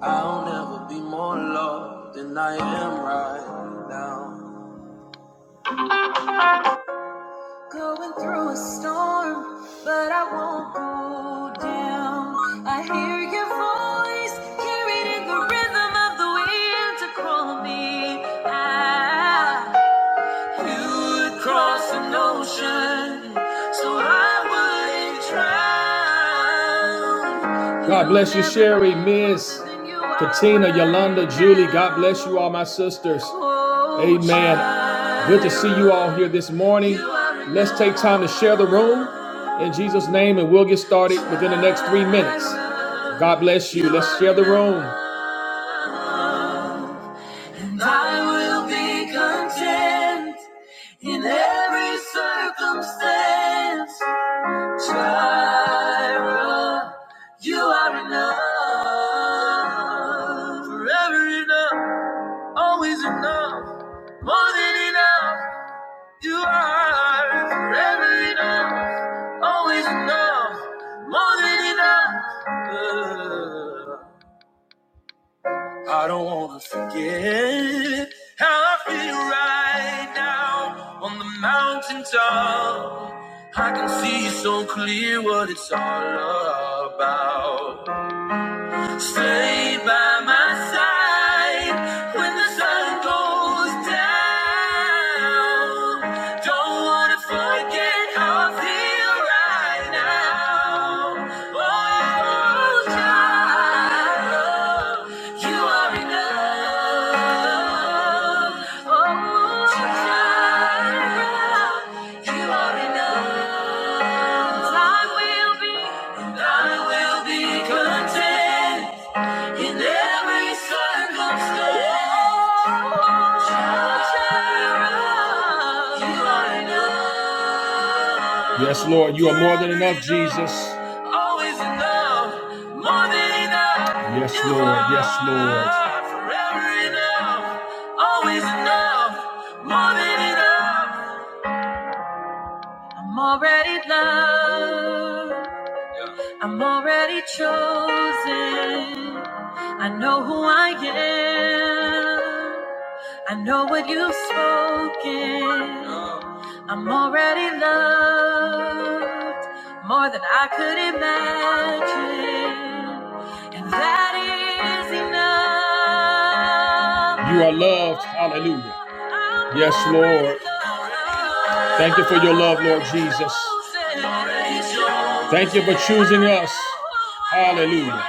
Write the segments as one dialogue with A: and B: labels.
A: I'll never be more loved than I am right now. Going through a storm, but I won't go down. I hear your voice carried in the rhythm of the wind to call me out. cross an ocean so I wouldn't drown. God bless you, Sherry, Miss, Katina, Yolanda, Julie. God bless you all, my sisters. Amen. Good to see you all here this morning. Let's take time to share the room in Jesus' name, and we'll get started within the next three minutes. God bless you. Let's share the room. And I will be content. In every circumstance, Jireh, you are enough. Forever enough, always enough, more than enough. You are forever enough, always enough, more than enough. I don't wanna forget how I feel right now on the mountaintop. I can see so clear what it's all about. Stay by my side when the sun goes down. Don't wanna forget how I feel right now. Oh, child. Oh, Yes, Lord, you are more than enough, Jesus. Always enough, more than enough. Yes, You Lord. are Yes, Lord. Forever enough, always enough, more than enough. I'm already loved. I'm already chosen. I know who I am. I know what you've spoken. I'm already loved more than I could imagine. And that is enough. You are loved. Hallelujah. I'm Yes, already Lord. Loved. Thank you for your love, Lord Jesus. Thank you for choosing us. Hallelujah.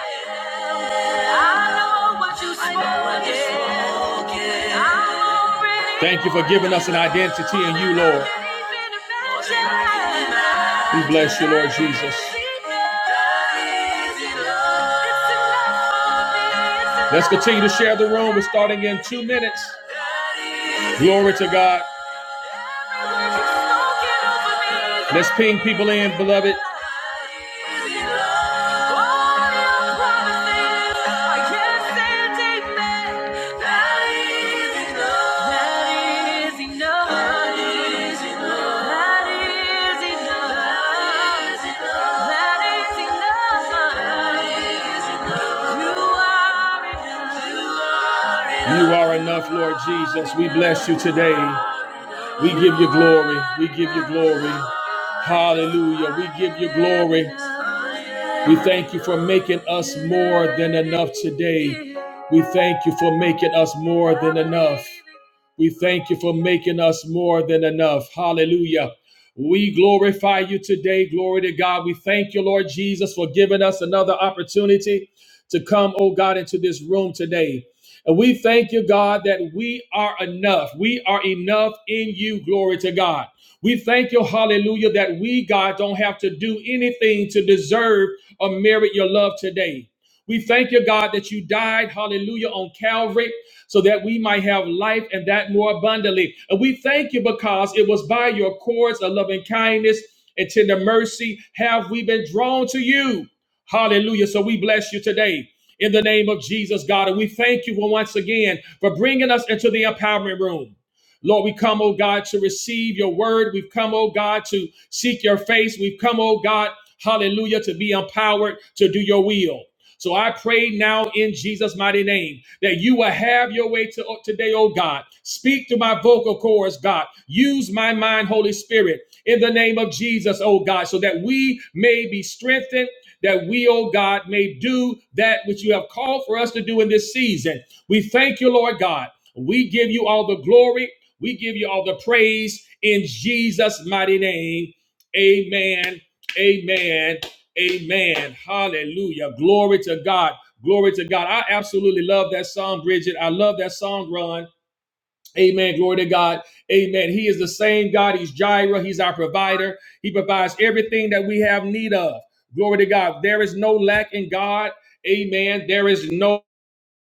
A: I know what you spoke. Thank you for giving us an identity in you, Lord. We bless you, Lord Jesus. Let's continue to share the room. We're starting in two minutes. Glory to God. Let's ping people in, beloved. That is enough. You are enough, Lord Jesus. We bless you today. We give you glory. We give you glory. Hallelujah. We give you glory. We thank you for making us more than enough today. We thank you for making us more than enough. We thank you for making us more than enough. Hallelujah. We glorify you today. Glory to God. We thank you, Lord Jesus, for giving us another opportunity to come, oh God, into this room today. And we thank you, God, that we are enough. We are enough in you. Glory to God. We thank you, hallelujah, that we, God, don't have to do anything to deserve or merit your love today. We thank you, God, that you died, hallelujah, on Calvary so that we might have life and that more abundantly. And we thank you because it was by your cords of loving kindness and tender mercy have we been drawn to you. Hallelujah. So we bless you today. In the name of Jesus, God. And we thank you once again for bringing us into the empowerment room. Lord, we come, oh God, to receive your word. We've come, oh God, to seek your face. We've come, oh God, hallelujah, to be empowered to do your will. So I pray now in Jesus' mighty name that you will have your way to, today, oh God. Speak through my vocal cords, God. Use my mind, Holy Spirit, in the name of Jesus, oh God, so that we may be strengthened. That we, oh God, may do that which you have called for us to do in this season. We thank you, Lord God. We give you all the glory. We give you all the praise in Jesus' mighty name. Amen. Amen. Amen. Hallelujah. Glory to God. Glory to God. I absolutely love that song, Bridget. I love that song, Ron. Amen. Glory to God. Amen. He is the same God. He's Jireh. He's our provider. He provides everything that we have need of. Glory to God. There is no lack in God. Amen. There is no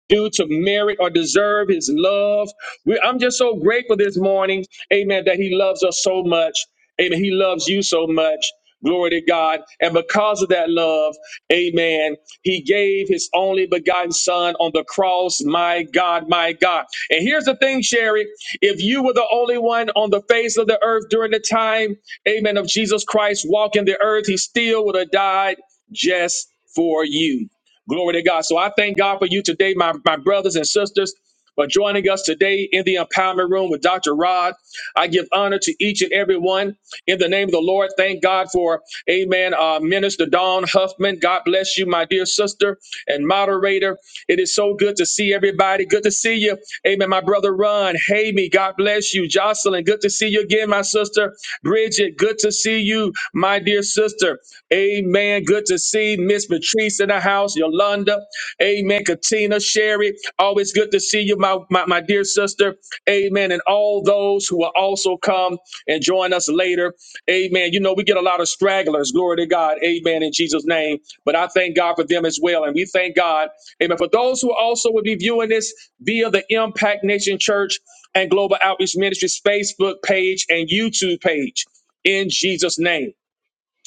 A: due to merit or deserve his love. We, I'm just so grateful this morning, amen, that he loves us so much. Amen. He loves you so much. Glory to God. And because of that love, amen, he gave his only begotten son on the cross. My God, my God. And here's the thing, Sherry. If you were the only one on the face of the earth during the time, amen, of Jesus Christ walking the earth, he still would have died just for you. Glory to God. So I thank God for you today, my, my brothers and sisters, for joining us today in the empowerment room with Dr. Rod. I give honor to each and every one in the name of the Lord. Thank God for, amen, uh, Minister Dawn Huffman. God bless you, my dear sister and moderator. It is so good to see everybody. Good to see you. Amen, my brother Ron. Hey, me. God bless you. Jocelyn, good to see you again, my sister. Bridget, good to see you, my dear sister. Amen. Good to see Miss Patrice in the house house, Yolanda. Amen. Katina, Sherry, always good to see you, my, my, my dear sister. Amen. And all those who will also come and join us later. Amen. You know, we get a lot of stragglers. Glory to God. Amen. In Jesus' name. But I thank God for them as well. And we thank God. Amen. For those who also will be viewing this via the Impact Nation Church and Global Outreach Ministries Facebook page and YouTube page. In Jesus' name.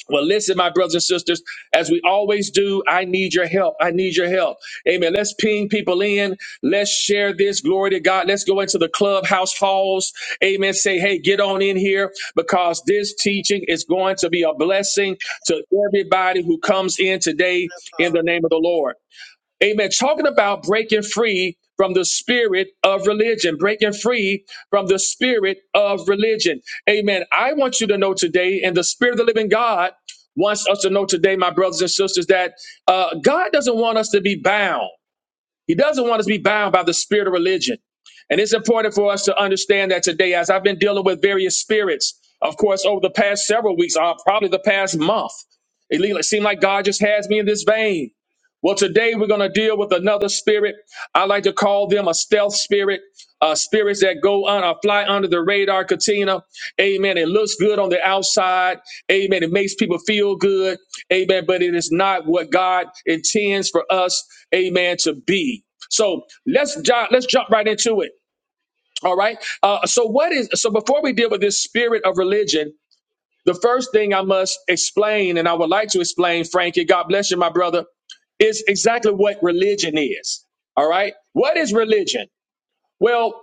A: Well, listen, my brothers and sisters, as we always do, I need your help. I need your help. Amen. Let's ping people in. Let's share this. Glory to God. Let's go into the clubhouse halls. Amen. Say, hey, get on in here because this teaching is going to be a blessing to everybody who comes in today in the name of the Lord. Amen. Talking about breaking free from the spirit of religion, breaking free from the spirit of religion. Amen. I want you to know today, and the spirit of the living God wants us to know today, my brothers and sisters, that uh, God doesn't want us to be bound. He doesn't want us to be bound by the spirit of religion. And it's important for us to understand that today, as I've been dealing with various spirits, of course, over the past several weeks, uh, probably the past month, it le- it seemed like God just has me in this vein. Well, today we're going to deal with another spirit. I like to call them a stealth spirit, uh, spirits that go on, uh, fly under the radar, Katina. Amen. It looks good on the outside, Amen. It makes people feel good. Amen. But it is not what God intends for us, amen, to be. So let's jump, let's jump right into it. All right. Uh, so what is so before we deal with this spirit of religion, the first thing I must explain, and I would like to explain, Frankie, God bless you, my brother, is exactly what religion is. All right. What is religion? Well,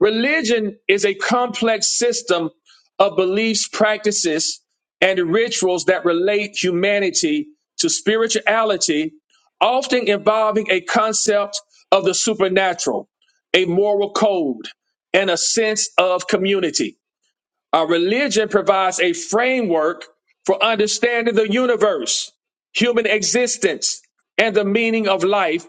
A: Religion is a complex system of beliefs, practices, and rituals that relate humanity to spirituality, often involving a concept of the supernatural, a moral code, and a sense of community. Our religion provides a framework for understanding the universe, human existence, and the meaning of life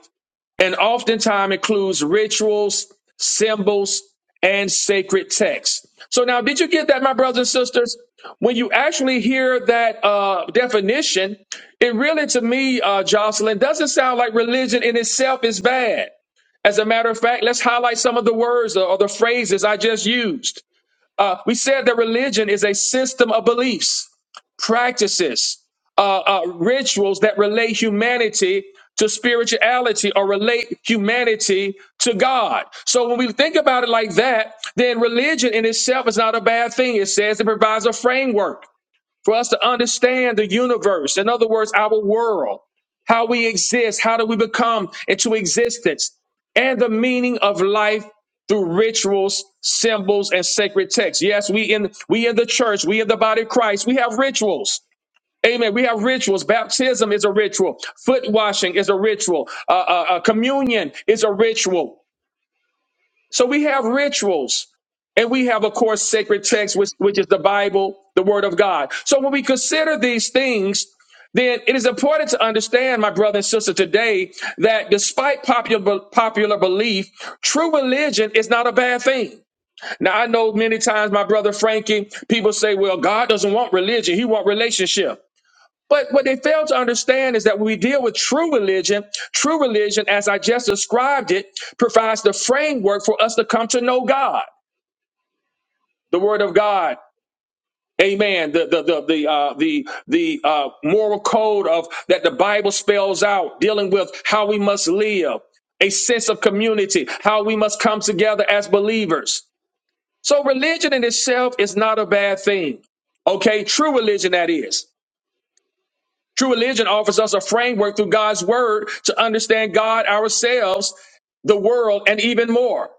A: and oftentimes includes rituals, symbols, and sacred texts. So now, did you get that, my brothers and sisters? When you actually hear that uh, definition, it really, to me, uh, Jocelyn, doesn't sound like religion in itself is bad. As a matter of fact, let's highlight some of the words or the phrases I just used. Uh, we said that religion is a system of beliefs practices, uh, uh, rituals that relate humanity to spirituality or relate humanity to God. So when we think about it like that, then religion in itself is not a bad thing. It says it provides a framework for us to understand the universe. In other words, our world, how we exist, how do we become into existence, and the meaning of life through rituals, symbols, and sacred texts. Yes, we in we in the church, we in the body of Christ, we have rituals. Amen. We have rituals. Baptism is a ritual. Foot washing is a ritual. Uh, uh, uh, communion is a ritual. So we have rituals. And we have, of course, sacred text, which, which is the Bible, the Word of God. So when we consider these things, then it is important to understand, my brother and sister, today that despite popular popular belief, true religion is not a bad thing. Now I know many times, my brother Frankie, people say, "Well, God doesn't want religion; He wants relationship." But what they fail to understand is that when we deal with true religion, true religion, as I just described it, provides the framework for us to come to know God, the Word of God. Amen. The the the the uh, the the uh, moral code of that the Bible spells out, dealing with how we must live, a sense of community, how we must come together as believers. So religion in itself is not a bad thing. Okay, true religion that is. True religion offers us a framework through God's word to understand God, ourselves, the world, and even more.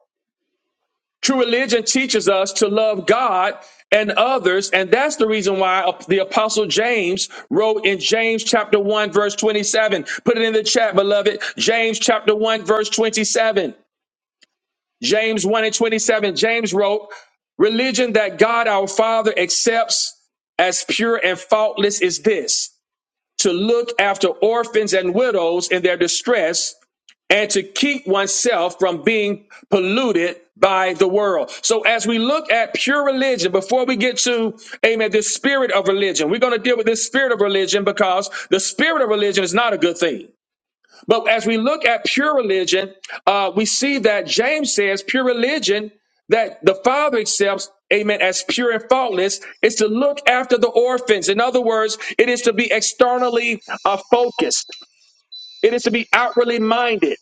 A: True religion teaches us to love God and others, and that's the reason why the apostle James wrote in James chapter 1 verse 27. Put it in the chat, beloved. James chapter 1 verse 27. James 1 and 27. James wrote, "Religion that God our Father accepts as pure and faultless is this." to look after orphans and widows in their distress and to keep oneself from being polluted by the world. So as we look at pure religion, before we get to, amen, this spirit of religion, we're going to deal with this spirit of religion because the spirit of religion is not a good thing. But as we look at pure religion, uh, we see that James says pure religion that the Father accepts, amen, as pure and faultless is to look after the orphans. In other words, it is to be externally uh, focused, it is to be outwardly minded.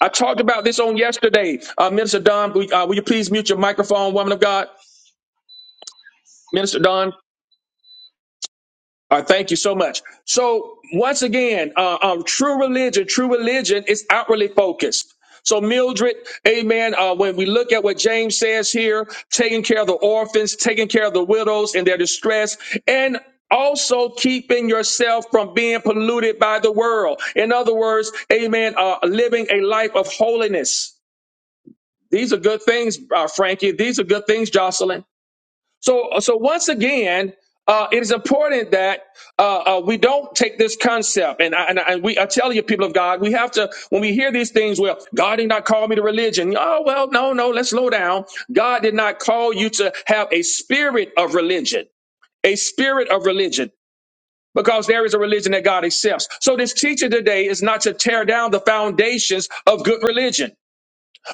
A: I talked about this on yesterday. Uh, Minister Don, will, uh, will you please mute your microphone, woman of God? Minister Don. Uh, thank you so much. So once again, uh, um, true religion, true religion is outwardly focused. So Mildred, amen. Uh, when we look at what James says here, taking care of the orphans, taking care of the widows in their distress, and also keeping yourself from being polluted by the world. In other words, amen, uh, living a life of holiness. These are good things, uh, Frankie. These are good things, Jocelyn. So, so once again, uh, it is important that uh, uh, we don't take this concept, and I, and, I, and we, I tell you, people of God, we have to when we hear these things. Well, God did not call me to religion. Oh well, no, no. Let's slow down. God did not call you to have a spirit of religion, a spirit of religion, because there is a religion that God accepts. So this teaching today is not to tear down the foundations of good religion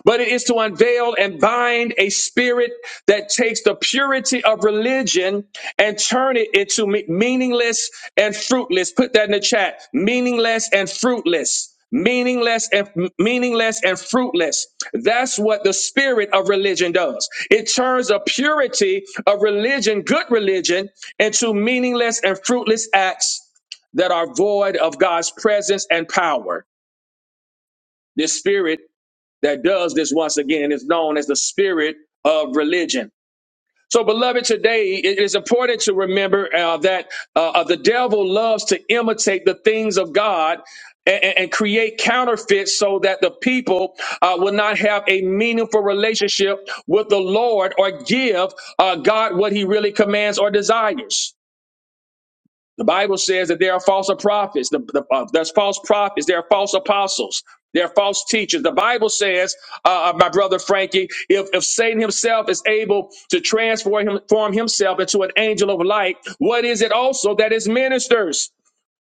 A: but it is to unveil and bind a spirit that takes the purity of religion and turn it into me- meaningless and fruitless. Put that in the chat. Meaningless and fruitless. Meaningless and meaningless and fruitless. That's what the spirit of religion does. It turns a purity of religion, good religion, into meaningless and fruitless acts that are void of God's presence and power. This spirit that does this once again is known as the spirit of religion. So, beloved, today it is important to remember uh, that uh, uh, the devil loves to imitate the things of God and, and- and create counterfeits so that the people uh, will not have a meaningful relationship with the Lord or give uh, God what he really commands or desires. The Bible says that there are false prophets. The, the, uh, there's false prophets. There are false apostles. There are false teachers. The Bible says, uh, uh, my brother Frankie, if, if Satan himself is able to transform him, form himself into an angel of light, what is it also that his ministers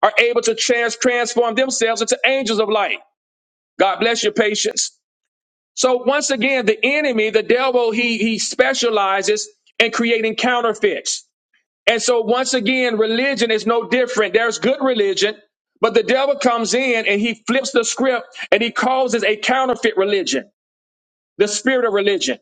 A: are able to trans- transform themselves into angels of light? God bless your patience. So once again, the enemy, the devil, he, he specializes in creating counterfeits. And so once again, religion is no different. There's good religion, but the devil comes in and he flips the script and he causes a counterfeit religion, the spirit of religion.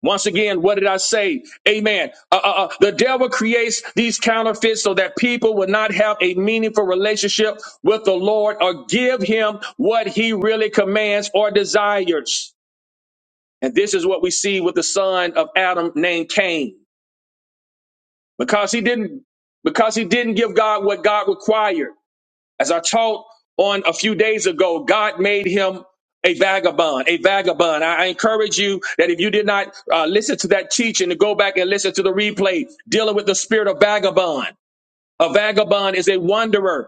A: Once again, what did I say? Amen. Uh, uh, uh, the devil creates these counterfeits so that people will not have a meaningful relationship with the Lord or give him what he really commands or desires. And this is what we see with the son of Adam named Cain. because he didn't because he didn't give God what God required. As I taught on a few days ago, God made him a vagabond, a vagabond. I I encourage you that if you did not uh, listen to that teaching, to go back and listen to the replay dealing with the spirit of vagabond. A vagabond is a wanderer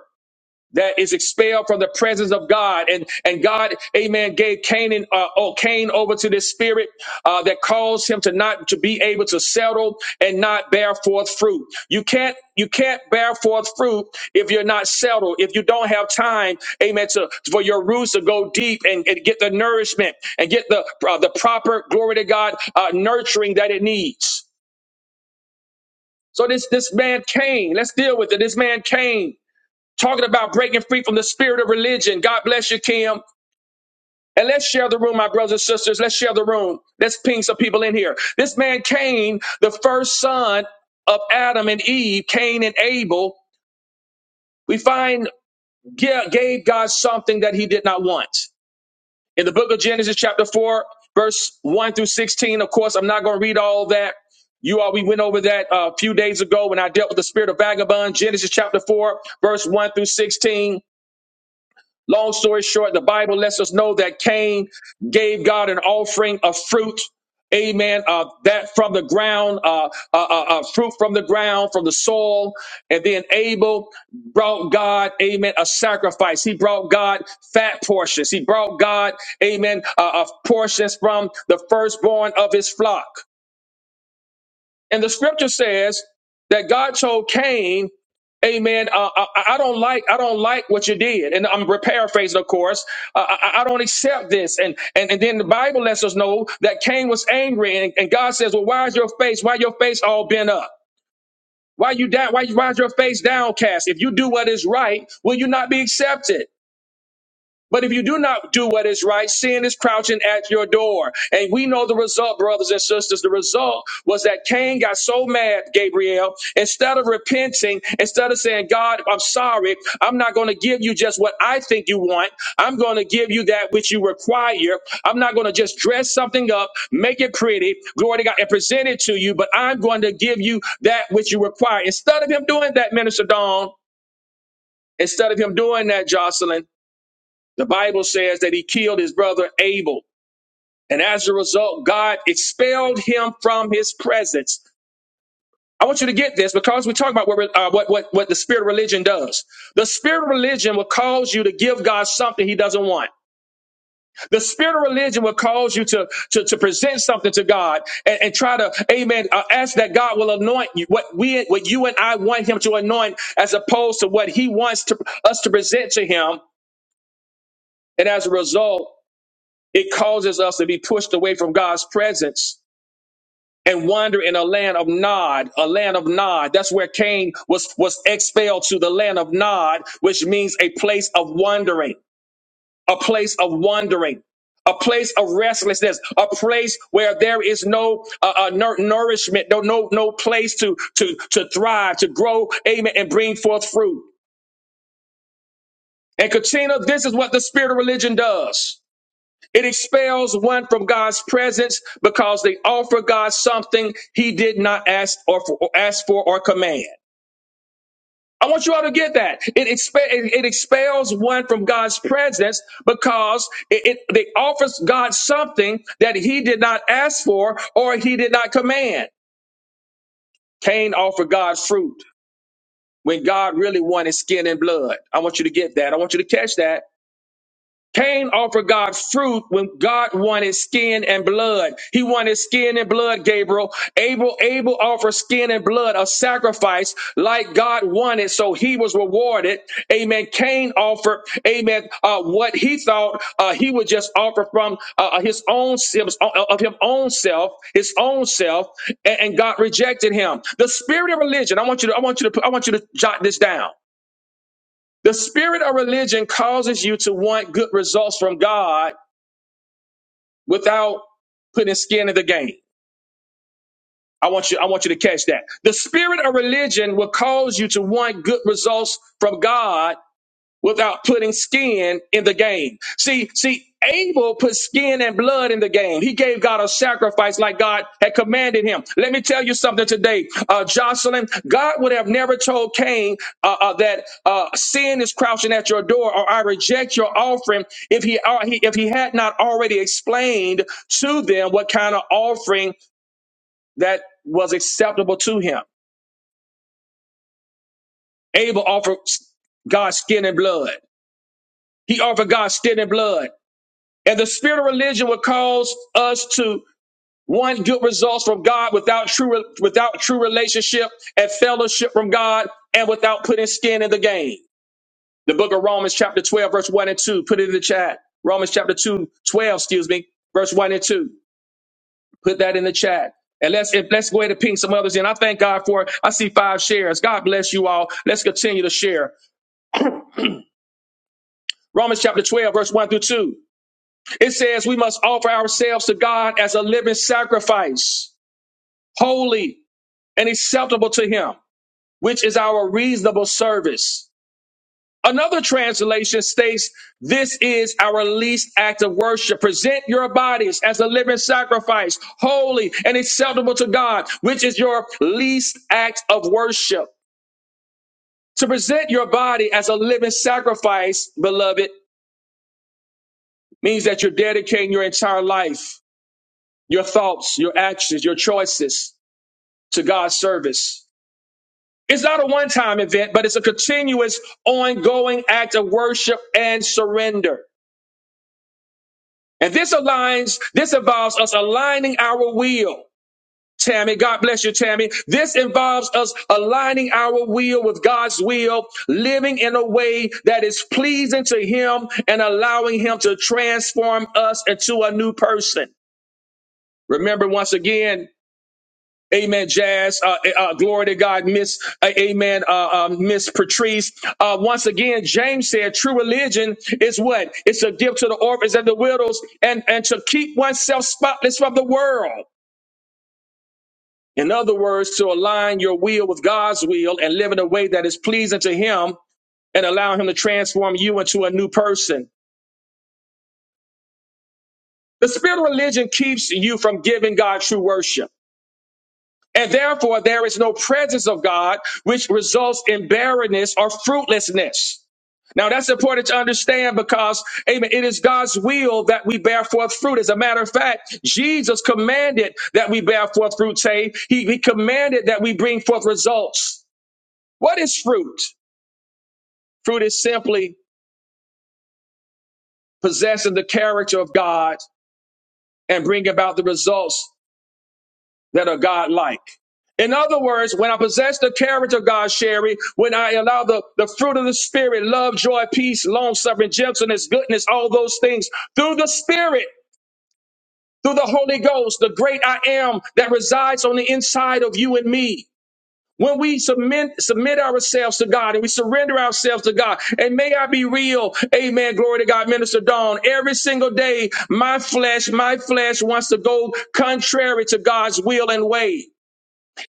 A: that is expelled from the presence of God. And, and God, amen, gave Canaan, uh, oh, Cain over to this spirit, uh, that caused him to not to be able to settle and not bear forth fruit. You can't, you can't bear forth fruit if you're not settled, if you don't have time, amen, to, for your roots to go deep and, and get the nourishment and get the, uh, the proper, glory to God, uh, nurturing that it needs. So this, this man Cain, let's deal with it. This man Cain talking about breaking free from the spirit of religion. God bless you, Kim. And let's share the room, my brothers and sisters. Let's share the room. Let's ping some people in here. This man Cain, the first son of Adam and Eve, Cain and Abel, we find ga- gave God something that he did not want. In the book of Genesis, chapter 4, verse 1 through 16, of course, I'm not going to read all that. You all, we went over that uh, a few days ago when I dealt with the spirit of vagabond, Genesis chapter 4, verse 1 through 16. Long story short, the Bible lets us know that Cain gave God an offering of fruit. Amen. Uh, that from the ground, uh, uh, uh, uh, fruit from the ground, from the soil. And then Abel brought God, amen, a sacrifice. He brought God fat portions. He brought God, amen, uh, uh, portions from the firstborn of his flock. And the scripture says that God told Cain, Amen. Uh, uh, I, I don't like. I don't like what you did, and I'm paraphrasing, of course. Uh, I, I I don't accept this, and, and and then the Bible lets us know that Cain was angry, and, and God says, "Well, why is your face? Why your face all bent up? Why you down? Why, why is your face downcast? If you do what is right, will you not be accepted?" But if you do not do what is right, sin is crouching at your door. And we know the result, brothers and sisters. The result was that Cain got so mad, Gabriel, instead of repenting, instead of saying, God, I'm sorry, I'm not going to give you just what I think you want. I'm going to give you that which you require. I'm not going to just dress something up, make it pretty, glory to God, and present it to you, but I'm going to give you that which you require. Instead of him doing that, Minister Dawn, instead of him doing that, Jocelyn, the Bible says that he killed his brother Abel. And as a result, God expelled him from his presence. I want you to get this because we talk about what, re- uh, what, what, what the spirit of religion does. The spirit of religion will cause you to give God something he doesn't want. The spirit of religion will cause you to, to, to present something to God and, and try to, amen, uh, ask that God will anoint you, what we, what you and I want him to anoint as opposed to what he wants to, us to present to him. And as a result, It causes us to be pushed away from God's presence and wander in a land of Nod, a land of Nod. That's where Cain was, was expelled to the land of Nod, which means a place of wandering, a place of wandering. A place of restlessness, a place where there is no uh, uh, nour- nourishment, no no no place to to to thrive, to grow, amen, and bring forth fruit. And Katrina, this is what the spirit of religion does. It expels one from God's presence because they offer God something he did not ask or, for, or ask for or command. I want you all to get that. It, expe- it, it expels one from God's presence because it, it, they offers God something that he did not ask for or he did not command. Cain offered God fruit when God really wanted skin and blood. I want you to get that. I want you to catch that Cain offered God fruit when God wanted skin and blood. He wanted skin and blood, Gabriel. Abel, Abel offered skin and blood, a sacrifice like God wanted, so he was rewarded. Amen. Cain offered, amen, uh, what he thought uh, he would just offer from uh, uh, his own his- of his own self, his own self, and, and God rejected him. The spirit of religion. I want you to, I want you to, I want you to jot this down. The spirit of religion causes you to want good results from God without putting skin in the game. I want you, I want you to catch that. The spirit of religion will cause you to want good results from God without putting skin in the game. See, see, Abel put skin and blood in the game. He gave God a sacrifice like God had commanded him. Let me tell you something today, uh, Jocelyn. God would have never told Cain uh, uh, that uh, sin is crouching at your door, or I reject your offering, if he, uh, he if he had not already explained to them what kind of offering that was acceptable to him. Abel offered God skin and blood. He offered God skin and blood. And the spirit of religion would cause us to want good results from God without true without true relationship and fellowship from God and without putting skin in the game. The book of Romans chapter 12 verse 1 and 2. Put it in the chat. Romans chapter 2, 12. excuse me, verse 1 and 2. Put that in the chat. And let's if, let's go ahead and ping some others in. I thank God for it. I see five shares. God bless you all. Let's continue to share. Romans chapter 12 verse 1 through 2. It says we must offer ourselves to God as a living sacrifice holy and acceptable to him, which is our reasonable service. Another translation states, this is our least act of worship. Present your bodies as a living sacrifice, holy and acceptable to God, which is your least act of worship. To present your body as a living sacrifice, beloved, means that you're dedicating your entire life, your thoughts, your actions, your choices to God's service. It's not a one time event, but it's a continuous, ongoing act of worship and surrender. And this aligns, this involves us aligning our will. Tammy, God bless you, Tammy. This involves us aligning our will with God's will, living in a way that is pleasing to Him and allowing Him to transform us into a new person. Remember, once again, Amen, Jazz. Uh, eh, uh, glory to God, Miss. Uh, amen, uh, um, Miss Patrice. Uh, once again, James said, "True religion is what? It's a gift to the orphans and the widows, and and to keep oneself spotless from the world." In other words, to align your will with God's will and live in a way that is pleasing to Him and allow Him to transform you into a new person. The spirit of religion keeps you from giving God true worship. And therefore, there is no presence of God, which results in barrenness or fruitlessness. Now that's important to understand because, amen, it is God's will that we bear forth fruit. As a matter of fact, Jesus commanded that we bear forth fruit, say, he, he commanded that we bring forth results. What is fruit? Fruit is simply possessing the character of God and bring about the results that are God-like. In other words, when I possess the character of God, Sherry, when I allow the, the fruit of the Spirit, love, joy, peace, long suffering, gentleness, goodness, all those things through the Spirit, through the Holy Ghost, the great I am that resides on the inside of you and me. When we submit, submit ourselves to God and we surrender ourselves to God, and may I be real, amen, glory to God, Minister Dawn, every single day, my flesh, my flesh wants to go contrary to God's will and way.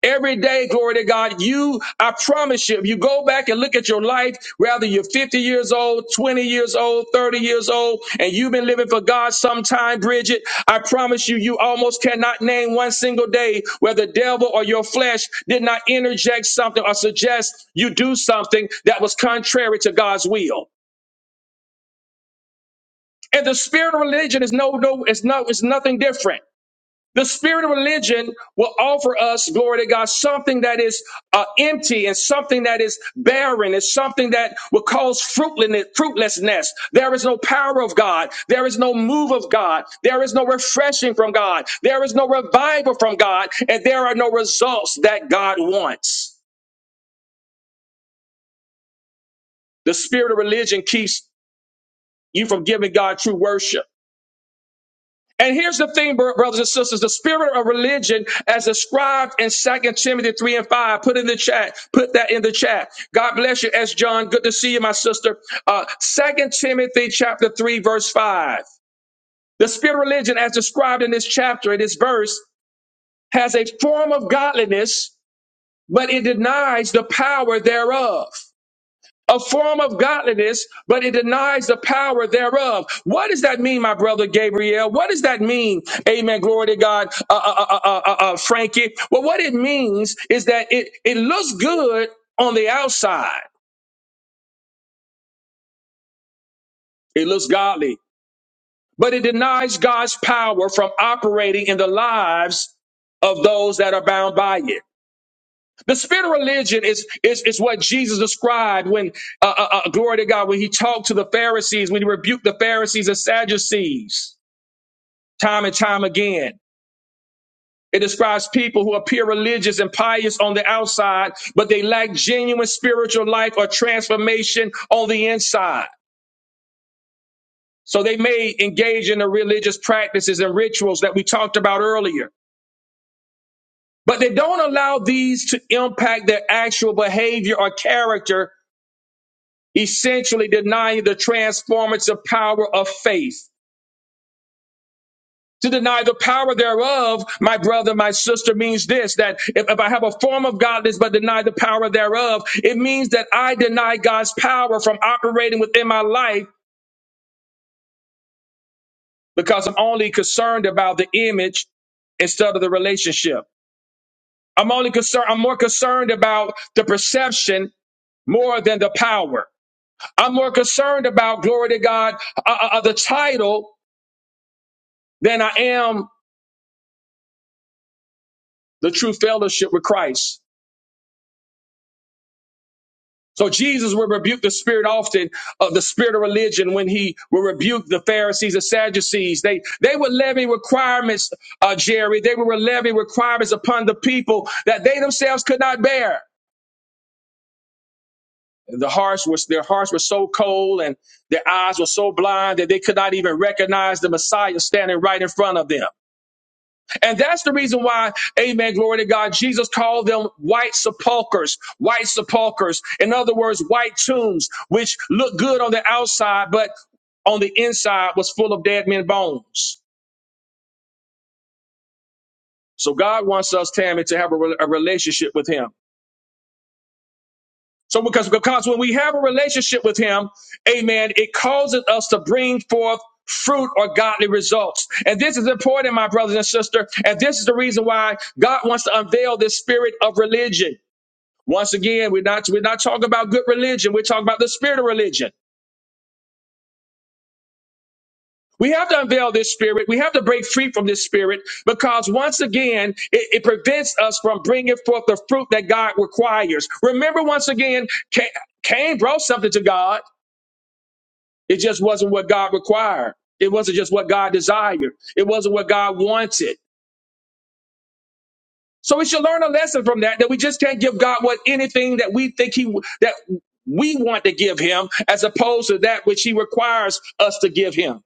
A: Every day, glory to God, you, I promise you, if you go back and look at your life, whether you're 50 years old, 20 years old, 30 years old, and you've been living for God sometime, Bridget, I promise you, you almost cannot name one single day where the devil or your flesh did not interject something or suggest you do something that was contrary to God's will. And the spirit of religion is no, no, it's no, it's nothing different. The spirit of religion will offer us, glory to God, something that is uh, empty and something that is barren. It's something that will cause fruitlessness. There is no power of God. There is no move of God. There is no refreshing from God. There is no revival from God. And there are no results that God wants. The spirit of religion keeps you from giving God true worship. And here's the thing, brothers and sisters, the spirit of religion as described in Second Timothy 3 and 5, put in the chat, put that in the chat. God bless you, S. John. Good to see you, my sister. Uh, 2 Timothy chapter 3, verse 5. The spirit of religion as described in this chapter, in this verse, has a form of godliness, but it denies the power thereof a form of godliness, but it denies the power thereof. What does that mean, my brother Gabriel? What does that mean? Amen. Glory to God, uh, uh, uh, uh, uh, uh, Frankie. Well, what it means is that it, it looks good on the outside, it looks godly, but it denies God's power from operating in the lives of those that are bound by it. The spirit of religion is, is, is what Jesus described when, uh, uh, uh, glory to God, when he talked to the Pharisees, when he rebuked the Pharisees and Sadducees time and time again. It describes people who appear religious and pious on the outside, but they lack genuine spiritual life or transformation on the inside. So they may engage in the religious practices and rituals that we talked about earlier, but they don't allow these to impact their actual behavior or character essentially denying the transformative power of faith. To deny the power thereof, my brother, my sister, means this that if, if I have a form of godliness but deny the power thereof, it means that I deny God's power from operating within my life because I'm only concerned about the image instead of the relationship. I'm only concerned, I'm more concerned about the perception more than the power. I'm more concerned about, glory to God, uh, uh, uh, the title than I am the true fellowship with Christ. So Jesus will rebuke the spirit often of the spirit of religion when he will rebuke the Pharisees and Sadducees. They they would levy requirements, uh, Jerry. They would levy requirements upon the people that they themselves could not bear. The hearts was their hearts were so cold and their eyes were so blind that they could not even recognize the Messiah standing right in front of them. And that's the reason why, amen, glory to God, Jesus called them white sepulchres, white sepulchres. In other words, white tombs, which looked good on the outside, but on the inside was full of dead men's bones. So God wants us, Tammy, to have a, re- a relationship with him. So because, because when we have a relationship with him, amen, it causes us to bring forth fruit or godly results. And this is important, my brothers and sisters. And this is the reason why God wants to unveil this spirit of religion. Once again, we're not we're not talking about good religion. We're talking about the spirit of religion. We have to unveil this spirit. We have to break free from this spirit because once again, it, it prevents us from bringing forth the fruit that God requires. Remember, once again, Ca- Cain brought something to God. It just wasn't what God required. It wasn't just what God desired. It wasn't what God wanted. So we should learn a lesson from that, that we just can't give God what anything that we think he, that we want to give him as opposed to that which he requires us to give him.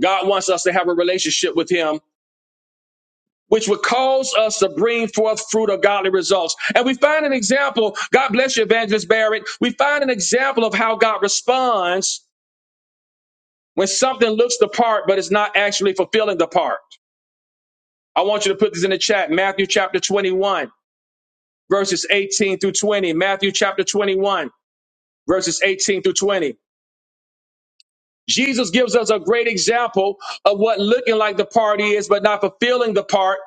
A: God wants us to have a relationship with him, which would cause us to bring forth fruit of godly results. And we find an example. God bless you, Evangelist Barrett. We find an example of how God responds when something looks the part, but is not actually fulfilling the part. I want you to put this in the chat. Matthew chapter 21. verses 18 through 20. Matthew chapter 21, verses 18 through 20. Jesus gives us a great example of what looking like the part is, but not fulfilling the part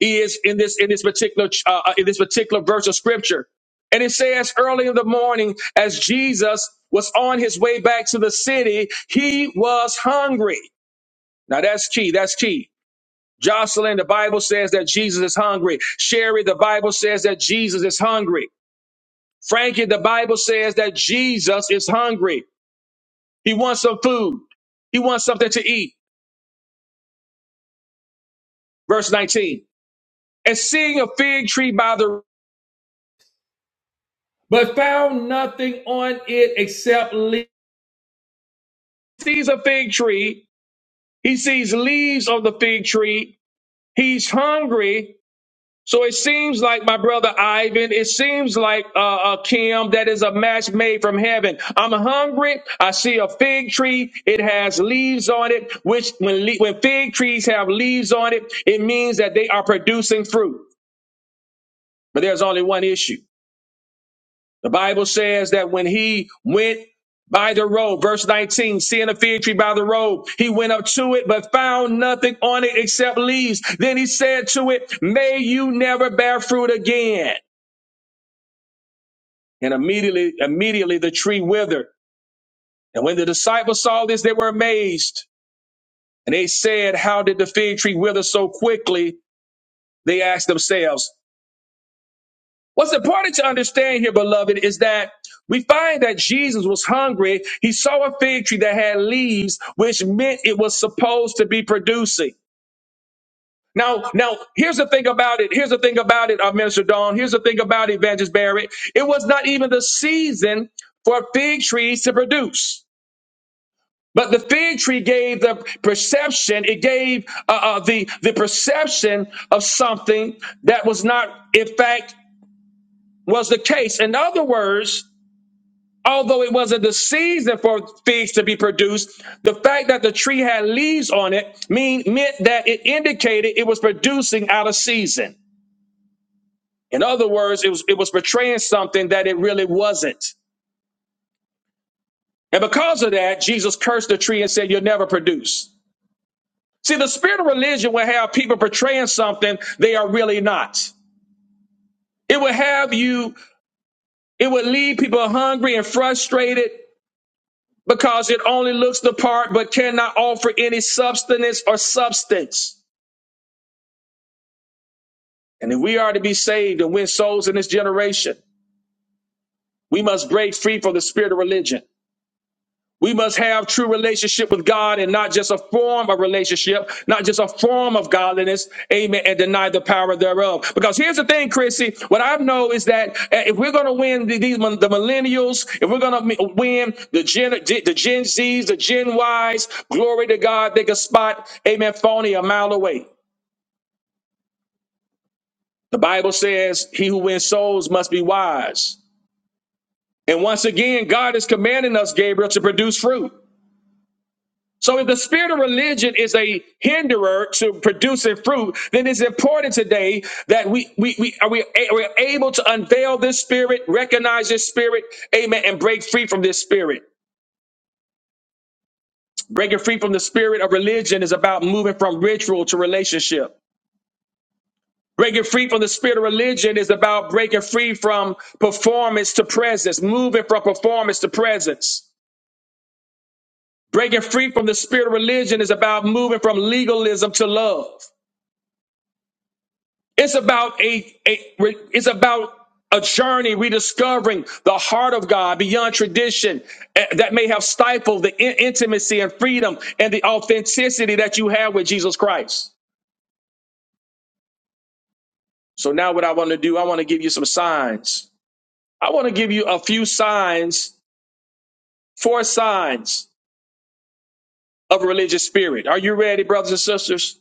A: is in this in this particular uh, uh, in this particular verse of scripture. And it says early in the morning, as Jesus was on his way back to the city, he was hungry. Now that's key. That's key. Jocelyn, the Bible says that Jesus is hungry. Sherry, the Bible says that Jesus is hungry. Frankie, the Bible says that Jesus is hungry. He wants some food. He wants something to eat. Verse 19. And seeing a fig tree by the but found nothing on it except leaves. Sees a fig tree. He sees leaves on the fig tree. He's hungry So it seems like my brother Ivan, it seems like uh, uh, Kim, that is a match made from heaven. I'm hungry. I see a fig tree. It has leaves on it, which when, le- when fig trees have leaves on it, it means that they are producing fruit. But there's only one issue. The Bible says that when he went by the road, verse 19, seeing a fig tree by the road, he went up to it, but found nothing on it except leaves. Then he said to it, may you never bear fruit again. And immediately, immediately the tree withered. And when the disciples saw this, they were amazed. And they said, How did the fig tree wither so quickly? They asked themselves. What's important to understand here, beloved, is that we find that Jesus was hungry. He saw a fig tree that had leaves, which meant it was supposed to be producing. Now, now, here's the thing about it. Here's the thing about it, uh, Minister Dawn. Here's the thing about it, Evangelist Barrett. It was not even the season for fig trees to produce. But the fig tree gave the perception, it gave uh, uh, the, the perception of something that was not, in fact, was the case. In other words, although it wasn't the season for figs to be produced, the fact that the tree had leaves on it mean, meant that it indicated it was producing out of season. In other words, it was, it was portraying something that it really wasn't. And because of that, Jesus cursed the tree and said, You'll never produce. See, the spirit of religion will have people portraying something they are really not. It will have you, it will leave people hungry and frustrated because it only looks the part but cannot offer any substance or substance. And if we are to be saved and win souls in this generation, we must break free from the spirit of religion. We must have true relationship with God and not just a form of relationship, not just a form of godliness, amen, and deny the power thereof. Because here's the thing, Chrissy, what I know is that uh, if we're going to win the, these, the millennials, if we're going to win the Gen, the Gen Zs, the Gen Ys, glory to God, they can spot, amen, phony a mile away. The Bible says, he who wins souls must be wise. And once again, God is commanding us, Gabriel, to produce fruit. So if the spirit of religion is a hinderer to producing fruit, then it's important today that we we we are we are we able to unveil this spirit, recognize this spirit, amen, and break free from this spirit. Breaking free from the spirit of religion is about moving from ritual to relationship. Breaking free from the spirit of religion is about breaking free from performance to presence, moving from performance to presence. Breaking free from the spirit of religion is about moving from legalism to love. It's about a, a it's about a journey rediscovering the heart of God beyond tradition eh, that may have stifled the in- intimacy and freedom and the authenticity that you have with Jesus Christ. So now what I want to do, I want to give you some signs. I want to give you a few signs, four signs of a religious spirit. Are you ready, brothers and sisters?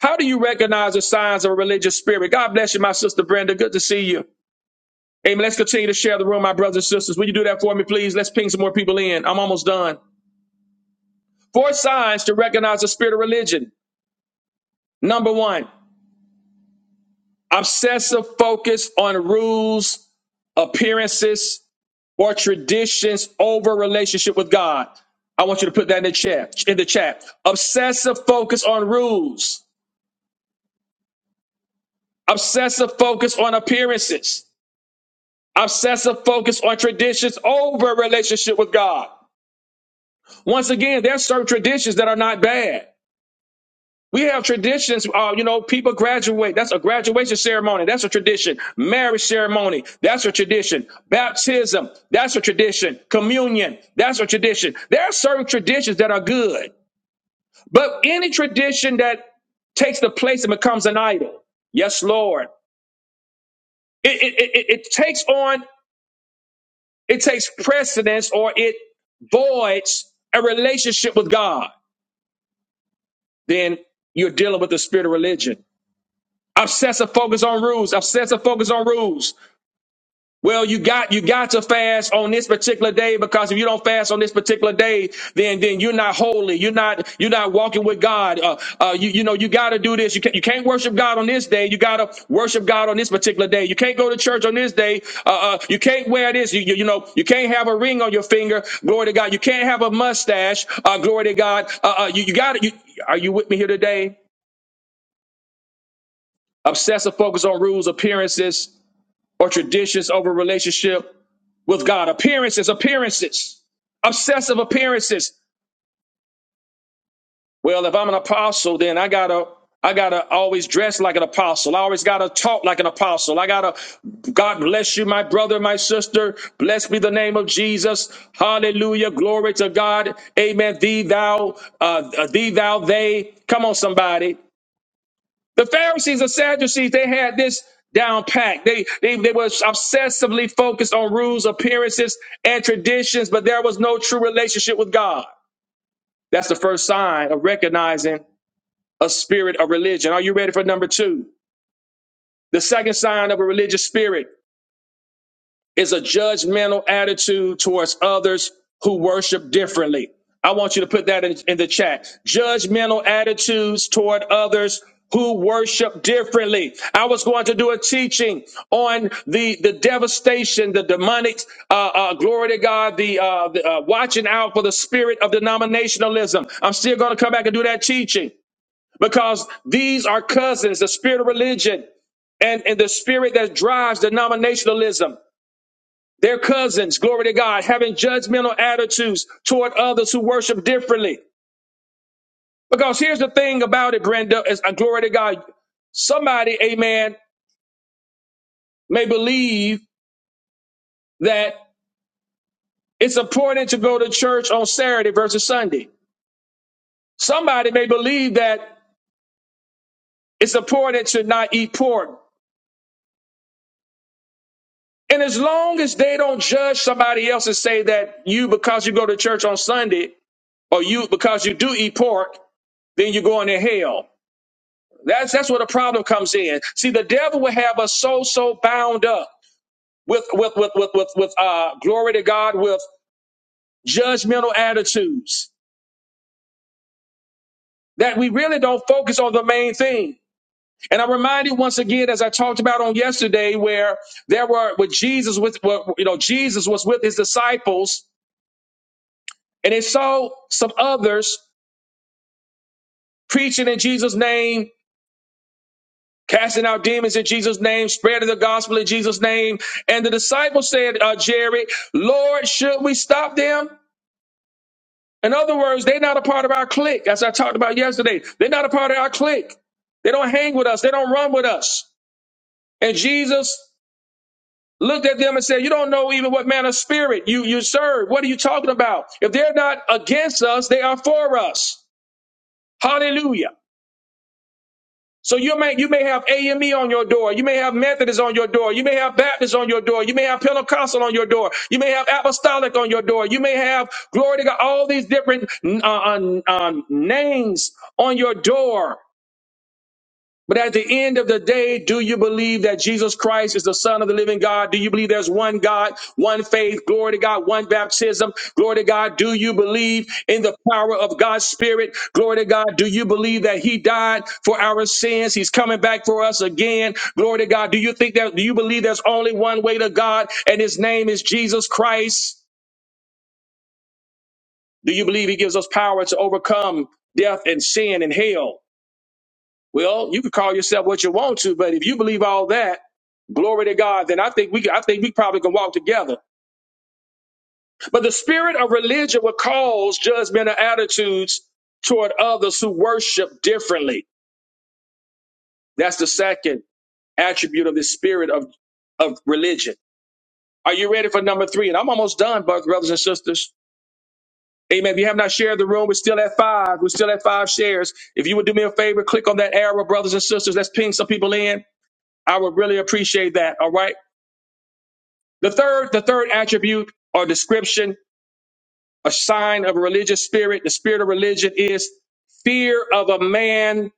A: How do you recognize the signs of a religious spirit? God bless you, my sister Brenda. Good to see you. Amen. Let's continue to share the room, my brothers and sisters. Will you do that for me, please? Let's ping some more people in. I'm almost done. Four signs to recognize the spirit of religion. Number one, obsessive focus on rules, appearances, or traditions over relationship with God. I want you to put that in the chat. In the chat, obsessive focus on rules, obsessive focus on appearances, obsessive focus on traditions over relationship with God. Once again, there are certain traditions that are not bad. We have traditions. Uh, you know, people graduate. That's a graduation ceremony. That's a tradition. Marriage ceremony. That's a tradition. Baptism. That's a tradition. Communion. That's a tradition. There are certain traditions that are good, but any tradition that takes the place and becomes an idol. Yes, Lord. It, it, it, it it takes on, it takes precedence or it voids a relationship with God. Then you're dealing with the spirit of religion. Obsessive focus on rules. Obsessive focus on rules. Well, you got you got to fast on this particular day because if you don't fast on this particular day, then then you're not holy. You're not you're not walking with God. Uh, uh, you you know you got to do this. You can't you can't worship God on this day. You got to worship God on this particular day. You can't go to church on this day. Uh, uh, you can't wear this. You, you you know you can't have a ring on your finger. Glory to God. You can't have a mustache. Uh, glory to God. Uh, uh, you you got to you. Are you with me here today? Obsessive focus on rules, appearances or traditions over relationship with God. Appearances, appearances, obsessive appearances. Well, if I'm an apostle, then I gotta I gotta always dress like an apostle. I always gotta talk like an apostle. I gotta God bless you, my brother, my sister. Blessed be the name of Jesus. Hallelujah. Glory to God. Amen. Thee thou, uh, uh, thee thou they. Come on, somebody. The Pharisees and Sadducees, they had this down packed. They, they, they were obsessively focused on rules, appearances, and traditions, but there was no true relationship with God. That's the first sign of recognizing a spirit of religion. Are you ready for number two? The second sign of a religious spirit is a judgmental attitude towards others who worship differently. I want you to put that in, in the chat. Judgmental attitudes toward others who worship differently. I was going to do a teaching on the, the devastation, the demonic, uh, uh, glory to God, the, uh, the uh, watching out for the spirit of denominationalism. I'm still going to come back and do that teaching because these are cousins, the spirit of religion and, and the spirit that drives denominationalism. Their cousins, glory to God, having judgmental attitudes toward others who worship differently. Because here's the thing about it, Brenda, is uh, glory to God. Somebody, amen, may believe that it's important to go to church on Saturday versus Sunday. Somebody may believe that it's important to not eat pork. And as long as they don't judge somebody else and say that you, because you go to church on Sunday, or you, because you do eat pork, then you're going to hell. That's that's where the problem comes in. See, the devil will have us so so bound up with with with with with, with uh glory to God with judgmental attitudes that we really don't focus on the main thing. And I'm reminded once again, as I talked about on yesterday, where there were with Jesus with where, you know Jesus was with his disciples, and they saw some others preaching in Jesus' name Casting out demons in Jesus' name, spreading the gospel in Jesus' name. And the disciples said, uh, Jerry, Lord, should we stop them? In other words, they're not a part of our clique, as I talked about yesterday. They're not a part of our clique. They don't hang with us. They don't run with us. And Jesus looked at them and said, you don't know even what man of spirit you, you serve. What are you talking about? If they're not against us, they are for us. Hallelujah. So you may you may have AME on your door, you may have Methodist on your door, you may have Baptist on your door, you may have Pentecostal on your door, you may have Apostolic on your door, you may have Glory to God, all these different uh, uh, uh, names on your door. But at the end of the day, do you believe that Jesus Christ is the Son of the living God? Do you believe there's one God, one faith, glory to God, one baptism, glory to God? Do you believe in the power of God's Spirit, glory to God? Do you believe that He died for our sins? He's coming back for us again, glory to God. Do you think that, do you believe there's only one way to God and His name is Jesus Christ? Do you believe He gives us power to overcome death and sin and hell? Well, you can call yourself what you want to, but if you believe all that, glory to God, then I think we I think we probably can walk together. But the spirit of religion will cause judgmental attitudes toward others who worship differently. That's the second attribute of the spirit of, of religion. Are you ready for number three? And I'm almost done, both brothers and sisters. Amen. If you have not shared the room, we're still at five. We're still at five shares. If you would do me a favor, click on that arrow, brothers and sisters. Let's ping some people in. I would really appreciate that. All right. The third, the third attribute or description, a sign of a religious spirit, the spirit of religion is fear of a man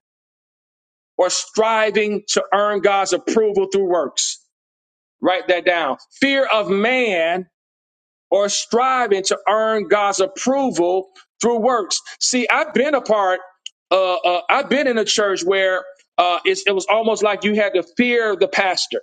A: or striving to earn God's approval through works. Write that down. Fear of man or striving to earn God's approval through works. See, I've been a part, uh, uh, I've been in a church where uh, it's, it was almost like you had to fear the pastor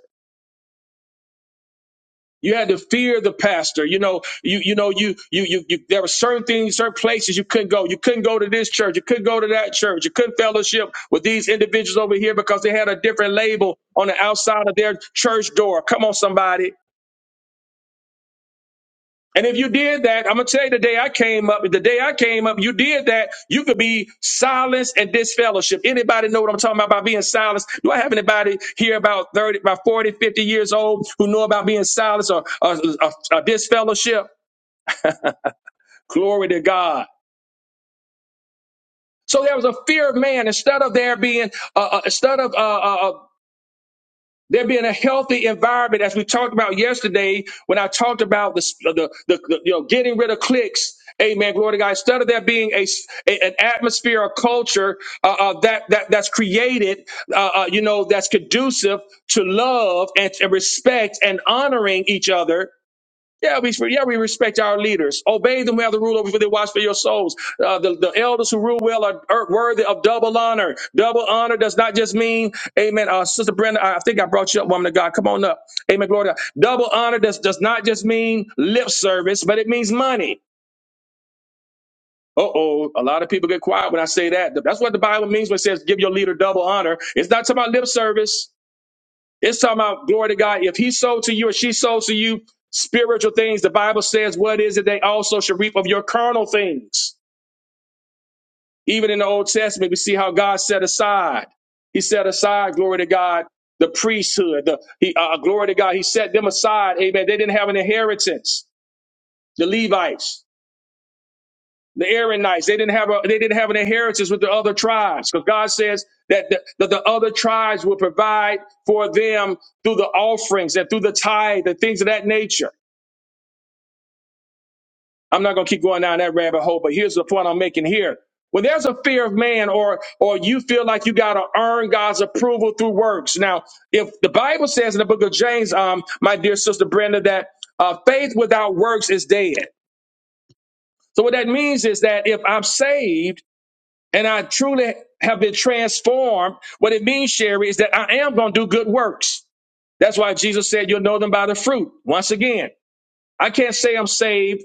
A: You had to fear the pastor. You know, you you know you you you, you there were certain things, certain places you couldn't go. You couldn't go to this church. You couldn't go to that church. You couldn't fellowship with these individuals over here because they had a different label on the outside of their church door. Come on, somebody. And if you did that, I'm gonna tell you the day I came up, the day I came up, you did that, you could be silenced and disfellowship. Anybody know what I'm talking about by being silenced? Do I have anybody here about 30, about 40, 50 years old who know about being silenced or, or, or, or disfellowship? Glory to God. So there was a fear of man instead of there being uh, uh, instead of uh, uh, uh, there being a healthy environment, as we talked about yesterday when I talked about the the, the, the you know getting rid of cliques. Amen. Glory to God. Instead of there being a a- an atmosphere or culture uh, uh, that that that's created, uh, uh, you know, that's conducive to love and, and respect and honoring each other. Yeah, we yeah we respect our leaders. Obey them who have the rule over for they watch for your souls. Uh, the, the elders who rule well are, are worthy of double honor. Double honor does not just mean, Amen. Uh, Sister Brenda, I I think I brought you up, woman of God. Come on up, Amen. Glory to God. Double honor does does not just mean lip service, but it means money. Uh oh, a lot of people get quiet when I say that. That's what the Bible means when it says give your leader double honor. It's not talking about lip service. It's talking about glory to God. If he sold to you or she sold to you spiritual things, the Bible says, "What is it they also shall reap of your carnal things?" Even in the Old Testament, we see how God set aside. He set aside, glory to God, the priesthood. The he, uh, uh, glory to God, He set them aside. Amen. They didn't have an inheritance. The Levites. the Aaronites. They didn't have a, they didn't have an inheritance with the other tribes because God says that the, that the other tribes will provide for them through the offerings and through the tithe and things of that nature. I'm not going to keep going down that rabbit hole, but here's the point I'm making here. When there's a fear of man or or you feel like you got to earn God's approval through works. Now, if the Bible says in the book of James, um, my dear sister Brenda, that uh, faith without works is dead. So what that means is that if I'm saved and I truly have been transformed, what it means, Sherry, is that I am going to do good works. That's why Jesus said, You'll know them by the fruit. Once again, I can't say I'm saved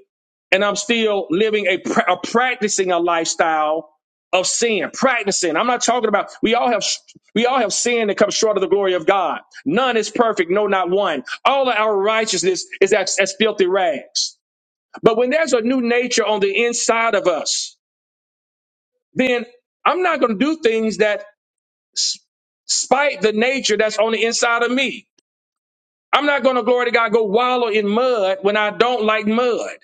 A: and I'm still living a, a practicing a lifestyle of sin, practicing. I'm not talking about we all have we all have sin that comes short of the glory of God. None is perfect, no, not one. All of our righteousness is as, as filthy rags. But when there's a new nature on the inside of us, then I'm not going to do things that s- spite the nature that's on the inside of me. I'm not going to glory to God go wallow in mud when I don't like mud.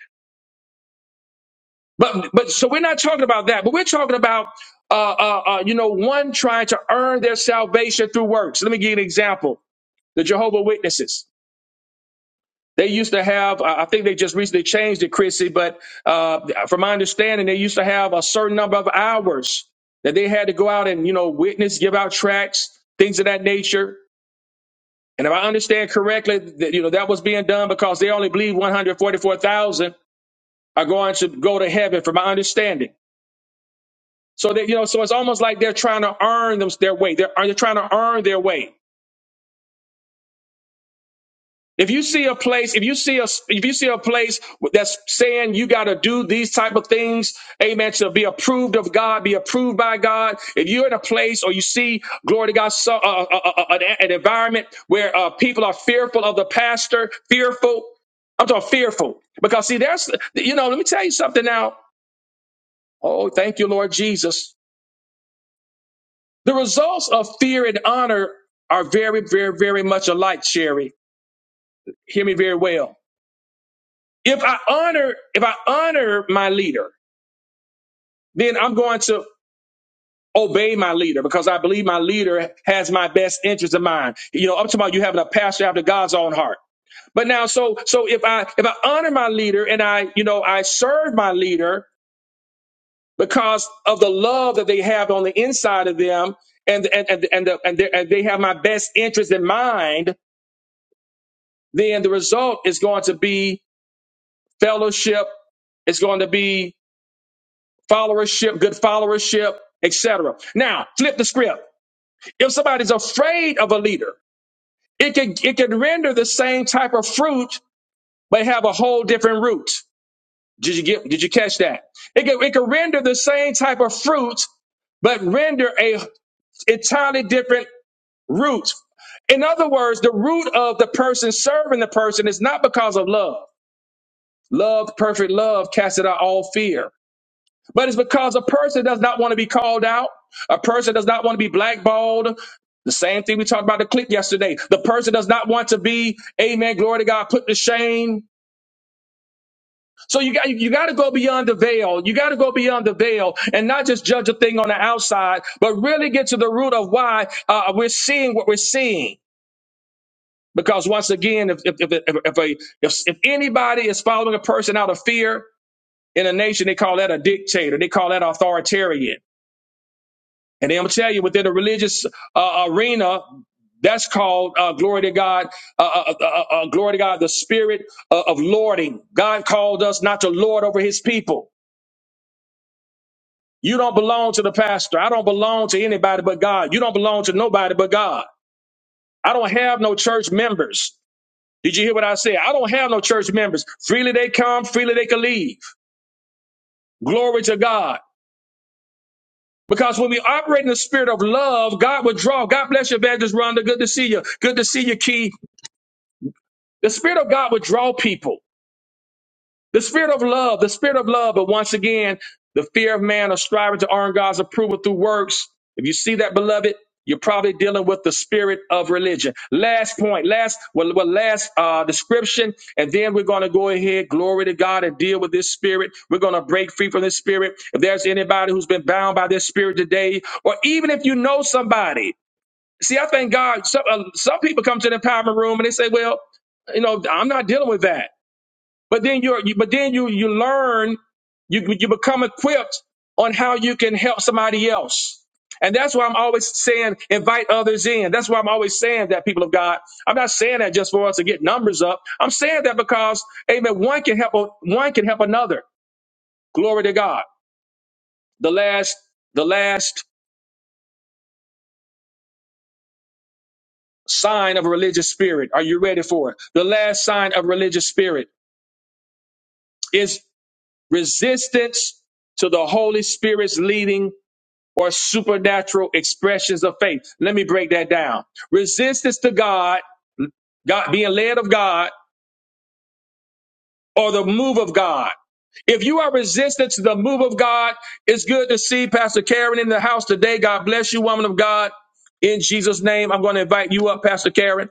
A: But but so we're not talking about that. But we're talking about uh, uh, uh, you know one trying to earn their salvation through works. Let me give you an example: the Jehovah Witnesses. They used to have, I think they just recently changed it, Chrissy, but uh, from my understanding, they used to have a certain number of hours that they had to go out and, you know, witness, give out tracts, things of that nature. And if I understand correctly, that, you know, that was being done because they only believe 144,000 are going to go to heaven, from my understanding. So that, you know, so it's almost like they're trying to earn them their way. They're, they're trying to earn their way. If you see a place, if you see a, if you see a place that's saying you got to do these type of things, amen, to be approved of God, be approved by God. If you're in a place or you see, glory to God, so, uh, uh, uh, uh, an, an environment where uh, people are fearful of the pastor, fearful. I'm talking fearful because see, there's, you know, let me tell you something now. Oh, thank you, Lord Jesus. The results of fear and honor are very, very, very much alike, Sherry. Hear me very well If I honor, if I honor my leader, then I'm going to obey my leader because I believe my leader has my best interest in mind. You know, I'm talking about you having a pastor after God's own heart. But now, so so if I if I honor my leader and I you know I serve my leader because of the love that they have on the inside of them, and and and and, the, and, they, and they have my best interest in mind, then the result is going to be fellowship. It's going to be followership, good followership, etc. Now, flip the script. If somebody's afraid of a leader, it can it can render the same type of fruit, but have a whole different root. Did you get? Did you catch that? It can it can render the same type of fruit, but render a entirely different root. In other words, the root of the person serving the person is not because of love. Love, perfect love, casts out all fear. But it's because a person does not want to be called out. A person does not want to be blackballed. The same thing we talked about the clip yesterday. The person does not want to be, amen, glory to God, put to shame. So you got you got to go beyond the veil. You got to go beyond the veil and not just judge a thing on the outside, but really get to the root of why uh, we're seeing what we're seeing. Because once again, if if if if, if, a, if if anybody is following a person out of fear in a nation, they call that a dictator. They call that authoritarian. And I'm gonna tell you, within the religious uh, arena, that's called uh, glory to God. Uh, uh, uh, uh, uh, glory to God, the spirit of, of lording. God called us not to lord over His people. You don't belong to the pastor. I don't belong to anybody but God. You don't belong to nobody but God. I don't have no church members. Did you hear what I said? I don't have no church members. Freely they come, freely they can leave. Glory to God. Because when we operate in the spirit of love, God will draw. God bless you, Evangelist Rhonda. Good to see you. Good to see you, Key. The Spirit of God would draw people. The Spirit of love, the Spirit of love. But once again, the fear of man or striving to earn God's approval through works. If you see that, beloved, you're probably dealing with the spirit of religion. Last point, last well, well last uh, description, and then we're going to go ahead, glory to God, and deal with this spirit. We're going to break free from this spirit. If there's anybody who's been bound by this spirit today, or even if you know somebody, see, I thank God. Some, uh, some people come to the empowerment room and they say, "Well, you know, I'm not dealing with that." But then you're, you, but then you, you learn, you, you become equipped on how you can help somebody else. And that's why I'm always saying invite others in. That's why I'm always saying that people of God. I'm not saying that just for us to get numbers up. I'm saying that because amen, one can help one can help another. Glory to God. The last the last sign of a religious spirit. Are you ready for it? The last sign of religious spirit is resistance to the Holy Spirit's leading or supernatural expressions of faith. Let me break that down. Resistance to God, God being led of God, or the move of God. If you are resistant to the move of God, it's good to see Pastor Karen in the house today. God bless you, woman of God. In Jesus' name, I'm going to invite you up, Pastor Karen.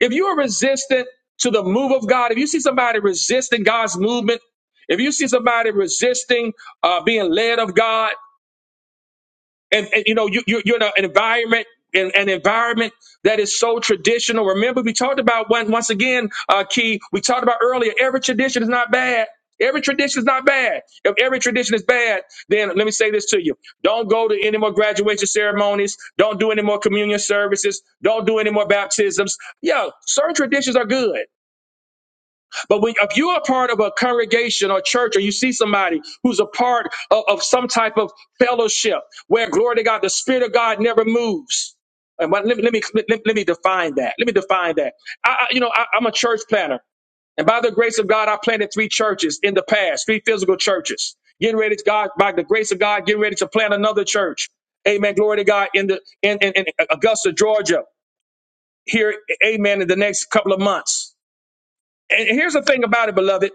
A: If you are resistant to the move of God, if you see somebody resisting God's movement, if you see somebody resisting uh, being led of God, and, and, you know you, you you're in a- an environment in an environment that is so traditional remember we talked about one once again uh key we talked about earlier every tradition is not bad every tradition is not bad if every tradition is bad then let me say this to you don't go to any more graduation ceremonies don't do any more communion services don't do any more baptisms Yo, certain traditions are good but when, if you're a part of a congregation or church, or you see somebody who's a part of, of some type of fellowship where glory to God, the Spirit of God never moves. And but let, me- let me let, let me define that. Let me define that. I, I- you know, I, I'm a church planner, and by the grace of God, I planted three churches in the past, three physical churches. Getting ready to God by the grace of God, getting ready to plant another church. Amen. Glory to God in the in, in, in Augusta, Georgia. Here, amen. In the next couple of months. And here's the thing about it, beloved.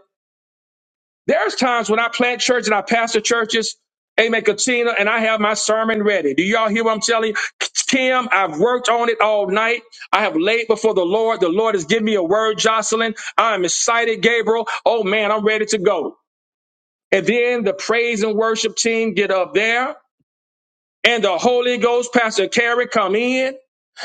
A: There's times when I plant church and I pastor churches, Amen, Katina, and I have my sermon ready. Do y'all hear what I'm telling you? Kim, I've worked on it all night. I have laid before the Lord. The Lord has given me a word, Jocelyn. I'm excited, Gabriel. Oh man, I'm ready to go. And then the praise and worship team get up there and the Holy Ghost, Pastor Carey, come in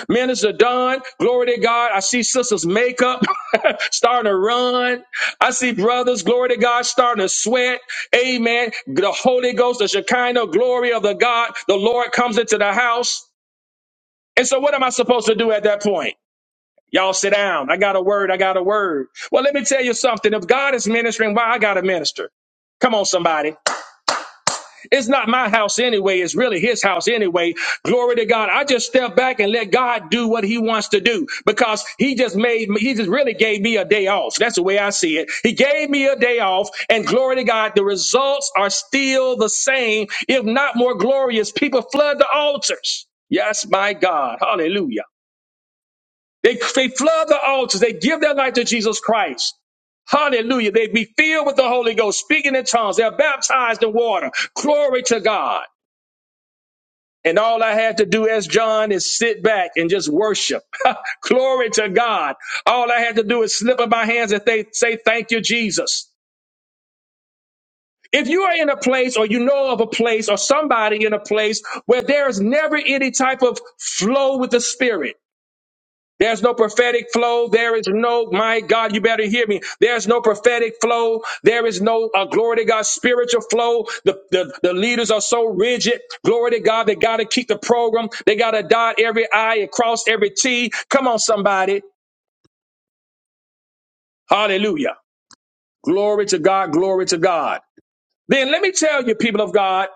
A: Minister Don, glory to God. I see sisters' makeup starting to run. I see brothers, glory to God, starting to sweat. Amen. The Holy Ghost, the Shekinah glory of the God, the Lord comes into the house. And so, what am I supposed to do at that point? Y'all sit down. I got a word. I got a word. Well, let me tell you something. If God is ministering, why I got to minister? Come on, somebody. It's not my house anyway. It's really his house anyway. Glory to God. I just step back and let God do what he wants to do because he just made me, he just really gave me a day off. That's the way I see it. He gave me a day off and glory to God. The results are still the same, if not more glorious. People flood the altars. Yes, my God. Hallelujah. They, they flood the altars. They give their life to Jesus Christ. Hallelujah. They be filled with the Holy Ghost, speaking in tongues. They're baptized in water. Glory to God. And all I had to do as John is sit back and just worship. Glory to God. All I had to do is slip up my hands and they say, thank you, Jesus. If you are in a place or you know of a place or somebody in a place where there's never any type of flow with the spirit, there's no prophetic flow. There is no, my God, you better hear me. There's no prophetic flow. There is no, uh, glory to God, spiritual flow. The, the, the leaders are so rigid. Glory to God. They got to keep the program. They got to dot every I and cross every T. Come on, somebody. Hallelujah. Glory to God. Glory to God. Then let me tell you, people of God,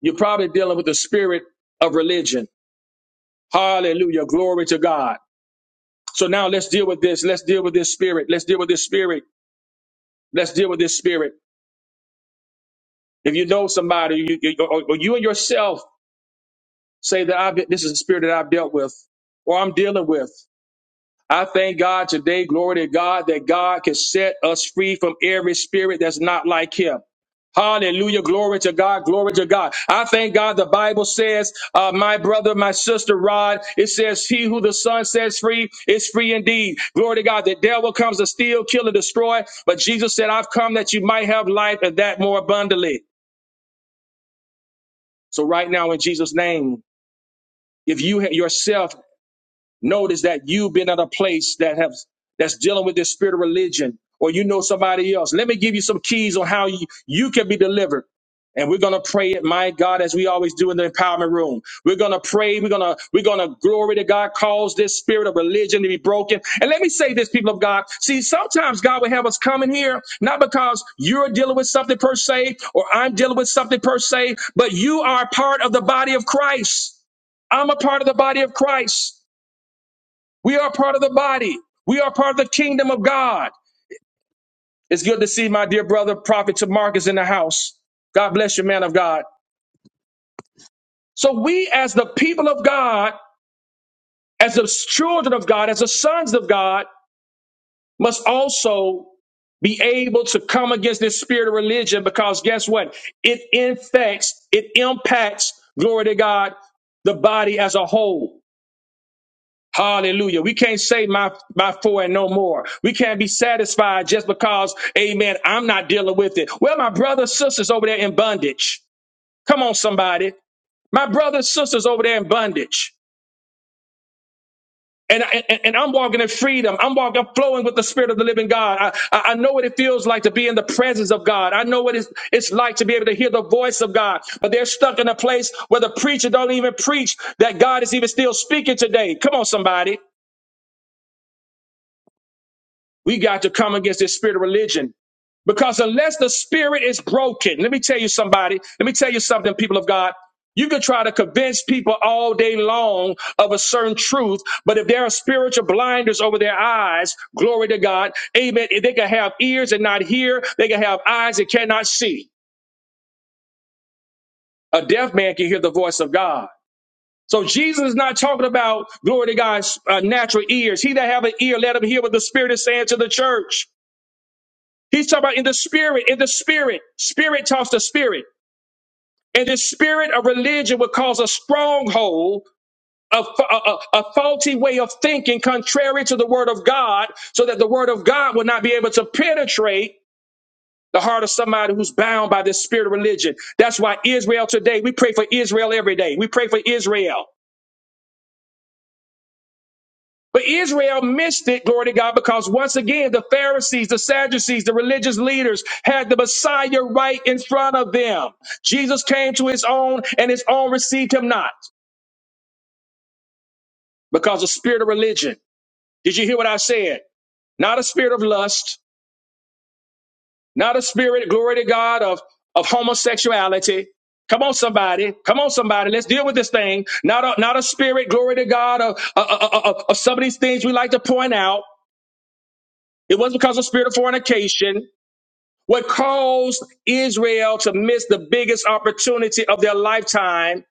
A: you're probably dealing with the spirit of religion. Hallelujah. Glory to God. So now let's deal with this. Let's deal with this spirit. Let's deal with this spirit. Let's deal with this spirit. If you know somebody, you, you, or, or you and yourself say that I've been, this is a spirit that I've dealt with, or I'm dealing with. I thank God today, glory to God, that God can set us free from every spirit that's not like Him. Hallelujah. Glory to God. Glory to God. I thank God. The Bible says, uh, my brother, my sister, Rod, it says, he who the son sets free is free indeed. Glory to God. The devil comes to steal, kill, and destroy. But Jesus said, I've come that you might have life and that more abundantly. So right now, in Jesus' name, if you yourself Notice that you've been at a place that have that's dealing with this spirit of religion, or you know somebody else. Let me give you some keys on how you, you can be delivered. And we're gonna pray it, my God, as we always do in the empowerment room. We're gonna pray. We're gonna we're gonna glory to God. Cause this spirit of religion to be broken. And let me say this, people of God. See, sometimes God will have us come in here not because you're dealing with something per se, or I'm dealing with something per se, but you are part of the body of Christ. I'm a part of the body of Christ. We are part of the body. We are part of the kingdom of God. It's good to see my dear brother, Prophet Tamarcus, in the house. God bless you, man of God. So we, as the people of God, as the children of God, as the sons of God, must also be able to come against this spirit of religion because guess what? It infects, it impacts, glory to God, the body as a whole. Hallelujah. We can't say my, my four and no more. We can't be satisfied just because, amen, I'm not dealing with it. Well, my brothers, sisters over there in bondage. Come on, somebody. My brothers, sisters over there in bondage. And, and, and I'm walking in freedom. I'm walking, flowing with the Spirit of the living God. I, I I know what it feels like to be in the presence of God. I know what it's, it's like to be able to hear the voice of God. But they're stuck in a place where the preacher don't even preach that God is even still speaking today. Come on, somebody. We got to come against this spirit of religion. Because unless the spirit is broken, let me tell you somebody, let me tell you something, people of God. You can try to convince people all day long of a certain truth, but if there are spiritual blinders over their eyes, glory to God, amen. If they can have ears and not hear, they can have eyes and cannot see. A deaf man can hear the voice of God. So Jesus is not talking about, glory to God's uh, natural ears. He that have an ear, let him hear what the Spirit is saying to the church. He's talking about in the spirit, in the spirit. Spirit talks to spirit. And the spirit of religion will cause a stronghold, a, a, a a faulty way of thinking contrary to the word of God, so that the word of God will not be able to penetrate the heart of somebody who's bound by this spirit of religion. That's why Israel today, we pray for Israel every day. We pray for Israel. But Israel missed it, glory to God, because once again, the Pharisees, the Sadducees, the religious leaders had the Messiah right in front of them. Jesus came to his own, and his own received him not because of spirit of religion. Did you hear what I said? Not a spirit of lust, not a spirit, glory to God, of, of homosexuality. Come on, somebody. Come on, somebody. Let's deal with this thing. Not a, not a spirit, glory to God, of, of, of of- some of these things we like to point out. It wasn't because of spirit of fornication. What caused Israel to miss the biggest opportunity of their lifetime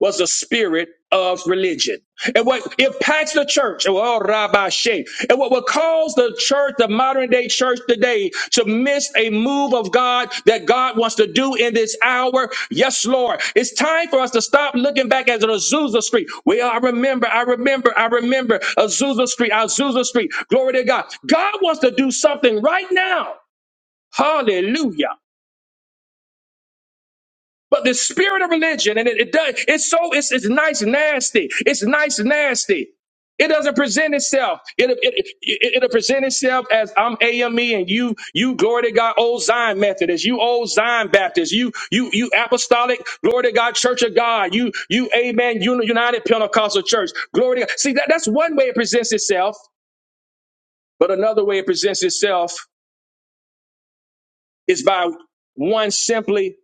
A: was the spirit of religion. And what impacts the church, oh, Rabbi Shea, and what would cause the church, the modern day church today, to miss a move of God that God wants to do in this hour? Yes, Lord. It's time for us to stop looking back at Azusa Street. Well, I remember, I remember, I remember Azusa Street, Azusa Street. Glory to God. God wants to do something right now. Hallelujah. But the spirit of religion, and it, it does, it's so, it's, it's nice and nasty. It's nice and nasty. It doesn't present itself. It, it, it, it, will present itself as I'm AME and you, you glory to God, old Zion Methodist, you old Zion Baptist, you, you, you apostolic, glory to God, Church of God, you, you, amen, Uni- United Pentecostal Church, glory to God. See, that, that's one way it presents itself, but another way it presents itself is by one simply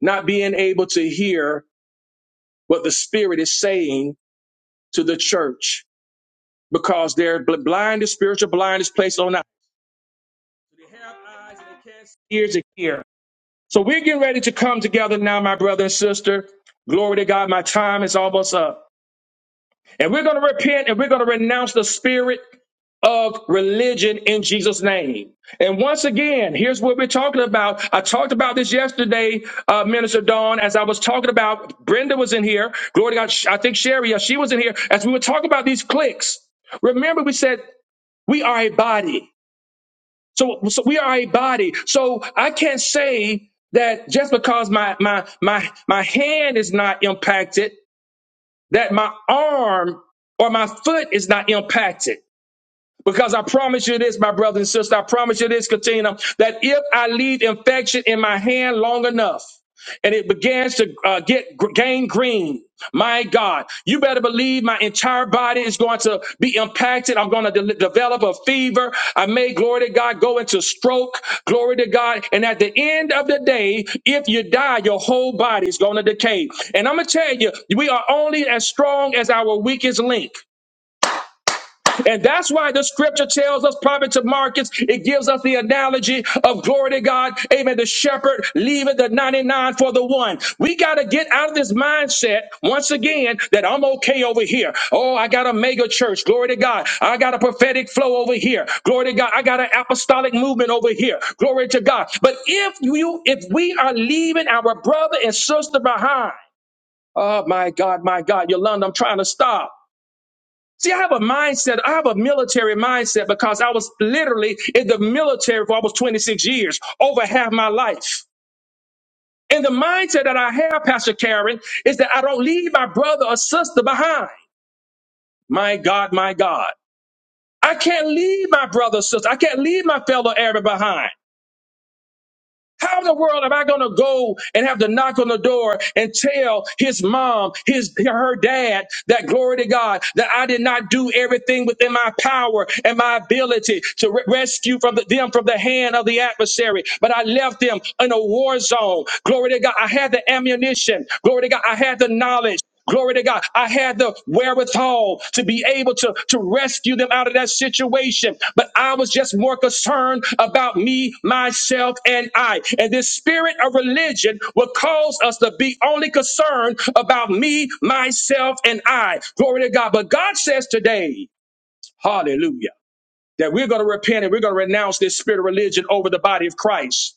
A: not being able to hear what the Spirit is saying to the church because they're bl- blinded, spiritual blindness placed on us. They have eyes and they can't see, ears to hear. So we're getting ready to come together now, my brother and sister. Glory to God, my time is almost up. And we're going to repent and we're going to renounce the spirit. of religion in Jesus' name. And once again, here's what we're talking about. I talked about this yesterday, uh, Minister Dawn, as I was talking about, Brenda was in here. Glory to God. I think Sherry, uh, she was in here. As we were talking about these cliques, remember we said, we are a body. So, so we are a body. So I can't say that just because my, my, my, my hand is not impacted, that my arm or my foot is not impacted. Because I promise you this, my brother and sister, I promise you this, Katina, that if I leave infection in my hand long enough and it begins to uh, get gr- gain green, my God, you better believe my entire body is going to be impacted. I'm going to de- develop a fever. I may, glory to God, go into stroke, glory to God. And at the end of the day, if you die, your whole body is going to decay. And I'm going to tell you, we are only as strong as our weakest link. And that's why the scripture tells us, prophet to Marcus, it gives us the analogy of glory to God. Amen. The shepherd leaving the 99 for the one. We got to get out of this mindset once again that I'm okay over here. Oh, I got a mega church. Glory to God. I got a prophetic flow over here. Glory to God. I got an apostolic movement over here. Glory to God. But if you, if we are leaving our brother and sister behind, oh my God, my God, Yolanda, I'm trying to stop. See, I have a mindset. I have a military mindset because I was literally in the military for almost 26 years, over half my life. And the mindset that I have, Pastor Karen, is that I don't leave my brother or sister behind. My God, my God. I can't leave my brother or sister. I can't leave my fellow Arab behind. How in the world am I going to go and have to knock on the door and tell his mom, his her dad, that glory to God, that I did not do everything within my power and my ability to re- rescue from the, them from the hand of the adversary, but I left them in a war zone. Glory to God, I had the ammunition. Glory to God, I had the knowledge. Glory to God. I had the wherewithal to be able to, to rescue them out of that situation. But I was just more concerned about me, myself, and I. And this spirit of religion will cause us to be only concerned about me, myself, and I. Glory to God. But God says today, hallelujah, that we're going to repent and we're going to renounce this spirit of religion over the body of Christ.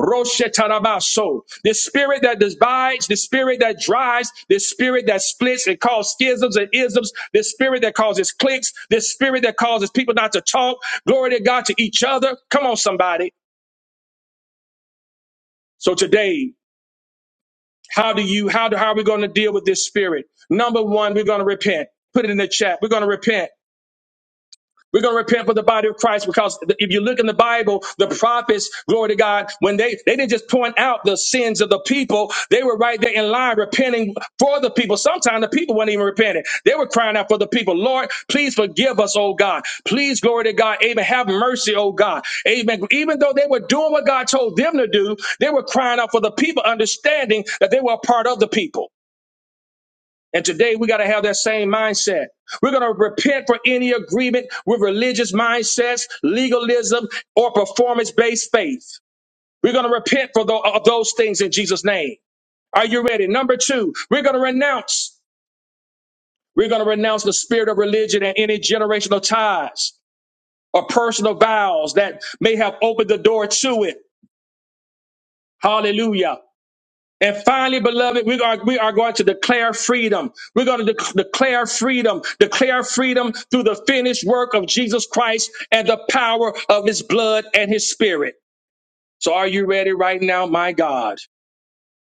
A: Roshetarabaso. The spirit that divides, the spirit that drives, the spirit that splits and causes schisms and isms, the spirit that causes cliques, the spirit that causes people not to talk, glory to God, to each other. Come on, somebody. So today, how do you, how do, how are we going to deal with this spirit? Number one, we're going to repent. Put it in the chat. We're going to repent. We're going to repent for the body of Christ because if you look in the Bible, the prophets, glory to God, when they, they didn't just point out the sins of the people, they were right there in line repenting for the people. Sometimes the people weren't even repenting. They were crying out for the people. Lord, please forgive us, oh God. Please, glory to God. Amen. Have mercy, oh God. Amen. Even though they were doing what God told them to do, they were crying out for the people, understanding that they were a part of the people. And today we got to have that same mindset. We're going to repent for any agreement with religious mindsets, legalism, or performance based faith. We're going to repent for tho- of those things in Jesus' name. Are you ready? Number two, we're going to renounce. We're going to renounce the spirit of religion and any generational ties or personal vows that may have opened the door to it. Hallelujah. And finally, beloved, we are, we are going to declare freedom. We're going to dec declare freedom, declare freedom through the finished work of Jesus Christ and the power of his blood and his spirit. So are you ready right now, my God?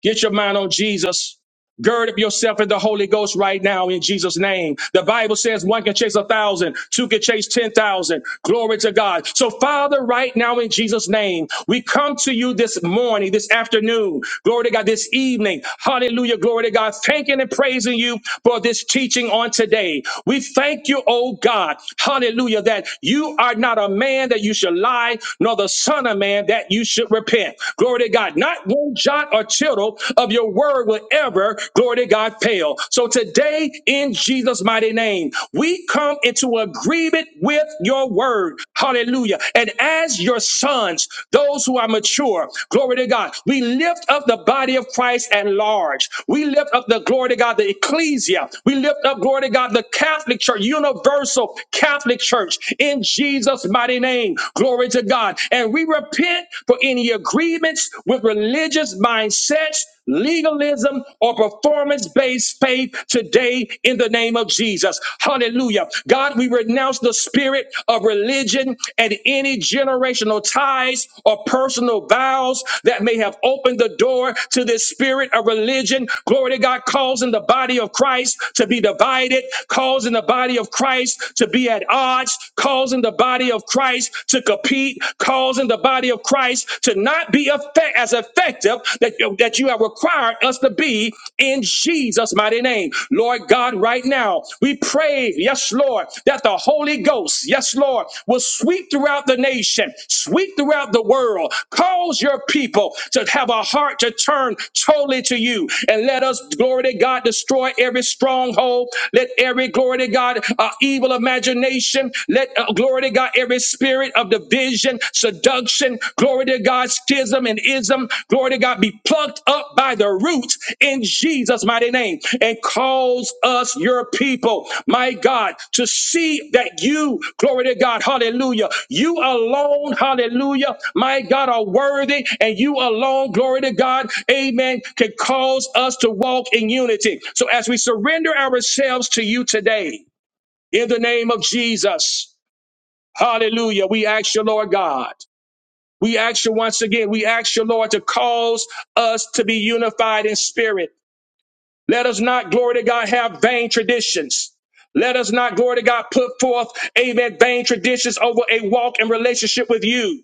A: Get your mind on Jesus. Gird up yourself in the Holy Ghost right now in Jesus' name. The Bible says one can chase a thousand, two can chase 10,000. Glory to God. So, Father, right now in Jesus' name, we come to you this morning, this afternoon. Glory to God, this evening. Hallelujah. Glory to God. Thanking and praising you for this teaching on today. We thank you, oh God. Hallelujah. That you are not a man that you should lie, nor the son of man that you should repent. Glory to God. Not one jot or or tittle of your word will ever, glory to God, fail. So today, in Jesus' mighty name, we come into agreement with your word. Hallelujah. And as your sons, those who are mature, glory to God, we lift up the body of Christ at large. We lift up the glory to God, the ecclesia. We lift up, glory to God, the Catholic Church, universal Catholic Church in Jesus' mighty name. Glory to God. And we repent for any your agreements with religious mindsets, legalism, or performance based faith today in the name of Jesus. Hallelujah. God, we renounce the spirit of religion and any generational ties or personal vows that may have opened the door to this spirit of religion. Glory to God, causing the body of Christ to be divided, causing the body of Christ to be at odds, causing the body of Christ to compete repeat, causing the body of Christ to not be effect- as effective that that you have required us to be in Jesus' mighty name. Lord God, right now, we pray, yes, Lord, that the Holy Ghost, yes, Lord, will sweep throughout the nation, sweep throughout the world. Cause your people to have a heart to turn totally to you and let us, glory to God, destroy every stronghold. Let every, glory to God, uh, evil imagination. Uh, glory to God, every spirit of division, seduction, glory to God, schism and ism, glory to God, be plucked up by the roots in Jesus' mighty name and cause us, your people, my God, to see that you, glory to God, hallelujah, you alone, hallelujah, my God, are worthy and you alone, glory to God, amen, can cause us to walk in unity. So as we surrender ourselves to you today, in the name of Jesus. Hallelujah. We ask you, Lord God. We ask you once again, we ask you, Lord, to cause us to be unified in spirit let us not, glory to God, have vain traditions. Let us not, glory to God, put forth, amen, vain traditions over a walk and relationship with you.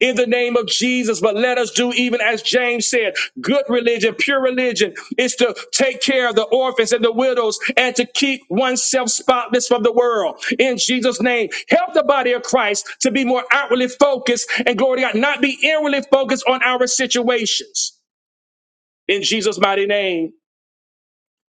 A: In the name of Jesus, but let us do even as James said good religion, pure religion is to take care of the orphans and the widows and to keep oneself spotless from the world. In Jesus' name, help the body of Christ to be more outwardly focused and glory to God, not be inwardly focused on our situations. In Jesus' mighty name.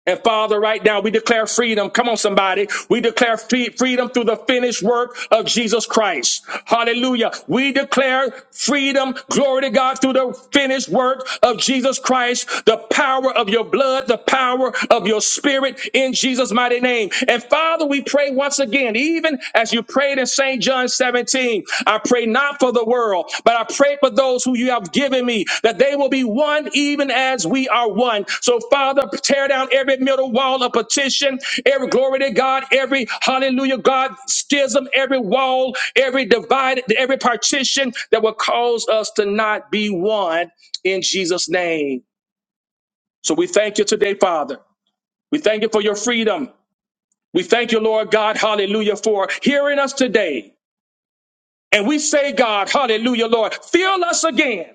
A: And Father, right now we declare freedom. Come on, somebody. We declare free- freedom through the finished work of Jesus Christ. Hallelujah. We declare freedom. Glory to God through the finished work of Jesus Christ. The power of your blood, the power of your spirit in Jesus' mighty name. And Father, we pray once again, even as you prayed in St. John 17. 17. I pray not for the world, but I pray for those who you have given me, that they will be one even as we are one. So, Father, tear down every middle wall of petition, every glory to God, every hallelujah, God, schism, every wall, every divide, every partition that will cause us to not be one in Jesus' name. So, we thank you today, Father. We thank you for your freedom. We thank you, Lord God, hallelujah, for hearing us today. And we say, God, hallelujah, Lord, fill us again.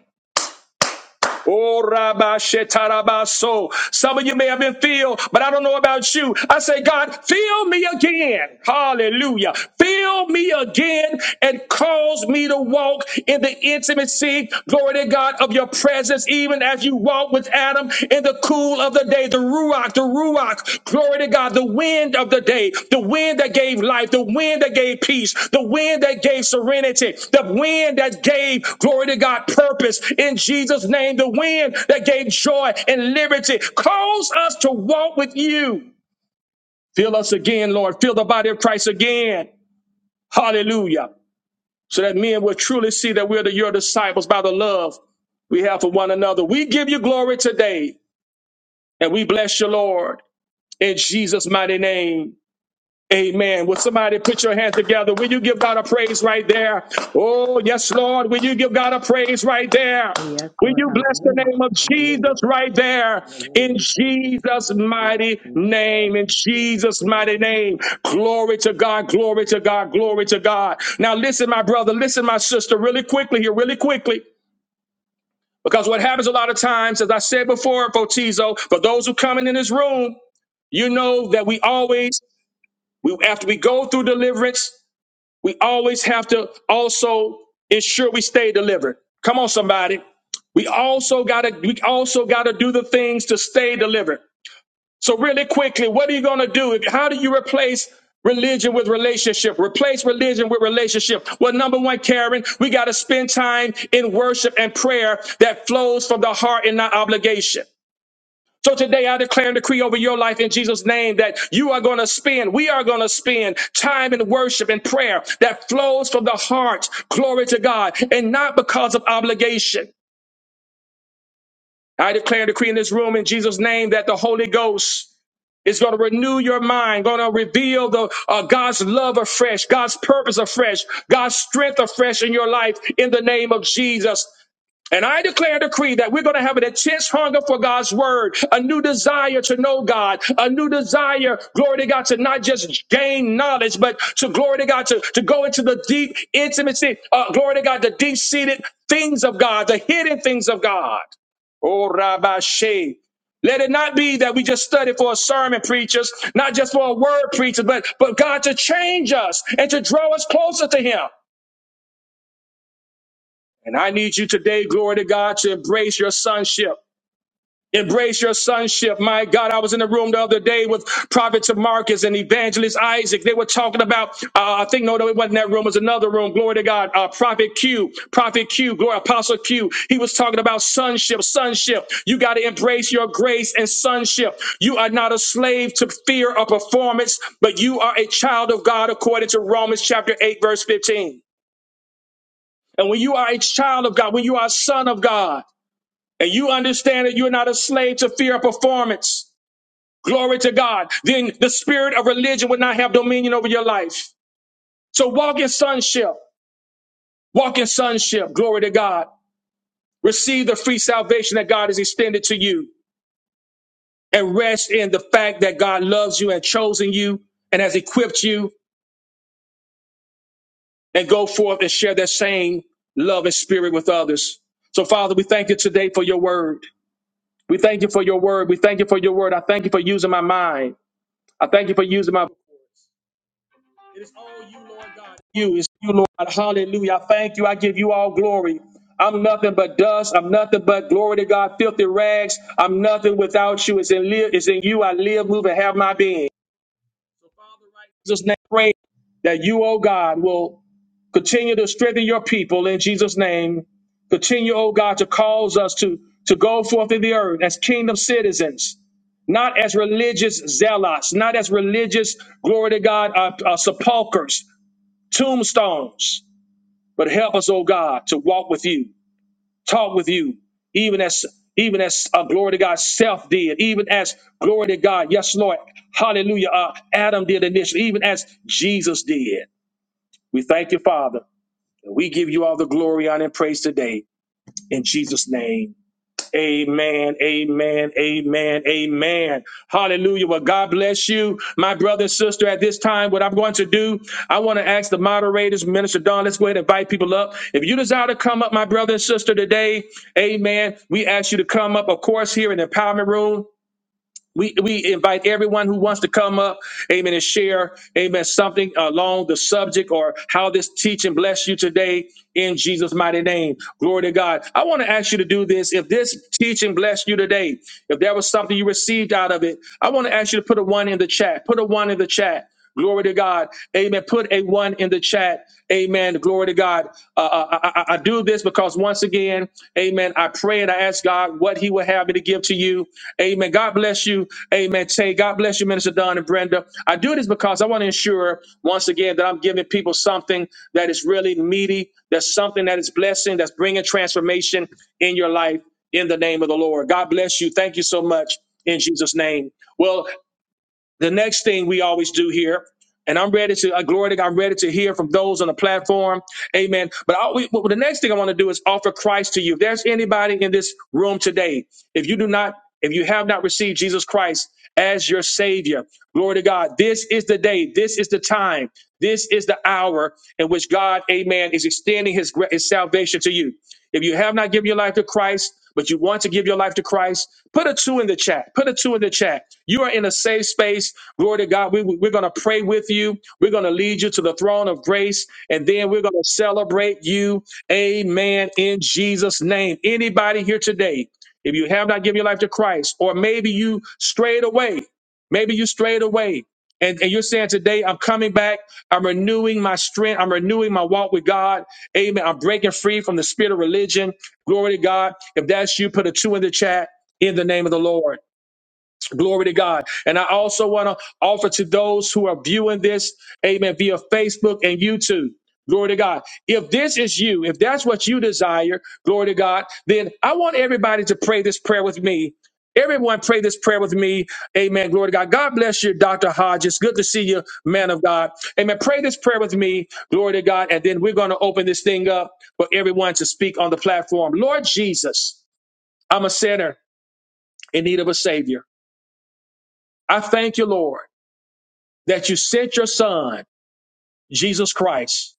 A: Oh, Rabbi Shetarabaso. Some of you may have been filled, but I don't know about you. I say, God, fill me again. Hallelujah. Fill me again and cause me to walk in the intimacy, glory to God, of your presence, even as you walk with Adam in the cool of the day, the Ruach, the Ruach, glory to God, the wind of the day, the wind that gave life, the wind that gave peace, the wind that gave serenity, the wind that gave, glory to God, purpose in Jesus' name, the wind that gave joy and liberty. Cause us to walk with you. Fill us again, Lord. Fill the body of Christ again. Hallelujah. So that men will truly see that we're the, your disciples by the love we have for one another. We give you glory today and we bless you, Lord. in Jesus' mighty name. Amen. Will somebody put your hands together? Will you give God a praise right there? Oh, yes, Lord. Will you give God a praise right there?
B: Yes,
A: Will
B: Lord.
A: you bless the
B: Hallelujah.
A: name of Jesus
B: Hallelujah.
A: right there?
B: Hallelujah.
A: In
B: We thank you,
A: Jesus'
B: Father. Yes,
A: mighty
B: Lord.
A: name. In
B: Yes,
A: Jesus' mighty
B: Lord.
A: name. Glory to God. Glory to God. Glory to God. Now, listen, my brother. Listen, my sister, really quickly here, really quickly. Because what happens a lot of times, as I said before, Fotizo, for those who coming in this room, you know that we always we after we go through deliverance, we always have to also ensure we stay delivered. Come on, somebody. We also gotta we also gotta do the things to stay delivered. So really quickly, what are you gonna do? If- How do you replace religion with relationship? Replace religion with relationship. Well, number one, Karen, we gotta spend time in worship and prayer that flows from the heart and not obligation. So today I declare and decree over your life in Jesus' name that you are going to spend, we are going to spend time in worship and prayer that flows from the heart, glory to God, and not because of obligation. I declare and decree in this room in Jesus' name that the Holy Ghost is going to renew your mind, going to reveal the uh, God's love afresh, God's purpose afresh, God's strength afresh in your life in the name of Jesus. And I declare and decree that we're going to have an intense hunger for God's word, a new desire to know God, a new desire, glory to God, to not just gain knowledge, but to glory to God, to, to go into the deep intimacy, uh, glory to God, the deep seated things of God, the hidden things of God. Oh, Rabbi Shea. Let it not be that we just study for a sermon, preachers, not just for a word, preacher, but, but God to change us and to draw us closer to Him. And I need you today, glory to God, to embrace your sonship. Embrace your sonship. My God, I was in the room the other day with Prophet Marcus and Evangelist Isaac. They were talking about, uh, I think, no, no, it wasn't that room. It was another room. Glory to God. Uh, Prophet Q, Prophet Q, Glory, Apostle Q. He was talking about sonship, sonship. You got to embrace your grace and sonship. You are not a slave to fear or performance, but you are a child of God according to Romans chapter 8, verse 15. And when you are a child of God, when you are a son of God, and you understand that you're not a slave to fear or performance, Glory to God. Then the spirit of religion would not have dominion over your life. So walk in sonship. Walk in sonship. Glory to God. Receive the free salvation that God has extended to you and rest in the fact that God loves you and chosen you and has equipped you and go forth and share that same love and spirit with others. So Father, we thank you today for your word. We thank you for your word. We thank you for your word. I thank you for using my mind. I thank you for using my It is all you, Lord God. You is you, Lord. Hallelujah. I thank you. I give you all glory. I'm nothing but dust. I'm nothing but glory to God. Filthy rags. I'm nothing without you. It's in live. It's in you. I live, move, and have my being. Father, right now, in Jesus' name, pray that you, oh God, will continue to strengthen your people in Jesus' name. Continue, oh God, to cause us to, to go forth in the earth as kingdom citizens, not as religious zealots, not as religious, glory to God, uh, uh, sepulchres, tombstones. But help us, oh God, to walk with you, talk with you, even as even as uh, glory to God self did, even as glory to God, yes, Lord, hallelujah, uh, Adam did initially, even as Jesus did. We thank you, Father. and We give you all the glory, honor, and praise today in Jesus' name. Amen. Amen. Amen. Amen. Hallelujah. Well, God bless you, my brother and sister. At this time, what I'm going to do, I want to ask the moderators, Minister Don, let's go ahead and invite people up. If you desire to come up, my brother and sister, today, amen. We ask you to come up, of course, here in the empowerment room. We, we invite everyone who wants to come up, amen, and share, amen, something along the subject or how this teaching bless you today in Jesus' mighty name. Glory to God. I want to ask you to do this. If this teaching blessed you today, if there was something you received out of it, I want to ask you to put a one in the chat. Put a one in the chat. Glory to God. Amen. Put a one in the chat. Amen. Glory to God. Uh, uh, I, I, I do this because once again, amen. I pray and I ask God what He would have me to give to you. Amen. God bless you. Amen. Tay, God bless you, Minister Don and Brenda. I do this because I want to ensure, once again, that I'm giving people something that is really meaty, that's something that is blessing, that's bringing transformation in your life in the name of the Lord. God bless you. Thank you so much in Jesus' name. Well, the next thing we always do here, and I'm ready to, uh, glory to God, I'm ready to hear from those on the platform. Amen. But I, we, well, the next thing I want to do is offer Christ to you. If there's anybody in this room today, if you do not, if you have not received Jesus Christ as your Savior, glory to God, this is the day, this is the time, this is the hour in which God, amen, is extending his, gra- his salvation to you. If you have not given your life to Christ, but you want to give your life to Christ, put a two in the chat. Put a two in the chat. You are in a safe space. Glory to God. We, we're going to pray with you. We're going to lead you to the throne of grace, and then we're going to celebrate you. Amen. In Jesus' name. Anybody here today, if you have not given your life to Christ, or maybe you strayed away, maybe you strayed away. And, and you're saying today, I'm coming back. I'm renewing my strength. I'm renewing my walk with God. Amen. I'm breaking free from the spirit of religion. Glory to God. If that's you, put a two in the chat in the name of the Lord. Glory to God. And I also want to offer to those who are viewing this, amen, via Facebook and YouTube. Glory to God. If this is you, if that's what you desire, glory to God, then I want everybody to pray this prayer with me. Everyone pray this prayer with me. Amen. Glory to God. God bless you, Dr. Hodges. Good to see you, man of God. Amen. Pray this prayer with me. Glory to God. And then we're going to open this thing up for everyone to speak on the platform. Lord Jesus, I'm a sinner in need of a savior. I thank you, Lord that you sent your son, Jesus Christ,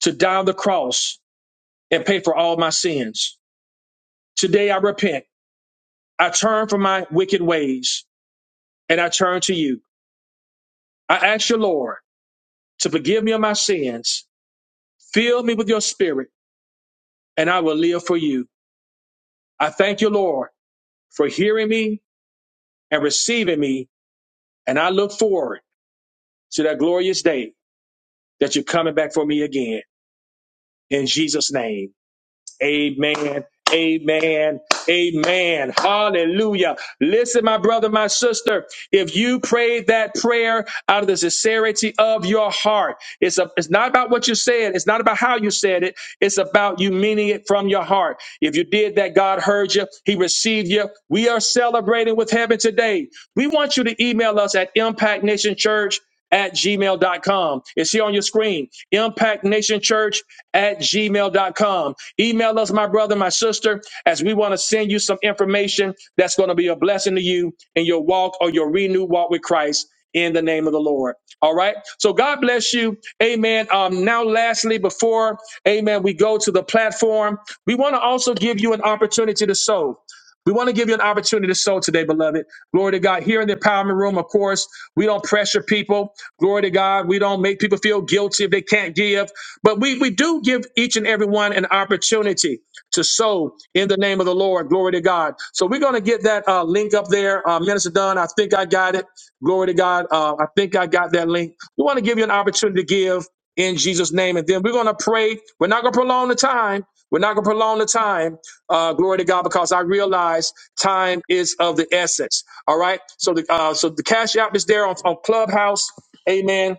A: to die on the cross and pay for all my sins. Today I repent. I turn from my wicked ways and I turn to you. I ask you, Lord, to forgive me of my sins. Fill me with your spirit and I will live for you. I thank you, Lord, for hearing me and receiving me. And I look forward to that glorious day that you're coming back for me again. In Jesus' name. Amen. Amen. Amen. Hallelujah. Listen, my brother, my sister, if you prayed that prayer out of the sincerity of your heart, it's, a, it's not about what you said. It's not about how you said it. It's about you meaning it from your heart. If you did that, God heard you. He received you. We are celebrating with heaven today. We want you to email us at impactnationchurch at gmail dot com. It's here on your screen. Impactnationchurch at gmail dot com. Email us, my brother, my sister, as we want to send you some information that's going to be a blessing to you in your walk or your renewed walk with Christ in the name of the Lord. All right. So God bless you. Amen. Um, now, lastly, before, amen, we go to the platform, we want to also give you an opportunity to sow. We want to give you an opportunity to sow today, beloved. Glory to God. Here in the empowerment room, of course, we don't pressure people. Glory to God. We don't make people feel guilty if they can't give. But we, we do give each and every one an opportunity to sow in the name of the Lord. Glory to God. So we're going to get that uh, link up there. Uh, Minister Dunn, I think I got it. Glory to God. Uh, I think I got that link. We want to give you an opportunity to give in Jesus' name. And then we're going to pray. We're not going to prolong the time. We're not going to prolong the time. Uh, glory to God, because I realize time is of the essence. All right. So the uh, so the cash app is there on, on Clubhouse. Amen.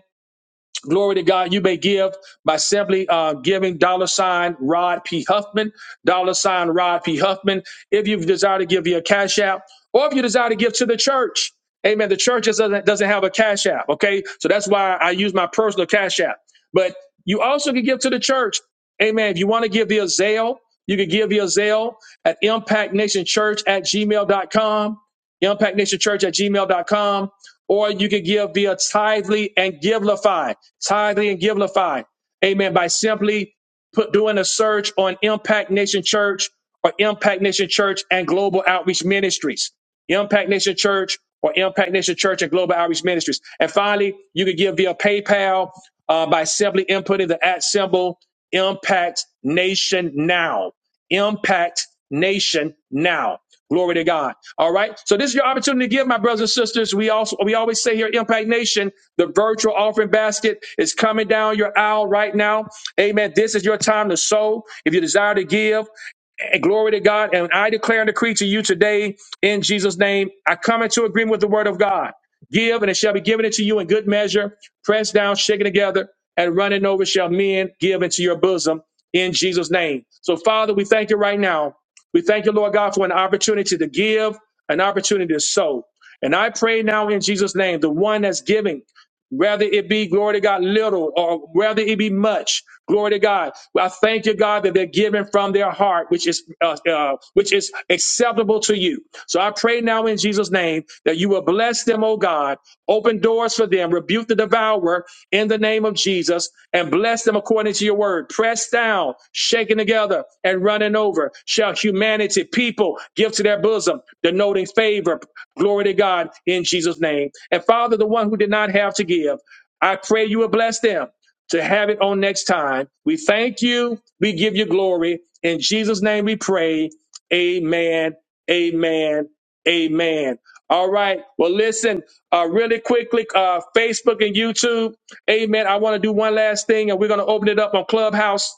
A: Glory to God. You may give by simply uh, giving dollar sign Rod P. Huffman, dollar sign Rod P. Huffman. If you desire to give your cash app, or if you desire to give to the church, amen. The church doesn't, doesn't have a cash app, okay? So that's why I use my personal cash app. But you also can give to the church, amen. If you want to give via Zelle, you can give via Zelle at Impact Nation Church at gmail dot com. Impact Nation Church at gmail dot com or you can give via tithely and givelify. Tithely and givelify. Amen. By simply put doing a search on Impact Nation Church or Impact Nation Church and Global Outreach Ministries. Impact Nation Church or Impact Nation Church and Global Outreach Ministries. And finally, you can give via PayPal uh, by simply inputting the at symbol Impact Nation Now. Impact Nation Now. Glory to God. All right. So this is your opportunity to give, my brothers and sisters. We also we always say here at Impact Nation, the virtual offering basket is coming down your aisle right now. Amen. This is your time to sow. If you desire to give, and glory to God. And I declare and decree to you today in Jesus' name. I come into agreement with the word of God. Give, and it shall be given unto you in good measure, pressed down, shaken together, and running over shall men give into your bosom in Jesus' name. So, Father, we thank you right now. We thank you, Lord God, for an opportunity to give, an opportunity to sow. And I pray now in Jesus' name, the one that's giving whether it be glory to God little or whether it be much glory to God I thank you God that they're giving from their heart which is uh, uh, which is acceptable to you so I pray now in Jesus name that you will bless them oh God open doors for them rebuke the devourer in the name of Jesus and bless them according to your word pressed down shaken together and running over shall humanity people give to their bosom denoting favor Glory to God in Jesus' name. And Father, the one who did not have to give, I pray you will bless them to have it on next time. We thank you. We give you glory. In Jesus' name we pray. Amen. Amen. Amen. All right. Well, listen, uh, really quickly, uh, Facebook and YouTube. Amen. I want to do one last thing and we're going to open it up on Clubhouse.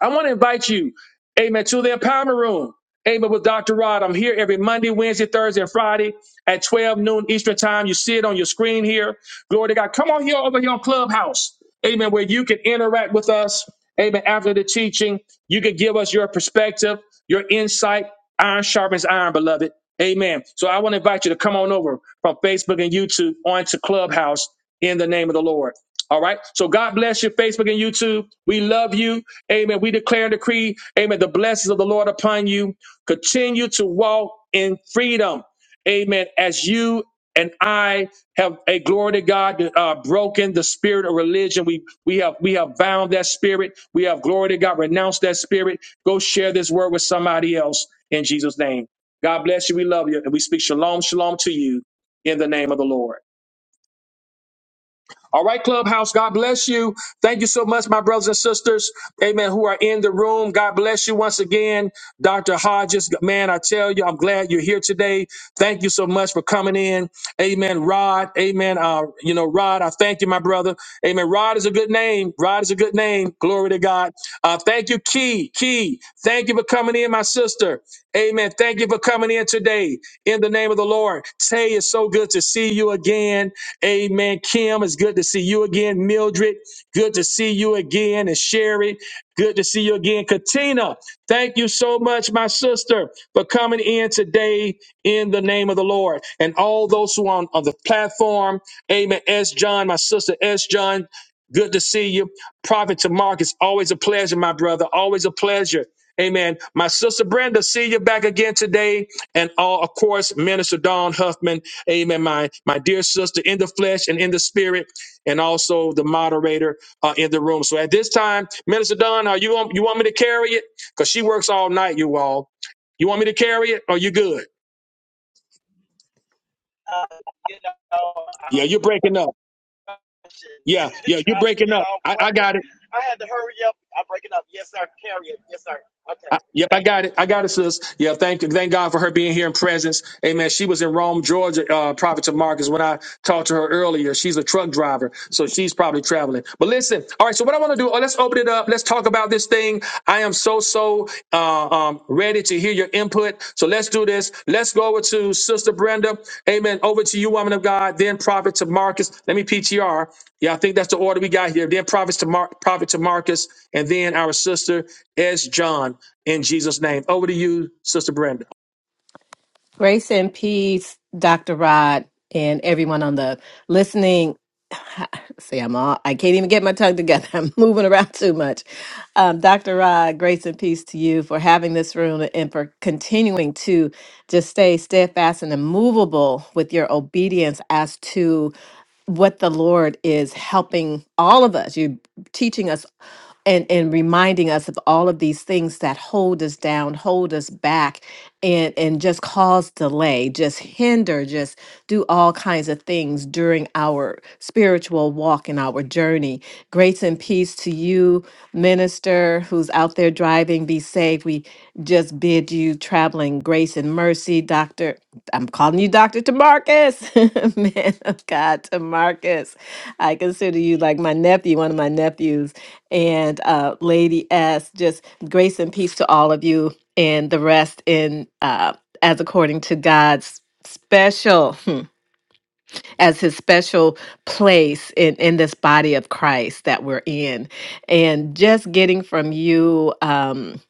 A: I want to invite you, amen, to the empowerment room. Amen. With Dr. Rod, I'm here every Monday, Wednesday, Thursday, and Friday at 12 noon Eastern time. You see it on your screen here. Glory to God. Come on here over here on Clubhouse. Amen. Where you can interact with us. Amen. After the teaching, you can give us your perspective, your insight. Iron sharpens iron, beloved. Amen. So I want to invite you to come on over from Facebook and YouTube onto Clubhouse in the name of the Lord. All right. So God bless you, Facebook and YouTube. We love you. Amen. We declare and decree, amen, the blessings of the Lord upon you. Continue to walk in freedom. Amen. As you and I have a glory to God uh, broken the spirit of religion. We we have we have bound that spirit. We have glory to God, renounced that spirit. Go share this word with somebody else in Jesus' name. God bless you. We love you. And we speak shalom, shalom to you in the name of the Lord. All right, Clubhouse, God bless you. Thank you so much, my brothers and sisters, amen, who are in the room. God bless you once again, Dr. Hodges. Man, I tell you, I'm glad you're here today. Thank you so much for coming in. Amen, Rod. Amen. Uh, you know, Rod, I thank you, my brother. Amen. Rod is a good name. Rod is a good name. Glory to God. Uh, thank you, Key. Key, thank you for coming in, my sister. Amen. Thank you for coming in today in the name of the Lord. Tay, it's so good to see you again. Amen. Kim, it's good to see you again. Mildred, good to see you again. And Sherry, good to see you again. Katina, thank you so much, my sister, for coming in today in the name of the Lord. And all those who are on, on the platform, amen. S. John, my sister S. John, good to see you. Prophet to it's always a pleasure, my brother. Always a pleasure. Amen. My sister Brenda, see you back again today. And all, of course, Minister Don Huffman. Amen. My my dear sister in the flesh and in the spirit, and also the moderator uh, in the room. So at this time, Minister Don, are you on, you want me to carry it? Because she works all night, you all. You want me to carry it? Or you good? Yeah, you're breaking up. Yeah, yeah, you're breaking up. I, I got it. I, yep, I got it. I got it, sis. Yeah, thank thank God for her being here in presence. Amen. She was in Rome, Georgia, uh, Prophet to Marcus when I talked to her earlier. She's a truck driver, so she's probably traveling. But listen, all right. So what I want to do? oh, let's open it up. Let's talk about this thing. I am so so uh, um, ready to hear your input. So let's do this. Let's go over to Sister Brenda. Amen. Over to you, woman of God. Then Prophet to Marcus. Let me PTR. Yeah, I think that's the order we got here. Then Prophet to Mar- Prophet to Marcus, and then our sister S. John in Jesus' name. Over to you, Sister Brenda.
B: Grace and peace, Dr. Rod, and everyone on the listening. See, I'm all, I can't even get my tongue together. I'm moving around too much. Um, Dr. Rod, grace and peace to you for having this room and for continuing to just stay steadfast and immovable with your obedience as to what the Lord is helping all of us. You're teaching us and, and reminding us of all of these things that hold us down, hold us back and and just cause delay just hinder just do all kinds of things during our spiritual walk and our journey grace and peace to you minister who's out there driving be safe we just bid you traveling grace and mercy doctor i'm calling you dr tamarcus man of god tamarcus i consider you like my nephew one of my nephews and uh, lady s just grace and peace to all of you and the rest in uh, as according to God's special hmm, as his special place in in this body of Christ that we're in and just getting from you um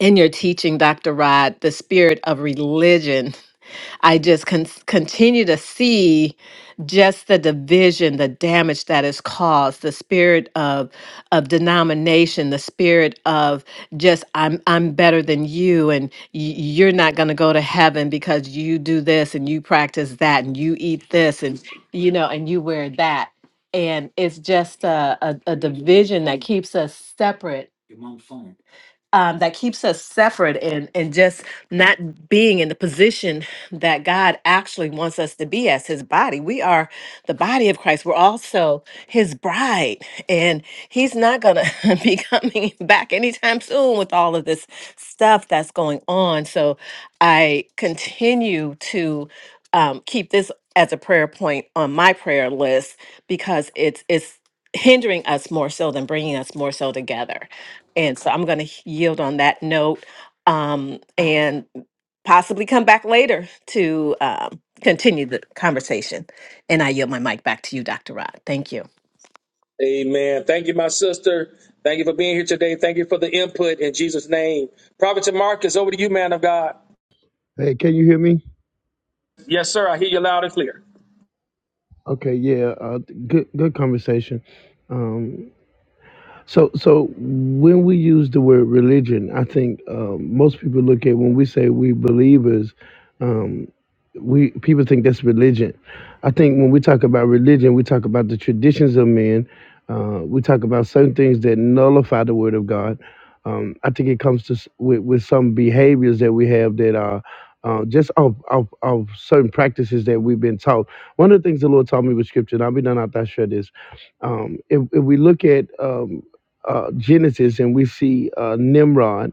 B: in your teaching Dr. Rod the spirit of religion I just con- continue to see just the division, the damage that is caused, the spirit of of denomination, the spirit of just I'm I'm better than you, and y- you're not going to go to heaven because you do this and you practice that and you eat this and you know and you wear that, and it's just a a, a division that keeps us separate um, that keeps us separate and and just not being in the position that God actually wants us to be as His body. We are the body of Christ. We're also His bride, and He's not gonna be coming back anytime soon with all of this stuff that's going on. So I continue to um, keep this as a prayer point on my prayer list because it's it's hindering us more so than bringing us more so together and so I'm going to yield on that note um, and possibly come back later to um, continue the conversation. And I yield my mic back to you, Dr. Rod. Thank you.
A: Amen. Thank you, my sister. Thank you for being here today. Thank you for the input in Jesus' name. Prophet Marcus, over to you, man of God.
C: Hey, can you hear me?
A: Yes, sir. I hear you loud and clear.
C: Okay, yeah, uh, good good conversation. Um, So, so when we use the word religion, I think um, most people look at when we say we believers, um, we people think that's religion. I think when we talk about religion, we talk about the traditions of men. Uh, we talk about certain things that nullify the word of God. Um, I think it comes to s- with, with some behaviors that we have that are uh, just of, of, of certain practices that we've been taught. One of the things the Lord taught me with Scripture, and I'll be done after I share this um, if, if we look at um, uh, Genesis and we see uh, Nimrod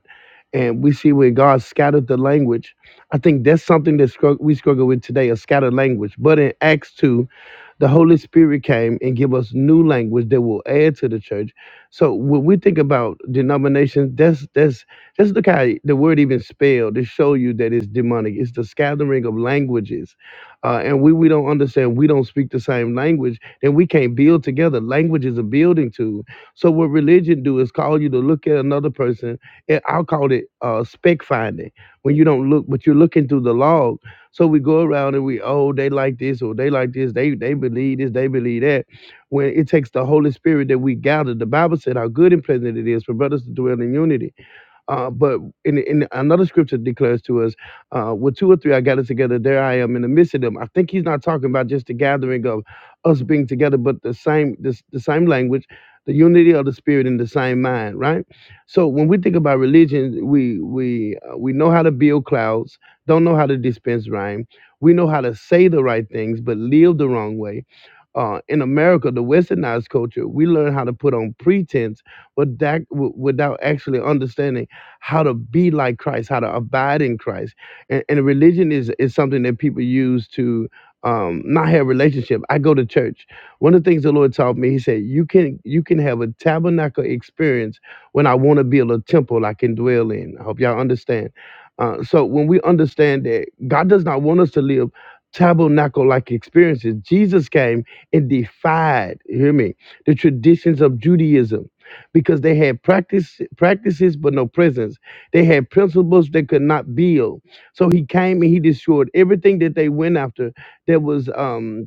C: and we see where God scattered the language. I think that's something that strugg- we struggle with today, a scattered language. But in Acts 2, the Holy Spirit came and give us new language that will add to the church. So when we think about denominations, that's that's just look how the word even spelled to show you that it's demonic. It's the scattering of languages, uh, and we we don't understand. We don't speak the same language, then we can't build together. Language is a building tool. So what religion do is call you to look at another person. And I'll call it uh, spec finding when you don't look, but you're looking through the log so we go around and we, oh, they like this or they like this, they they believe this, they believe that. When it takes the Holy Spirit that we gather, the Bible said how good and pleasant it is for brothers to dwell in unity. Uh, but in, in another scripture declares to us, uh, with two or three I gather together, there I am in the midst of them. I think he's not talking about just the gathering of us being together, but the same this, the same language, the unity of the spirit in the same mind, right? So when we think about religion, we we uh, we know how to build clouds, don't know how to dispense rhyme. We know how to say the right things, but live the wrong way uh, in America, the westernized culture, we learn how to put on pretense, but that w- without actually understanding how to be like Christ, how to abide in Christ. And, and religion is is something that people use to um, not have relationship. I go to church. One of the things the Lord taught me, He said, you can you can have a tabernacle experience when I want to build a temple I can dwell in. I hope y'all understand. Uh, so when we understand that God does not want us to live tabernacle like experiences, Jesus came. It defied, hear me, the traditions of Judaism because they had practice, practices but no presence. They had principles they could not build. So he came and he destroyed everything that they went after that was um,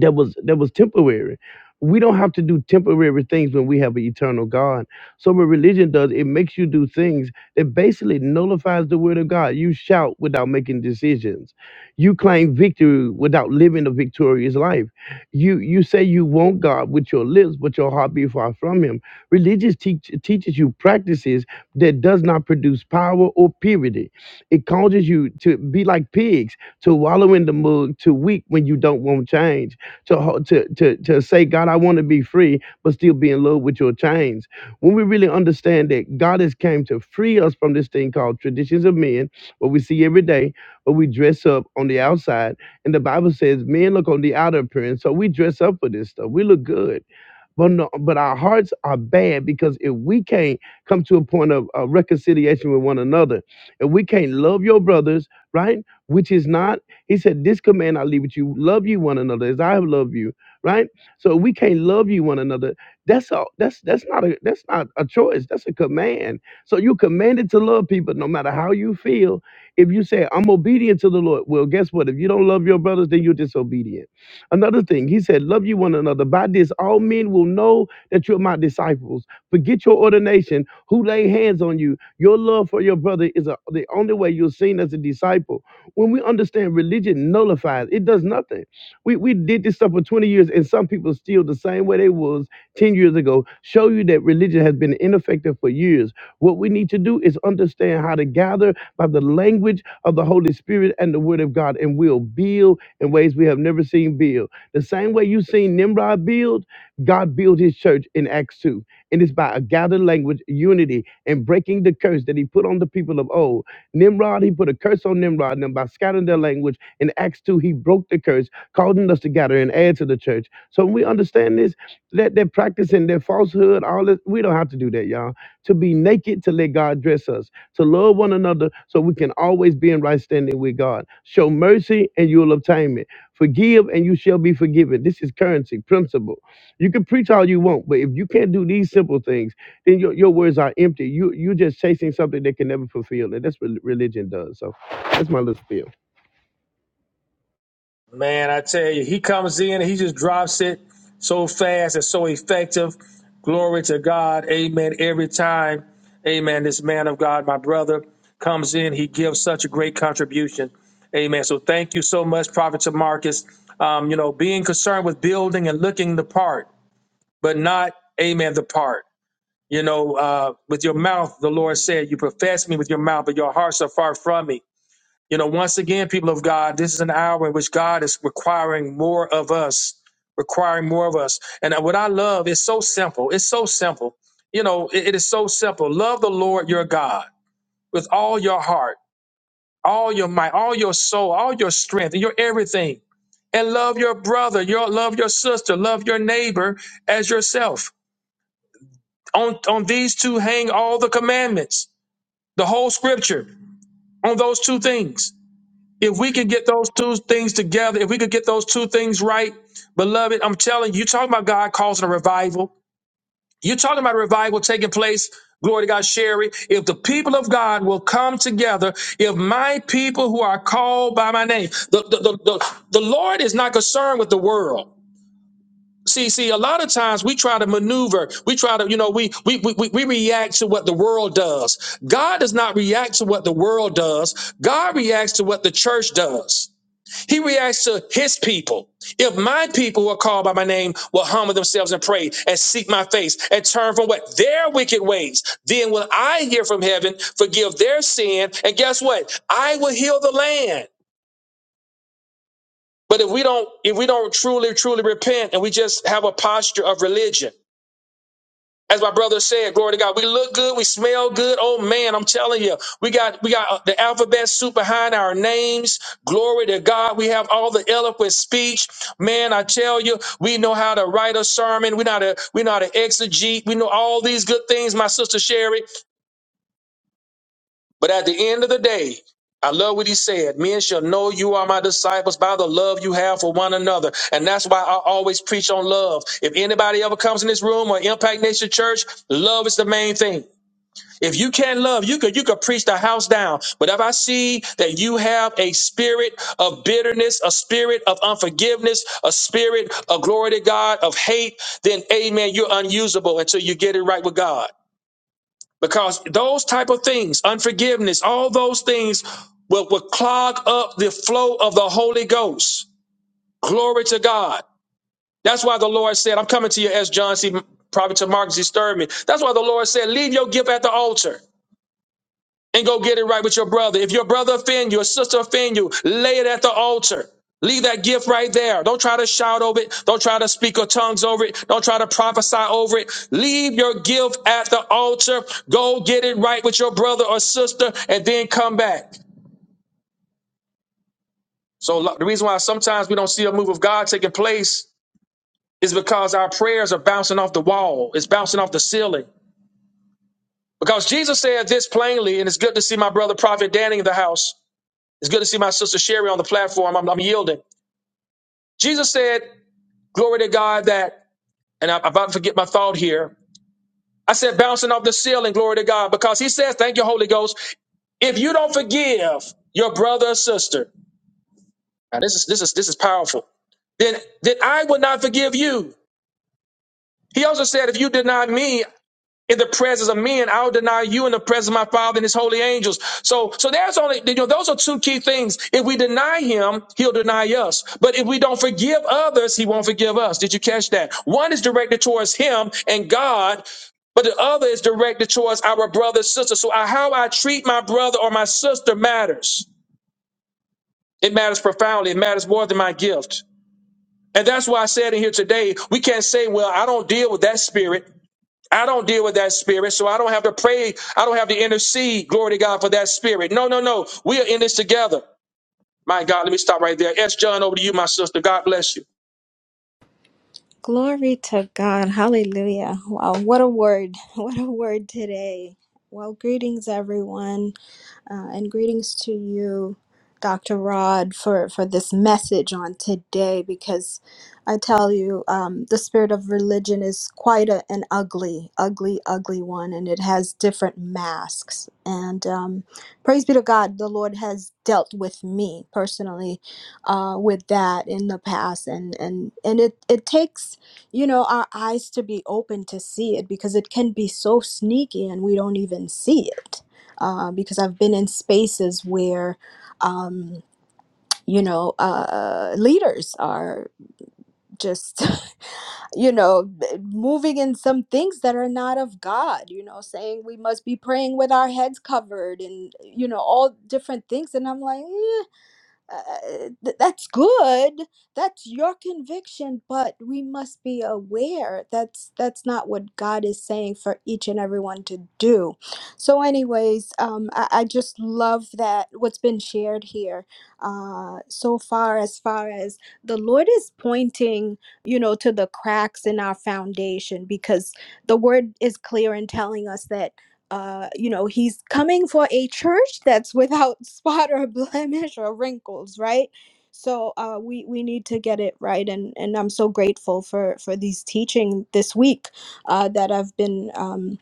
C: that was that was temporary. We don't have to do temporary things when we have an eternal God. So what religion does, it makes you do things that basically nullifies the word of God. You shout without making decisions. You claim victory without living a victorious life. You you say you want God with your lips, but your heart be far from him. Religious teach, teaches you practices that does not produce power or purity. It causes you to be like pigs, to wallow in the mud, to weep when you don't want change to, to, to, to say, God, I want to be free, but still be in love with your chains. When we really understand that God has came to free us from this thing called traditions of men, what we see every day, what we dress up on the outside. And the Bible says men look on the outer appearance. So we dress up for this stuff. We look good but no, but our hearts are bad because if we can't come to a point of uh, reconciliation with one another, if we can't love your brothers, right? Which is not, he said, this command I leave with you: love you one another as I have loved you, right? So we can't love you one another. That's all. That's that's not a that's not a choice. That's a command. So you're commanded to love people no matter how you feel. If you say I'm obedient to the Lord, well, guess what? If you don't love your brothers, then you're disobedient Another thing, he said, Love you one another. By this, all men will know that you're my disciples. Forget your ordination, who lay hands on you. Your love for your brother is a, the only way you're seen as a disciple. When we understand religion nullifies, it does nothing. We, we did this stuff for 20 years, and some people still the same way they was 10 years ago. Show you that religion has been ineffective for years. What we need to do is understand how to gather by the language of the Holy Spirit and the Word of God, and we'll build in ways we have never seen build. The same way you've seen Nimrod build, God built his church in Acts 2. And it's by a gathered language, unity, and breaking the curse that he put on the people of old. Nimrod, he put a curse on Nimrod, and then by scattering their language in Acts 2, he broke the curse, causing us to gather and add to the church. So when we understand this, that they're practicing their falsehood, all that, we don't have to do that, y'all. To be naked, to let God dress us to love one another so we can always be in right standing with God. Show mercy and you'll obtain it. Forgive and you shall be forgiven. This is currency, principle. You can preach all you want, but if you can't do these simple things, then your, your words are empty. You, you're just chasing something that can never fulfill. And that's what religion does. So that's my little spiel.
A: Man, I tell you, he comes in and he just drops it so fast and so effective. Glory to God. Amen. Every time, amen, this man of God, my brother, comes in, he gives such a great contribution. Amen. So thank you so much, Prophet Marcus. Um, you know, being concerned with building and looking the part, but not, amen, the part. You know, uh, with your mouth, the Lord said, You profess me with your mouth, but your hearts are far from me. You know, once again, people of God, this is an hour in which God is requiring more of us, requiring more of us. And what I love is so simple. It's so simple. You know, it it is so simple. Love the Lord your God with all your heart, all your might, all your soul, all your strength, and your everything. And love your brother, your love your sister, love your neighbor as yourself. On on these two hang all the commandments, the whole scripture, on those two things. If we could get those two things together, if we could get those two things right, beloved, I'm telling you, you're talking about God causing a revival. You're talking about a revival taking place. Glory to God, Sherry. If the people of God will come together, if my people who are called by my name, the, the, the, the, the Lord is not concerned with the world. See, see, a lot of times we try to maneuver. We try to, you know, we we, we we we react to what the world does. God does not react to what the world does. God reacts to what the church does. He reacts to his people. If my people who are called by my name will humble themselves and pray and seek my face and turn from what their wicked ways, then will I hear from heaven, forgive their sin, and guess what? I will heal the land. But if we don't, if we don't truly, truly repent and we just have a posture of religion, As my brother said, glory to God, we look good, we smell good. Oh man, I'm telling you, we got we got uh, the alphabet soup behind our names. Glory to God, we have all the eloquent speech. Man, I tell you, we know how to write a sermon. We know how to we know how to exegete. We know all these good things, my sister Sherry. But at the end of the day, I love what he said. Men shall know you are my disciples by the love you have for one another. And that's why I always preach on love. If anybody ever comes in this room or Impact Nation Church, love is the main thing. If you can't love, you could you could preach the house down. But if I see that you have a spirit of bitterness, a spirit of unforgiveness, a spirit of glory to God, of hate, then amen, you're unusable until you get it right with God. Because those type of things, unforgiveness, all those things will, will clog up the flow of the Holy Ghost. Glory to God. That's why the Lord said, I'm coming to you as John C. Prophet to Mark Z. Sturman. That's why the Lord said, leave your gift at the altar and go get it right with your brother. If your brother offend you, your sister offend you, lay it at the altar. Leave that gift right there. Don't try to shout over it. Don't try to speak your tongues over it. Don't try to prophesy over it. Leave your gift at the altar. Go get it right with your brother or sister and then come back. So lo- the reason why sometimes we don't see a move of God taking place is because our prayers are bouncing off the wall. It's bouncing off the ceiling. Because Jesus said this plainly, and it's good to see my brother Prophet Danny in the house. It's good to see my sister Sherry on the platform. I'm, I'm yielding. Jesus said, Glory to God that, and I'm about to forget my thought here. I said, bouncing off the ceiling, glory to God, because he says, Thank you, Holy Ghost. If you don't forgive your brother or sister, now this is this is this is powerful, then then I will not forgive you. He also said, If you deny me, in the presence of men, I'll deny you in the presence of my Father and His holy angels. So, so there's only you know those are two key things. If we deny Him, He'll deny us. But if we don't forgive others, He won't forgive us. Did you catch that? One is directed towards Him and God. But the other is directed towards our brother, sister. So I, how I treat my brother or my sister matters. It matters profoundly. It matters more than my gift. And that's why I said in here today, we can't say, well, I don't deal with that spirit. I don't deal with that spirit, so I don't have to pray. I don't have to intercede. Glory to God for that spirit. No, no, no. We are in this together. My God, let me stop right there. S. John, over to you, my sister. God bless you.
D: Glory to God. Hallelujah. Wow, what a word. What a word today. Well, greetings everyone, uh, and greetings to you, Dr. Rod, for, for this message on today because I tell you, um, the spirit of religion is quite a, an ugly, ugly, ugly one, and it has different masks. And um, praise be to God, the Lord has dealt with me personally uh, with that in the past and and and it it takes you know our eyes to be open to see it because it can be so sneaky and we don't even see it uh, because I've been in spaces where um, you know uh, leaders are just you know moving in some things that are not of God you know saying we must be praying with our heads covered and you know all different things and I'm like "Eh, uh, uh, th- that's good that's your conviction but we must be aware that's that's not what god is saying for each and everyone to do so anyways um i, I just love that what's been shared here uh so far as far as the lord is pointing you know to the cracks in our foundation because the word is clear in telling us that uh, you know, he's coming for a church that's without spot or blemish or wrinkles, right? So uh, we we need to get it right, and and I'm so grateful for for these teaching this week uh, that I've been. Um,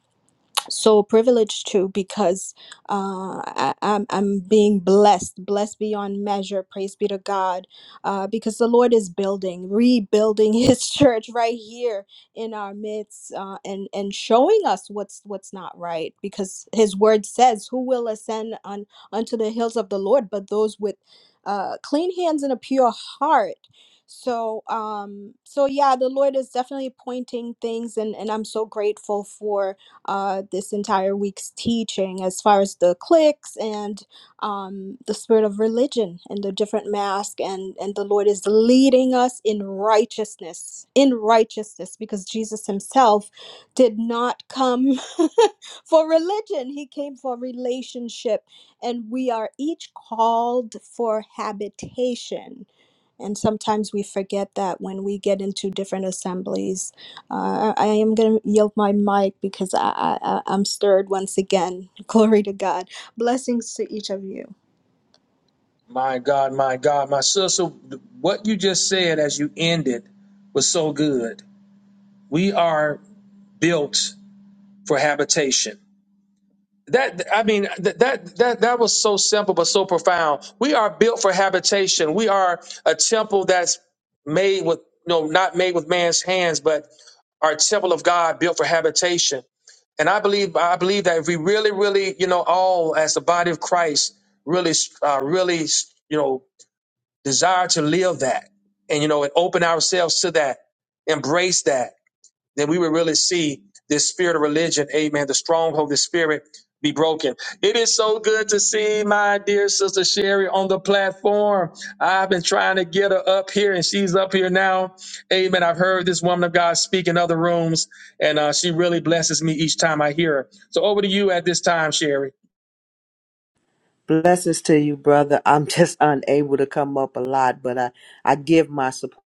D: so privileged too because uh, I, I'm, I'm being blessed, blessed beyond measure. Praise be to God. Uh, because the Lord is building, rebuilding His church right here in our midst uh, and, and showing us what's what's not right. Because His word says, Who will ascend on, unto the hills of the Lord but those with uh, clean hands and a pure heart? So um so yeah the Lord is definitely pointing things and and I'm so grateful for uh, this entire week's teaching as far as the cliques and um, the spirit of religion and the different masks, and and the Lord is leading us in righteousness in righteousness because Jesus himself did not come for religion he came for relationship and we are each called for habitation and sometimes we forget that when we get into different assemblies. Uh, I I am going to yield my mic because I, I, I- I'm stirred once again. Glory to God. Blessings to each of you.
A: My God, my God, my sister, what you just said as you ended was so good. We are built for habitation. that i mean that that that that was so simple but so profound we are built for habitation we are a temple that's made with no not made with man's hands but our temple of god built for habitation and i believe i believe that if we really really you know all as the body of christ really uh, really you know desire to live that and you know and open ourselves to that embrace that then we would really see this spirit of religion, amen, the stronghold, the spirit be broken. It is so good to see my dear sister Sherry on the platform. I've been trying to get her up here and she's up here now. Amen. I've heard this woman of God speak in other rooms and uh, she really blesses me each time I hear her. So over to you at this time, Sherry.
E: Blessings to you, brother. I'm just unable to come up a lot, but I, I give my support,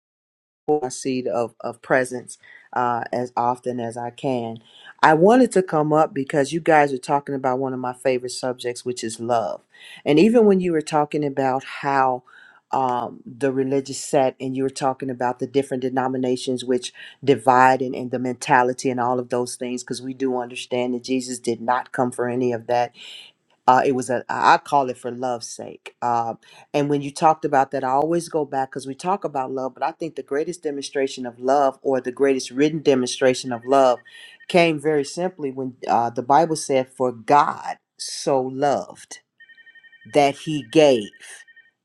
E: my seed of, of presence uh, as often as I can. I wanted to come up because you guys are talking about one of my favorite subjects, which is love. And even when you were talking about how um, the religious set and you were talking about the different denominations which divide and, and the mentality and all of those things, because we do understand that Jesus did not come for any of that uh, it was a I I call it for love's sake. Um, and when you talked about that, I always go back because we talk about love, but I think the greatest demonstration of love, or the greatest written demonstration of love, came very simply when uh, the Bible said, "For God so loved." that he gave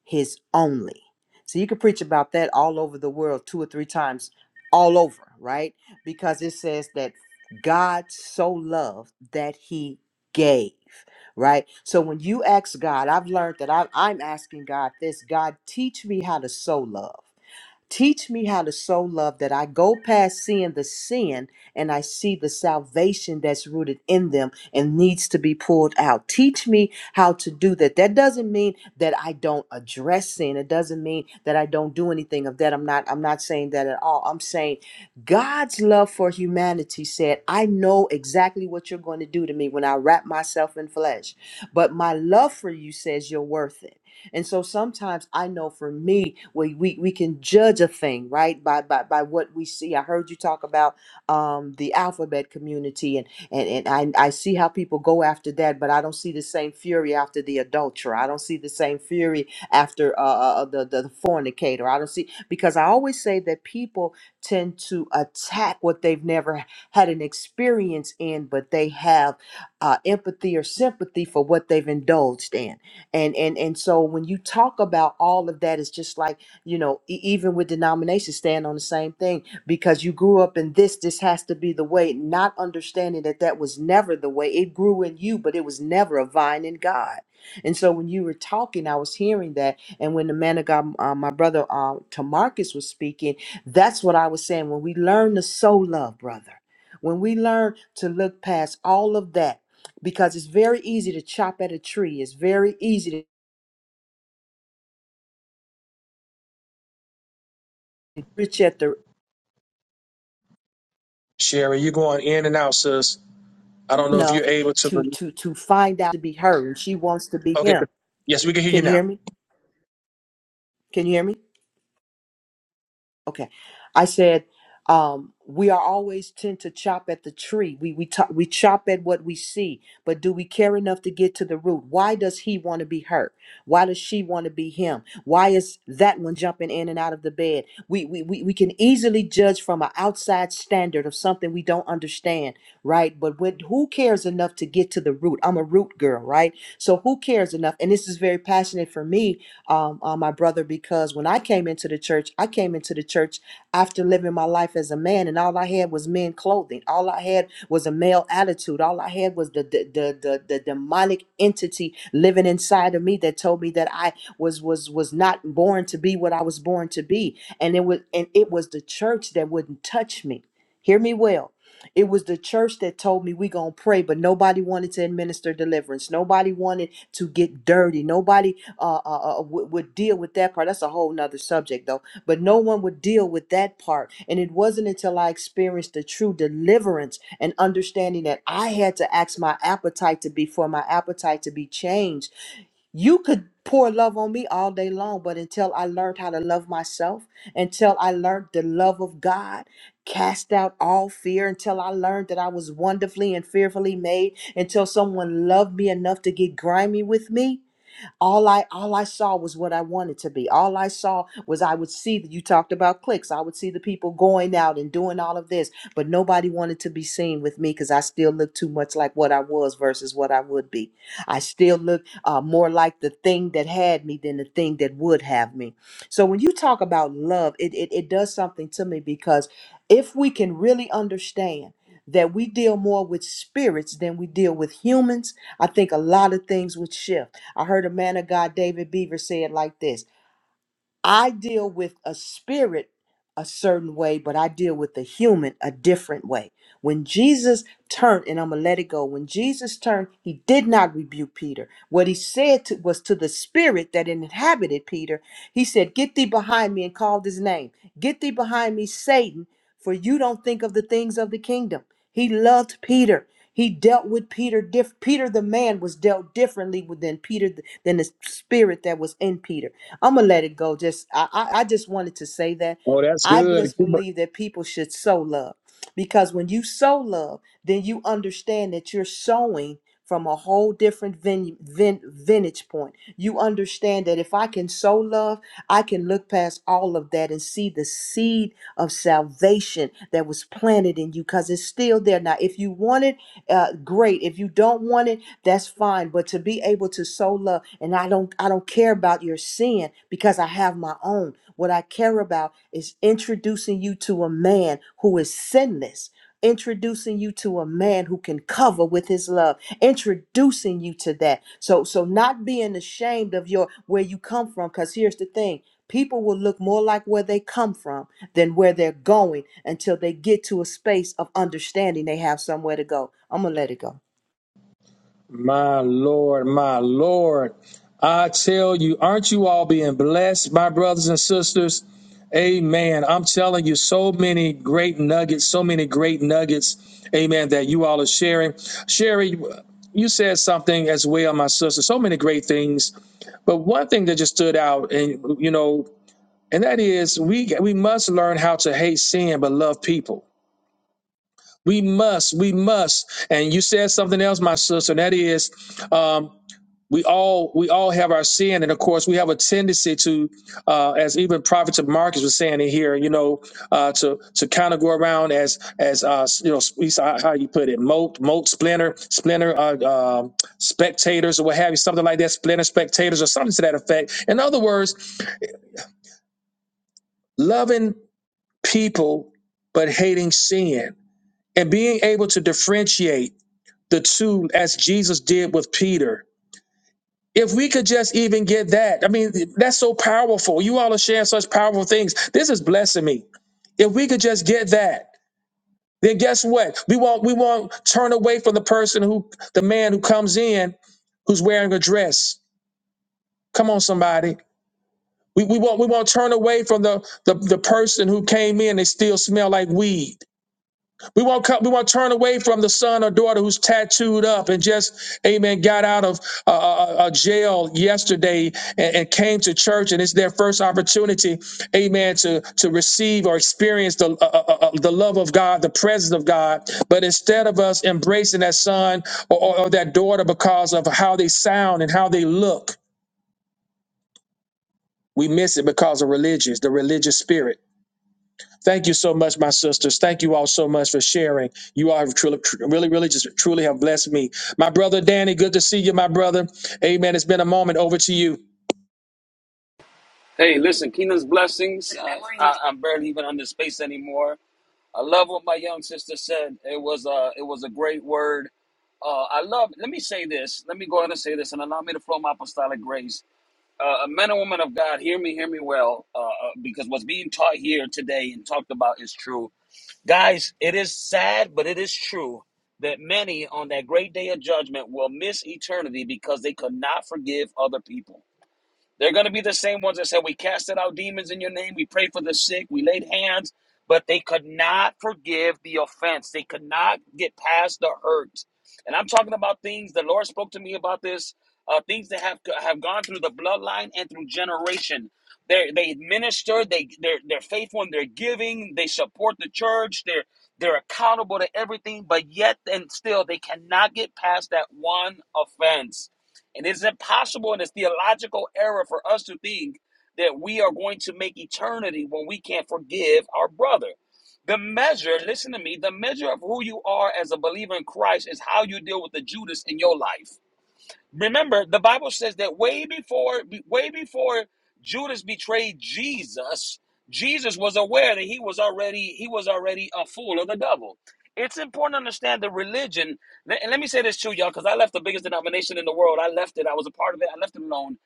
E: his only. So you can preach about that all over the world two or three times all over, right? Because it says that God so loved that he gave, right? So when you ask God, I've learned that I, I'm asking God this God, teach me how to so love. Teach me how to sow love that I go past seeing the sin and I see the salvation that's rooted in them and needs to be pulled out. Teach me how to do that. That doesn't mean that I don't address sin. It doesn't mean that I don't do anything of that. I'm not I'm not saying that at all. I'm saying God's love for humanity said, I know exactly what you're going to do to me when I wrap myself in flesh. But my love for you says you're worth it. And so sometimes I know for me, we we, we can judge a thing, right? By, by by what we see. I heard you talk about um the alphabet community and and, and I, I see how people go after that, but I don't see the same fury after the adulterer. I don't see the same fury after uh, uh, uh, the, the the fornicator. I don't see because I always say that people tend to attack what they've never had an experience in, but they have uh, empathy or sympathy for what they've indulged in and and and so when you talk about all of that it's just like you know e- even with denominations stand on the same thing because you grew up in this this has to be the way not understanding that that was never the way it grew in you but it was never a vine in god and so when you were talking i was hearing that and when the man of god uh, my brother uh, tamarcus was speaking that's what i was saying when we learn to so love brother when we learn to look past all of that because it's very easy to chop at a tree. It's very easy to reach at the
A: Sherry, you're going in and out, sis. I don't know if you're
E: enough
A: able to.
E: to to to find out to be her, and she wants to be
A: Okay.
E: him.
A: good. Yes, we can hear you
E: Can you hear
A: now.
E: me? Can you hear me? Okay. I said, um, we are always tend to chop at the tree. We we to- we chop at what we see, but do we care enough to get to the root? Why does he want to be her? Why does she want to be him? Why is that one jumping in and out of the bed? We we we, we can easily judge from an outside standard of something we don't understand, right? But when, who cares enough to get to the root? I'm a root girl, right? So who cares enough? And this is very passionate for me um, uh, my brother because when I came into the church, I came into the church after living my life as a man, and all I had was men clothing. All I had was a male attitude. All I had was the the the the, the demonic entity living inside of me that told me that I was was was not born to be what I was born to be, and it was and it was the church that wouldn't touch me. Hear me well. It was the church that told me we gonna pray, but nobody wanted to administer deliverance. Nobody wanted to get dirty. Nobody uh, uh, uh, would, would deal with that part. That's a whole nother subject, though. But no one would deal with that part. And it wasn't until I experienced the true deliverance and understanding that I had to ask my appetite to be for my appetite to be changed. You could pour love on me all day long, but until I learned how to love myself, until I learned the love of God, cast out all fear, until I learned that I was wonderfully and fearfully made, until someone loved me enough to get grimy with me all i all i saw was what i wanted to be all i saw was i would see that you talked about clicks i would see the people going out and doing all of this but nobody wanted to be seen with me because i still looked too much like what i was versus what i would be i still look uh, more like the thing that had me than the thing that would have me so when you talk about love it it, it does something to me because if we can really understand that we deal more with spirits than we deal with humans i think a lot of things would shift I heard a man of God, David Beaver, say it like this I deal with a spirit a certain way, but I deal with the human a different way. When Jesus turned, and I'm going to let it go, when Jesus turned, he did not rebuke Peter. What he said to, was to the spirit that inhabited Peter, he said, Get thee behind me, and called his name. Get thee behind me, Satan, for you don't think of the things of the kingdom. He loved Peter. He dealt with Peter. Diff- Peter the man was dealt differently with than Peter, th- than the spirit that was in Peter. I'm gonna let it go. Just I, I I just wanted to say that
A: Oh, that's
E: I
A: good.
E: just
A: Keep,
E: believe that people should sow love because when you sow love, then you understand that you're sowing from a whole different vin, vin, vintage point. You understand that if I can sow love, I can look past all of that and see the seed of salvation that was planted in you because it's still there. Now, if you wanted uh, great. If you don't want it, that's fine. But to be able to sow love, and I don't, I don't care about your sin because I have my own. What I care about is introducing you to a man who is sinless. Introducing you to a man who can cover with his love, introducing you to that. So, so not being ashamed of your where you come from, because here's the thing. People will look more like where they come from than where they're going until they get to a space of understanding they have somewhere to go. I'm going to let it go.
A: My Lord, my Lord. I tell you, aren't you all being blessed, my brothers and sisters? Amen. I'm telling you, so many great nuggets, so many great nuggets, amen, that you all are sharing. Sherry, you said something as well, my sister, so many great things. But one thing that just stood out, and you know, and that is we we must learn how to hate sin but love people. We must, we must. And you said something else, my sister, and that is um, we all we all have our sin, and of course we have a tendency to, uh, as even Prophet Marcus was saying in here, you know, uh, to to kind of go around as as uh, you know, we saw how you put it, moat, moat, splinter, splinter, uh, um, spectators, or what have you, something like that, splinter, spectators, or something to that effect. In other words, loving people but hating sin, and being able to differentiate the two as Jesus did with Peter If we could just even get that, I mean, that's so powerful. You all are sharing such powerful things. This is blessing me. If we could just get that, then guess what? We won't we won't turn away from the person who the man who comes in who's wearing a dress. Come on, somebody. We, we won't we won't turn away from the, the the person who came in, they still smell like weed. We won't come, we won't turn away from the son or daughter who's tattooed up and just, amen, got out of a uh, uh, uh, jail yesterday and, and came to church and it's their first opportunity, amen, to, to receive or experience the, uh, uh, uh, the love of God, the presence of God. But instead of us embracing that son or, or, or that daughter because of how they sound and how they look, we miss it because of religious, the religious spirit. Thank you so much, my sisters. Thank you all so much for sharing. You all have truly, tr- really, really just truly have blessed me. My brother Danny, good to see you, my brother. Amen. It's been a moment. Over to you.
F: Hey, listen, Keenan's blessings. Good Uh, I, I'm barely even under space anymore. I love what my young sister said. It was a it was a great word. Uh, I love. Let me say this. Let me go ahead and say this, and allow me to flow my apostolic grace. Uh, men and women of God, hear me, hear me well, uh, uh, because what's being taught here today and talked about is true. Guys, it is sad, but it is true that many on that great day of judgment will miss eternity because they could not forgive other people. They're going to be the same ones that said, We casted out demons in your name, we prayed for the sick, we laid hands, but they could not forgive the offense. They could not get past the hurt. And I'm talking about things the Lord spoke to me about this, uh, things that have have gone through the bloodline and through generation. They they minister, they they're they're faithful in their giving, they support the church, they're they're accountable to everything, but yet and still they cannot get past that one offense. And it's impossible and it's theological error for us to think that we are going to make eternity when we can't forgive our brother. The measure, listen to me, the measure of who you are as a believer in Christ is how you deal with the Judas in your life. Remember, the Bible says that way before way before Judas betrayed Jesus, Jesus was aware that he was already he was already a fool of the devil. It's important to understand the religion. le- And let me say this too, y'all, because I left the biggest denomination in the world. I left it. I was a part of it. I left it alone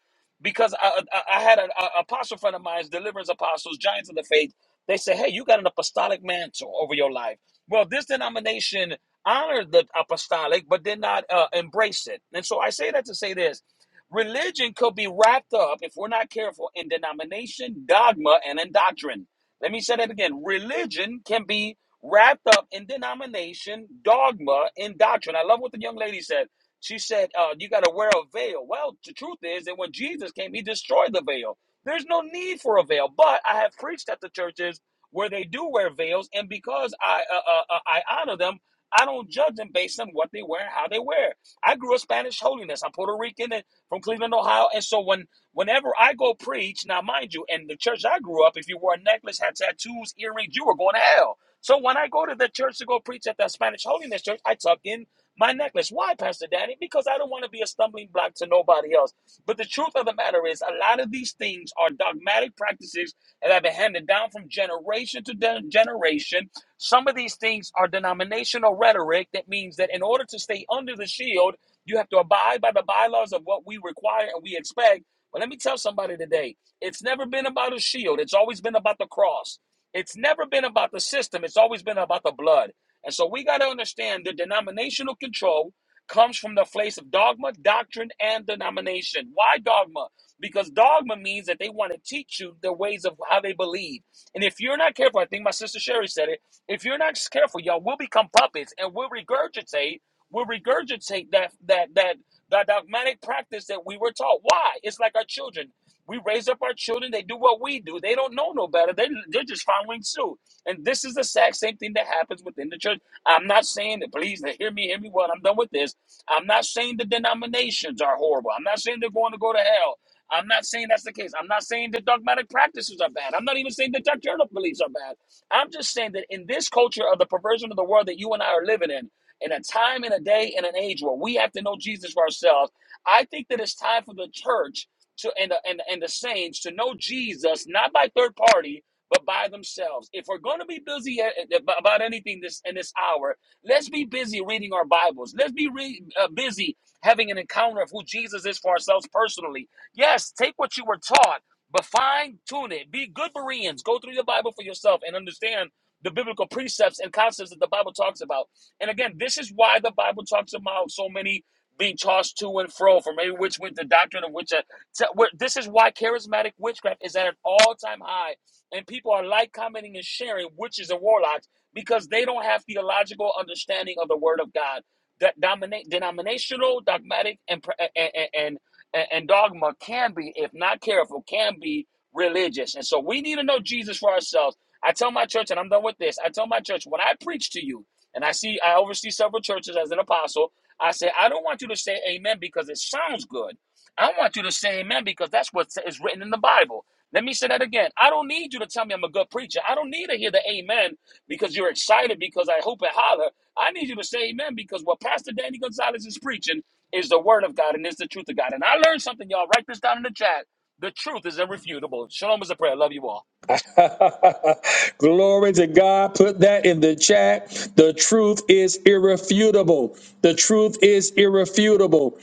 F: because I, I, I had an a- apostle friend of mine, deliverance apostles, giants of the faith. They said, "Hey, you got an apostolic mantle over your life." Well, this denomination honor the apostolic but did not uh, embrace it. And so I say that to say this religion could be wrapped up, if we're not careful, in denomination, dogma, and in doctrine. Let me say that again religion can be wrapped up in denomination, dogma, and doctrine. I love what the young lady said. She said, uh, You got to wear a veil. Well, the truth is that when Jesus came, he destroyed the veil. There's no need for a veil. But I have preached at the churches where they do wear veils, and because I uh, uh, uh, I honor them, I don't judge them based on what they wear and how they wear. I grew up Spanish holiness. I'm Puerto Rican and from Cleveland, Ohio. And so when whenever I go preach, now mind you, in the church I grew up, if you wore a necklace, had tattoos, earrings, you were going to hell. So when I go to the church to go preach at that Spanish holiness church, I tuck in my necklace. Why, Pastor Danny? Because I don't want to be a stumbling block to nobody else. But the truth of the matter is, a lot of these things are dogmatic practices that have been handed down from generation to de- generation some of these things are denominational rhetoric that means that in order to stay under the shield, you have to abide by the bylaws of what we require and we expect. But let me tell somebody today it's never been about a shield, it's always been about the cross. It's never been about the system, it's always been about the blood. And so we got to understand the denominational control comes from the place of dogma, doctrine, and denomination. Why dogma? Because dogma means that they want to teach you the ways of how they believe. And if you're not careful, I think my sister Sherry said it if you're not just careful, y'all, we'll become puppets and we'll regurgitate, we'll regurgitate that that that that dogmatic practice that we were taught. Why? It's like our children. We raise up our children, they do what we do. They don't know no better. They they're just following suit. And this is the exact same thing that happens within the church. I'm not saying that please hear me, hear me well. I'm done with this. I'm not saying the denominations are horrible. I'm not saying they're going to go to hell. I'm not saying that's the case. I'm not saying that dogmatic practices are bad. I'm not even saying that doctrinal beliefs are bad. I'm just saying that in this culture of the perversion of the world that you and I are living in, in a time and a day and an age where we have to know Jesus for ourselves, I think that it's time for the church to and the, and, and the saints to know Jesus not by third party but by themselves. If we're going to be busy at- about anything this in this hour, let's be busy reading our Bibles. Let's be re, uh, busy having an encounter of who Jesus is for ourselves personally. Yes, take what you were taught but fine tune it. Be good Bereans. Go through the Bible for yourself and understand the biblical precepts and concepts that the Bible talks about. And again, this is why the Bible talks about so many being tossed to and fro from every which with the doctrine of which. Uh, t- where- This is why charismatic witchcraft is at an all time high. And people are like commenting and sharing witches and warlocks because they don't have theological understanding of the Word of God. That dominate denominational, dogmatic, and, and, and and, and dogma can be, if not careful, can be religious. And so we need to know Jesus for ourselves. I tell my church, and I'm done with this. I tell my church when I preach to you, and I see I oversee several churches as an apostle. I say I don't want you to say amen because it sounds good. I want you to say amen because that's what is written in the Bible. Let me say that again. I don't need you to tell me I'm a good preacher. I don't need to hear the amen because you're excited because I hope and holler. I need you to say amen because what Pastor Danny Gonzalez is preaching is the word of God and is the truth of God. And I learned something, y'all. Write this down in the chat. The truth is irrefutable. Shalom is a prayer. Love you all.
A: Glory to God. Put that in the chat. The truth is irrefutable. The truth is irrefutable.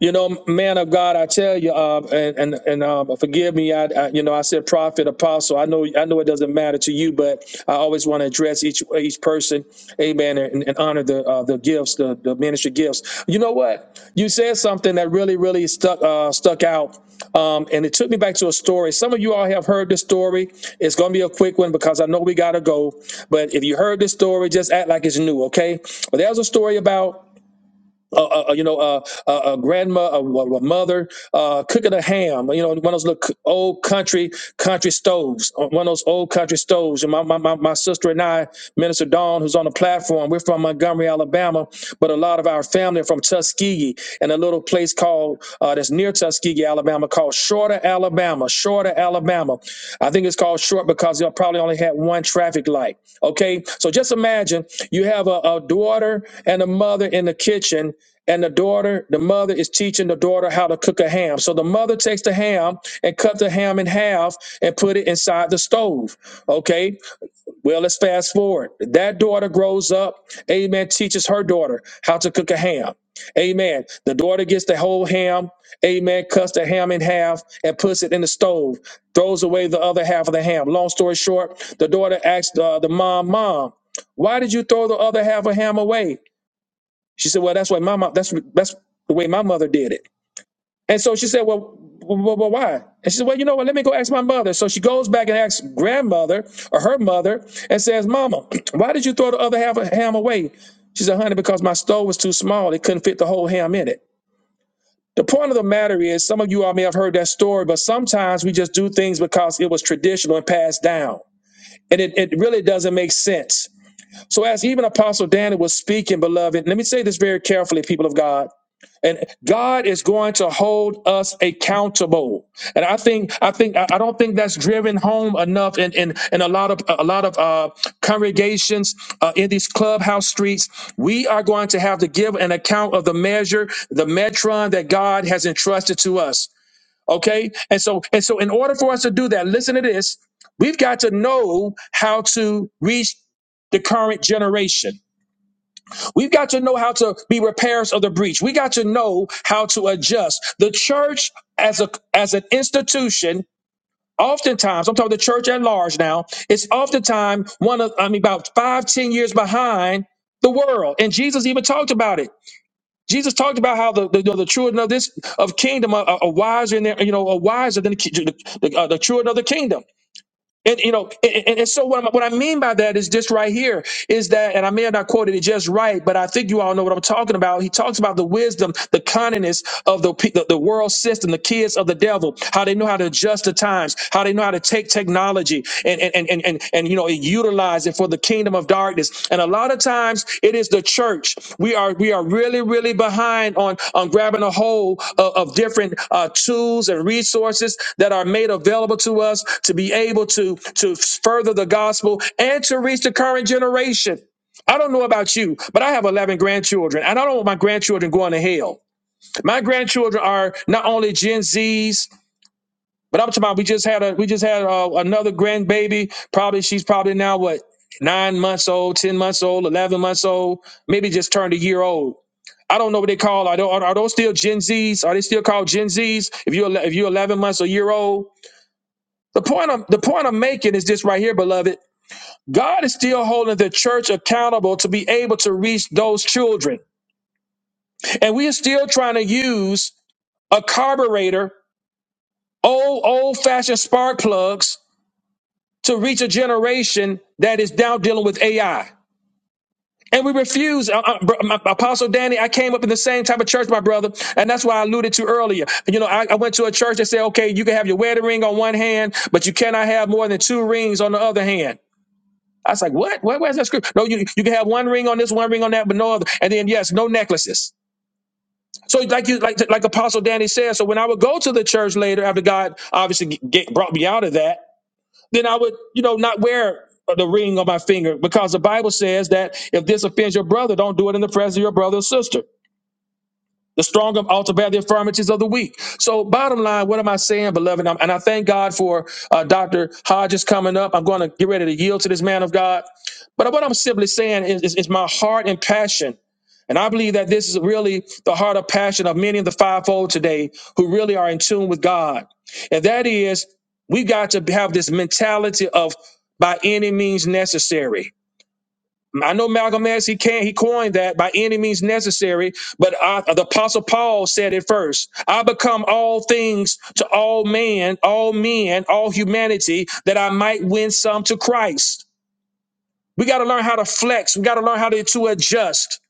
A: You know, man of God, I tell you, uh, and and and um, forgive me. I, I, you know, I said prophet, apostle. I know, I know, it doesn't matter to you, but I always want to address each each person, amen, and, and honor the uh, the gifts, the, the ministry gifts. You know what? You said something that really, really stuck uh, stuck out, um, and it took me back to a story. Some of you all have heard this story. It's going to be a quick one because I know we got to go. But if you heard this story, just act like it's new, okay? But there's a story about uh, uh, uh, you know, uh, uh, a grandma, a, a mother uh, cooking a ham. You know, one of those little c- old country country stoves. uh, One of those old country stoves. And my my, my, my sister and I, Minister Dawn, who's on the platform, we're from Montgomery, Alabama, but a lot of our family are from Tuskegee and a little place called uh, that's near Tuskegee, Alabama, called Shorter, Alabama. Shorter, Alabama. I think it's called short because they probably only had one traffic light. Okay, so just imagine you have a, a daughter and a mother in the kitchen. And the daughter, the mother is teaching the daughter how to cook a ham. So the mother takes the ham and cut the ham in half and put it inside the stove. Okay. Well, let's fast forward. That daughter grows up. Amen. Teaches her daughter how to cook a ham. Amen. The daughter gets the whole ham. Amen. Cuts the ham in half and puts it in the stove. Throws away the other half of the ham. Long story short, the daughter asked uh, the mom, "Mom, why did you throw the other half of ham away?" She said, "Well, that's what my mom. That's that's the way my mother did it." And so she said, well, well, well, well, why? And she said, well, you know what? Let me go ask my mother. So she goes back and asks grandmother or her mother and says, Mama, why did you throw the other half of ham away? She said, honey, because my stove was too small. It couldn't fit the whole ham in it. The point of the matter is, some of you all may have heard that story, but sometimes we just do things because it was traditional and passed down. And it, it really doesn't make sense so as even Apostle Daniel was speaking, beloved, let me say this very carefully, people of God. And God is going to hold us accountable. And I think I think I I don't think that's driven home enough in in, in a lot of a lot of uh, congregations uh, in these clubhouse streets. We are going to have to give an account of the measure, the metron that God has entrusted to us. Okay. And so, and so in order for us to do that, listen to this, we've got to know how to reach the current generation. We've got to know how to be repairs of the breach. We got to know how to adjust. The church as a as an institution, oftentimes, I'm talking the church at large now, it's oftentimes one of I mean about five, ten years behind the world. And Jesus even talked about it. Jesus talked about how the the, you know, the children of this of kingdom are, are wiser in their you know are wiser than the ki- the, the, uh, the children of the kingdom. And you know, and, and and so what, I'm, what I mean by that is this right here is that, and I may have not quoted it just right, but I think you all know what I'm talking about. He talks about the wisdom, the cunningness of the pe- the, the world system, the kids of the devil, how they know how to adjust the times, how they know how to take technology and and and and and, and you know utilize utilize it for the kingdom of darkness. And a lot of times it is the church. We are we are really, really behind on, on grabbing a hold of, of different uh, tools and resources that are made available to us to be able to, to further the gospel and to reach the current generation. I don't know about you, but I have 11 grandchildren, and I don't want my grandchildren going to hell. My grandchildren are not only Gen Zs, but I'm talking about we just had a we just had uh another grandbaby. Probably she's probably now what nine months old, ten months old, eleven months old, maybe just turned a year old. I don't know what they call. I don't. Are, are those still Gen Zs? Are they still called Gen Zs? If you're ele- if you're 11 months or year old. The point I'm the point I'm making is this right here, beloved. God is still holding the church accountable to be able to reach those children, and we are still trying to use a carburetor, old old fashioned spark plugs to reach a generation that is now dealing with AI. And we refuse. Uh, uh, br- my- Apostle Danny, I came up in the same type of church, my brother, and that's why I alluded to earlier. You know, I, I went to a church that said, okay, you can have your wedding ring on one hand, but you cannot have more than two rings on the other hand. I was like, what? Where, where's that script? No, you you can have one ring on this, one ring on that, but no other. And then yes, no necklaces. So like you like like Apostle Danny said. So when I would go to the church later after God obviously get, brought me out of that, then I would, you know, not wear the ring on my finger because the Bible says that if this offends your brother, don't do it in the presence of your brother or sister. The stronger ought to bear the infirmities of the weak. So, bottom line, what am I saying, beloved? I'm- and I thank God for uh, Dr. Hodges coming up. I'm going to get ready to yield to this man of God. But what I'm simply saying is, is, is my heart and passion. And I believe that this is really the heart of passion of many of the fivefold today who really are in tune with God. And that is, we got to have this mentality of by any means necessary. I know Malcolm X, he can he coined that by any means necessary, but uh the Apostle Paul said it first. I become all things to all man, all men, all humanity, that I might win some to Christ. We got to learn how to flex. We got to learn how to, to adjust.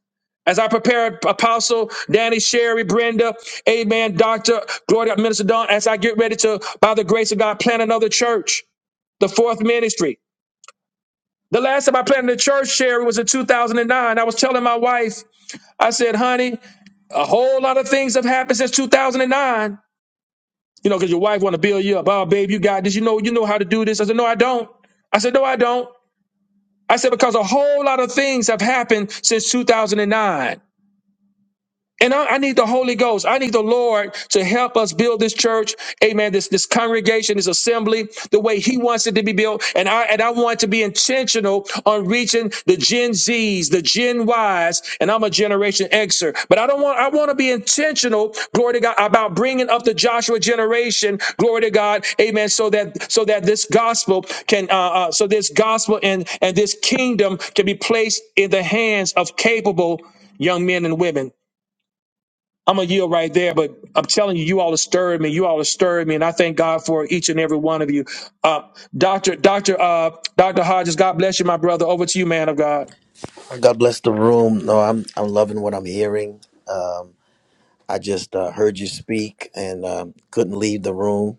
A: As I prepare Apostle Danny, Sherry, Brenda, Amen, Doctor Gloria, Minister Don, as I get ready to, by the grace of God, plant another church, the fourth ministry. The last time I planted a church, Sherry, was in 2009. I was telling my wife I said, honey, a whole lot of things have happened since 2009. You know, because your wife want to build you up. Oh, babe, you got this. You know, you know how to do this. I said, no, I don't. I said, no, I don't. I said, because a whole lot of things have happened since 2009. And I, I need the Holy Ghost. I need the Lord to help us build this church. Amen. This this congregation, this assembly, the way He wants it to be built. And I and I want to be intentional on reaching the Gen Zs, the Gen Ys, and I'm a Generation Xer. But I don't want. I want to be intentional. Glory to God about bringing up the Joshua generation. Glory to God. Amen. So that so that this gospel can uh, uh so this gospel and and this kingdom can be placed in the hands of capable young men and women I'm gonna yield right there, but I'm telling you, you all have stirred me. You all have stirred me, and I thank God for each and every one of you. Uh, Doctor, Doctor, uh, Doctor Hodges, God bless you, my brother. Over to you, man of God.
G: God bless the room. No, I'm I'm loving what I'm hearing. Um, I just uh, heard you speak and um, couldn't leave the room.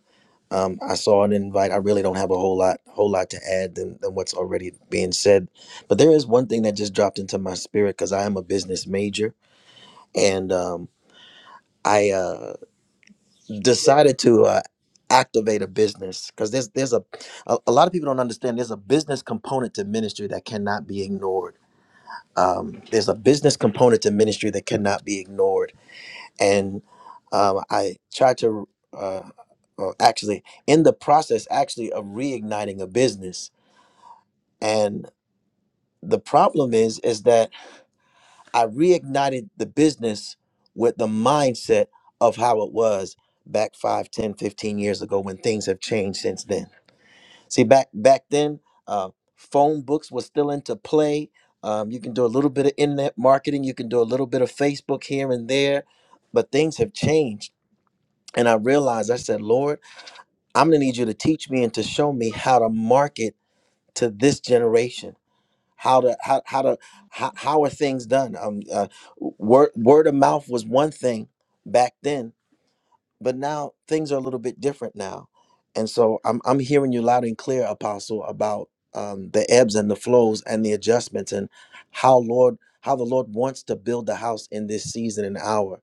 G: Um, I saw an invite. I really don't have a whole lot whole lot to add than, than what's already being said. But there is one thing that just dropped into my spirit because I am a business major and um, I uh, decided to uh, activate a business because there's there's a, a a lot of people don't understand there's a business component to ministry that cannot be ignored um, there's a business component to ministry that cannot be ignored. And um, I tried to uh, uh, actually, in the process, actually of reigniting a business. And the problem is, is that I reignited the business with the mindset of how it was back 5, 10, 15 years ago when things have changed since then See, back back then, uh, phone books were still into play. Um, you can do a little bit of internet marketing. You can do a little bit of Facebook here and there, but things have changed. And I realized, I said, Lord, I'm gonna need you to teach me and to show me how to market to this generation. How to how how to how, how are things done? Um, uh, word word of mouth was one thing back then, but now things are a little bit different now and so i'm, I'm hearing you loud and clear apostle about um, the ebbs and the flows and the adjustments and how lord how the lord wants to build the house in this season and hour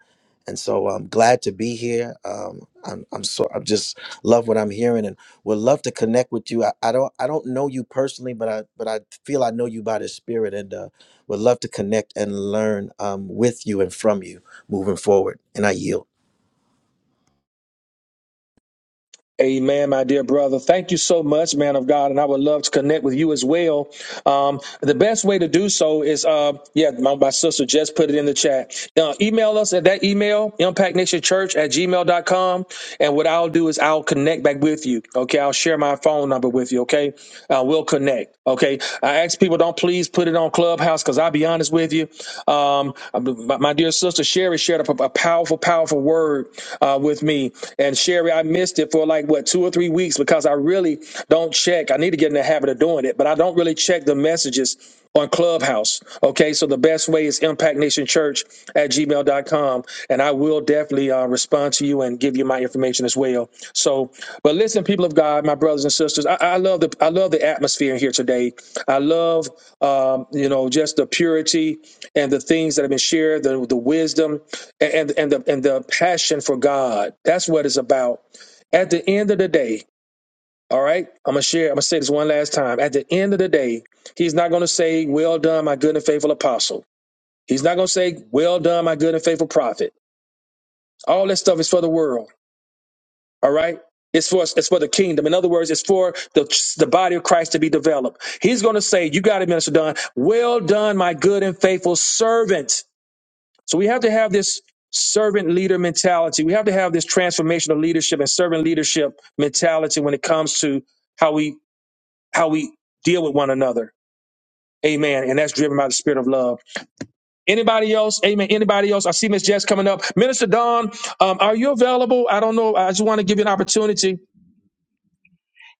G: and so i'm glad to be here um, i'm i'm so i just love what i'm hearing and would love to connect with you I, I don't i don't know you personally but i but i feel i know you by the spirit and uh, would love to connect and learn um, with you and from you moving forward and i yield
A: Amen, my dear brother. Thank you so much, man of God. And I would love to connect with you as well. Um, the best way to do so is, uh, yeah, my, my sister just put it in the chat. Uh, email us at that email, impactnationchurch at gmail dot com, And what I'll do is I'll connect back with you. Okay. I'll share my phone number with you. Okay. Uh, we'll connect. Okay. I ask people don't please put it on Clubhouse because I'll be honest with you. Um, my, my dear sister Sherry shared a, a powerful, powerful word Uh, uh, with me. And Sherry, I missed it for like what two or three weeks because I really don't check. I need to get in the habit of doing it, but I don't really check the messages on Clubhouse. Okay, so the best way is impactnationchurch at Gmail dot com, And I will definitely uh, respond to you and give you my information as well. So, but listen, people of God, my brothers and sisters, I, I love the I love the atmosphere here today. I love um, you know, just the purity and the things that have been shared, the, the wisdom and and the and the passion for God. That's what it's about. At the end of the day, all right, I'm gonna share. I'm gonna say this one last time. At the end of the day, he's not gonna say, "Well done, my good and faithful apostle." He's not gonna say, "Well done, my good and faithful prophet." All that stuff is for the world. All right. It's for it's for the kingdom. In other words, it's for the the body of Christ to be developed. He's going to say, "You got it, Minister Don. Well done, my good and faithful servant." So we have to have this servant leader mentality. We have to have this transformational leadership and servant leadership mentality when it comes to how we how we deal with one another. Amen. And that's driven by the spirit of love. Anybody else? Amen. Anybody else? I see Miss Jess coming up. Minister Dawn, um, are you available? I don't know. I just want to give you an opportunity.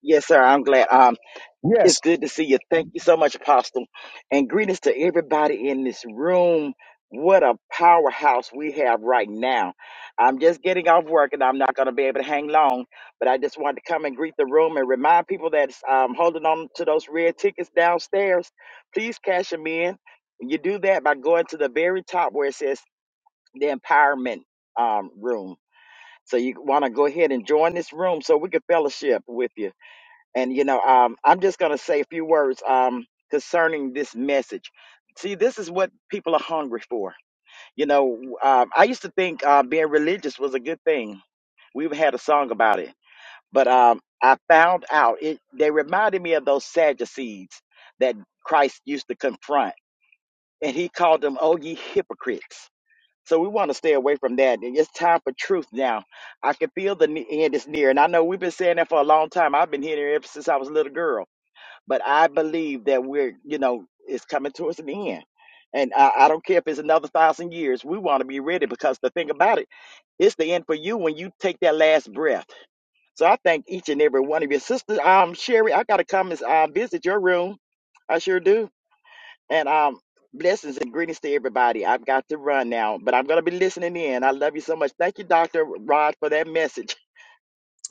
H: Yes, sir. I'm glad. Um,
A: Yes.
H: it's good to see you. Thank you so much, Apostle. And greetings to everybody in this room. What a powerhouse we have right now. I'm just getting off work and I'm not going to be able to hang long, but I just wanted to come and greet the room and remind people that's um, holding on to those red tickets downstairs. Please cash them in. You do that by going to the very top where it says the empowerment um, room. So you want to go ahead and join this room so we can fellowship with you and you know um, i'm just going to say a few words um, concerning this message see this is what people are hungry for you know um, i used to think uh, being religious was a good thing we had a song about it but um, i found out it they reminded me of those sadducees that christ used to confront and he called them oh ye hypocrites so we want to stay away from that. And It's time for truth now. I can feel the ne- end is near, and I know we've been saying that for a long time. I've been hearing it ever since I was a little girl but I believe that we're, you know, it's coming towards an end. And I, I don't care if it's another thousand years, we want to be ready because the thing about it, it's the end for you when you take that last breath. So I thank each and every one of your sisters. Um, Sherry, I gotta come and uh, visit your room. I sure do. And um, blessings and greetings to everybody. I've got to run now, but I'm gonna be listening in. I love you so much. Thank you, Doctor Rod, for that message.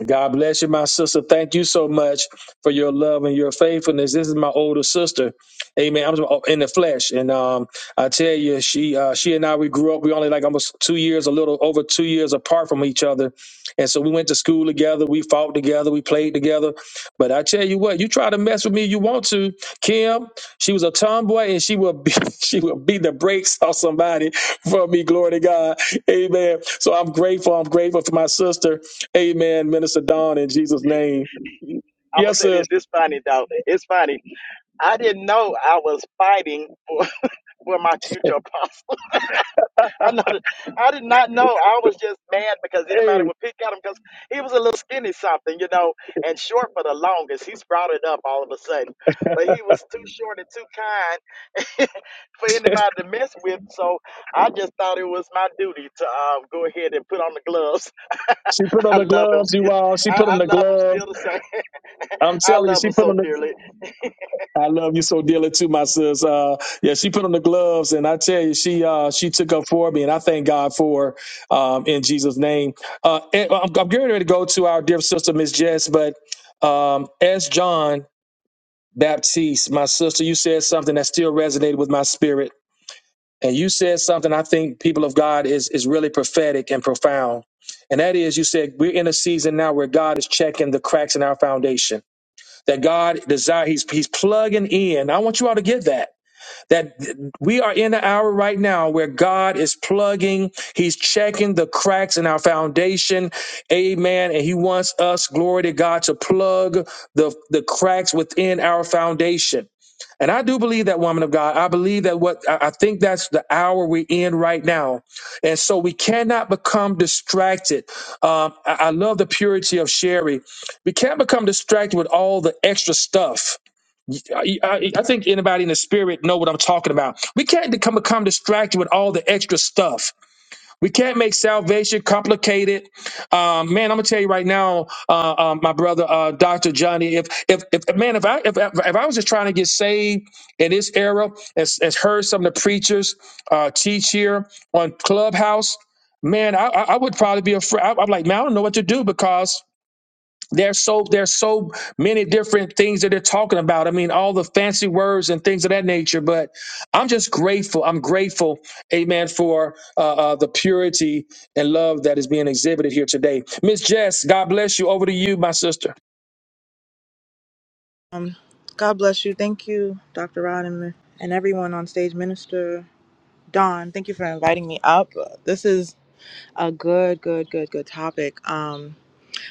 A: God bless you, my sister. Thank you so much for your love and your faithfulness. This is my older sister. Amen. I'm in the flesh, and um, I tell you, she uh, she and I we grew up. We only like almost two years, a little over two years apart from each other, and so we went to school together. We fought together. We played together. But I tell you what, you try to mess with me, you want to. Kim, she was a tomboy, and she will be, she will beat the brakes off somebody for me. Glory to God. Amen. So I'm grateful. I'm grateful for my sister. Amen, Minister Dawn, in Jesus' name.
H: I'm gonna
A: Yes,
H: say
A: sir.
H: this. This funny though. It's funny. I didn't know I was fighting. for. were my future apostle. I know that I did not know. I was just mad because anybody
A: Hey,
H: would pick at him because he was a little skinny something, you know, and short for the longest. He's brought it up all of a sudden. But he was too short and too kind for anybody to mess with. So I just thought it was my duty to um, go ahead and put on the gloves.
A: she put on
H: I
A: the
H: love him
A: gloves, you
H: still.
A: all. She
H: I,
A: put on
H: I
A: the
H: love him
A: gloves.
H: still the same.
A: I'm
H: I
A: telling you,
H: love
A: she
H: him
A: put
H: so
A: on the.
H: dearly.
A: I love you so dearly too, my sis. Uh, yeah, she put on the gloves, and I tell you, she uh, she took up for me, and I thank God for her um, in Jesus' name. Uh, and well, I'm, I'm getting ready to go to our dear sister, Miss Jess, but um, as John Baptiste, my sister, you said something that still resonated with my spirit And you said something I think people of God is is really prophetic and profound. And that is you said we're in a season now where God is checking the cracks in our foundation. That God desire he's he's plugging in. I want you all to get that that we are in the hour right now where God is plugging, He's checking the cracks in our foundation. Amen. And He wants us, glory to God, to plug the, the cracks within our foundation. And I do believe that woman of God. I believe that what I I think that's the hour we're in right now. And so we cannot become distracted. Um, I, I love the purity of Sherry. We can't become distracted with all the extra stuff I, I, I think anybody in the spirit know what I'm talking about. We can't come become distracted with all the extra stuff. We can't make salvation complicated. Um, man, I'm gonna tell you right now, uh, uh, my brother, uh, Doctor Johnny. If, if if man, if I if, if if I was just trying to get saved in this era, as, as heard some of the preachers uh, teach here on Clubhouse, man, I, I I would probably be afraid. I, I'm like, man, I don't know what to do because there's so there's so many different things that they're talking about. I mean, all the fancy words and things of that nature. But I'm just grateful. I'm grateful, Amen, for uh, uh, the purity and love that is being exhibited here today. Miss Jess, God bless you. Over to you, my sister.
I: Um, God bless you. Thank you, Dr. Rod, and, and everyone on stage. Minister Don, thank you for inviting me up. Uh, This is a good, good, good, good topic. Um,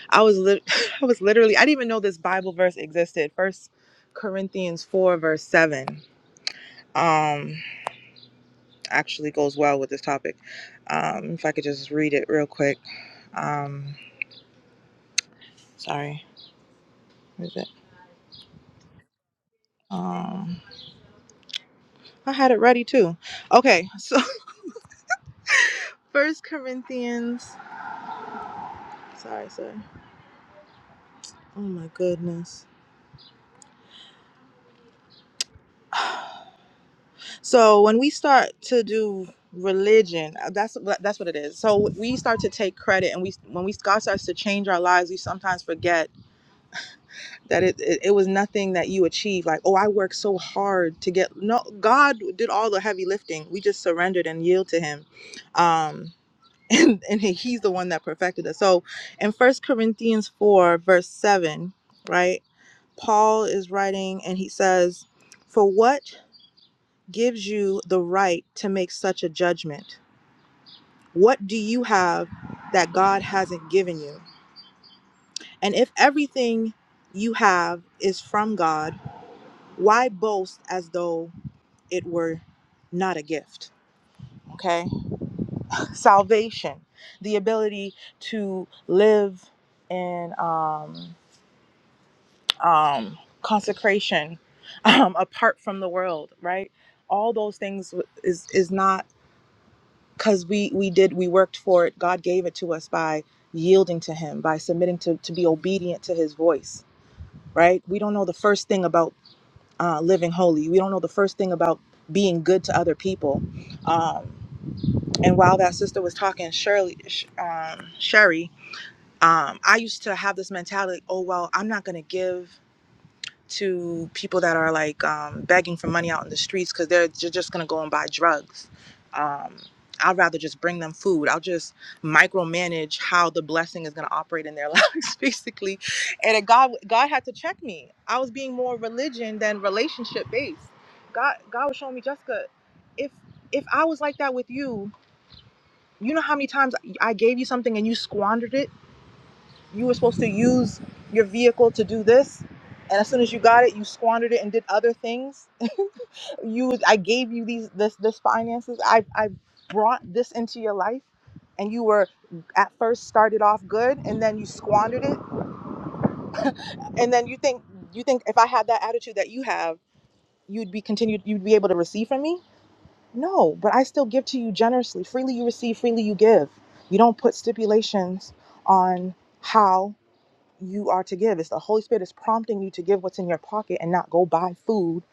I: I was lit I was literally I didn't even know this Bible verse existed. First Corinthians four verse seven. Um, actually goes well with this topic. Um, if I could just read it real quick. Um, sorry, where is it? Um, I had it ready too. Okay, so First Corinthians. Sorry, sorry. Oh my goodness. So when we start to do religion, uh, that's what- that's what it is. So we start to take credit, and we when we God starts to change our lives, we sometimes forget that it it, it was nothing that you achieved. Like, oh, I worked so hard to get. No, God did all the heavy lifting. We just surrendered and yield to Him. Um, and, and he's the one that perfected us. So in First Corinthians 4, verse 7, right, Paul is writing and he says, For what gives you the right to make such a judgment? What do you have that God hasn't given you? And if everything you have is from God, why boast as though it were not a gift? Okay. Salvation, the ability to live in um, um, consecration um, apart from the world, right? All those things is, is not because we we did we worked for it god gave it to us by yielding to him by submitting to to be obedient to his voice right we don't know the first thing about uh, living holy we don't know the first thing about being good to other people um, and while that sister was talking shirley Sh- um, sherry um, i used to have this mentality oh well i'm not going to give to people that are like um, begging for money out in the streets because they're, they just gonna go and buy drugs. Um, I'd rather just bring them food. I'll just micromanage how the blessing is gonna operate in their lives, basically. And it, God, God had to check me. I was being more religion than relationship based. God, God was showing me, Jessica, if if I was like that with you, you know how many times I gave you something and you squandered it you were supposed to use your vehicle to do this and as soon as you got it you squandered it and did other things you i gave you these this this finances i i brought this into your life and you were at first started off good and then you squandered it and then you think you think if i had that attitude that you have you'd be continued you'd be able to receive from me no but i still give to you generously freely you receive freely you give you don't put stipulations on how you are to give. It's the Holy Spirit is prompting you to give what's in your pocket and not go buy food.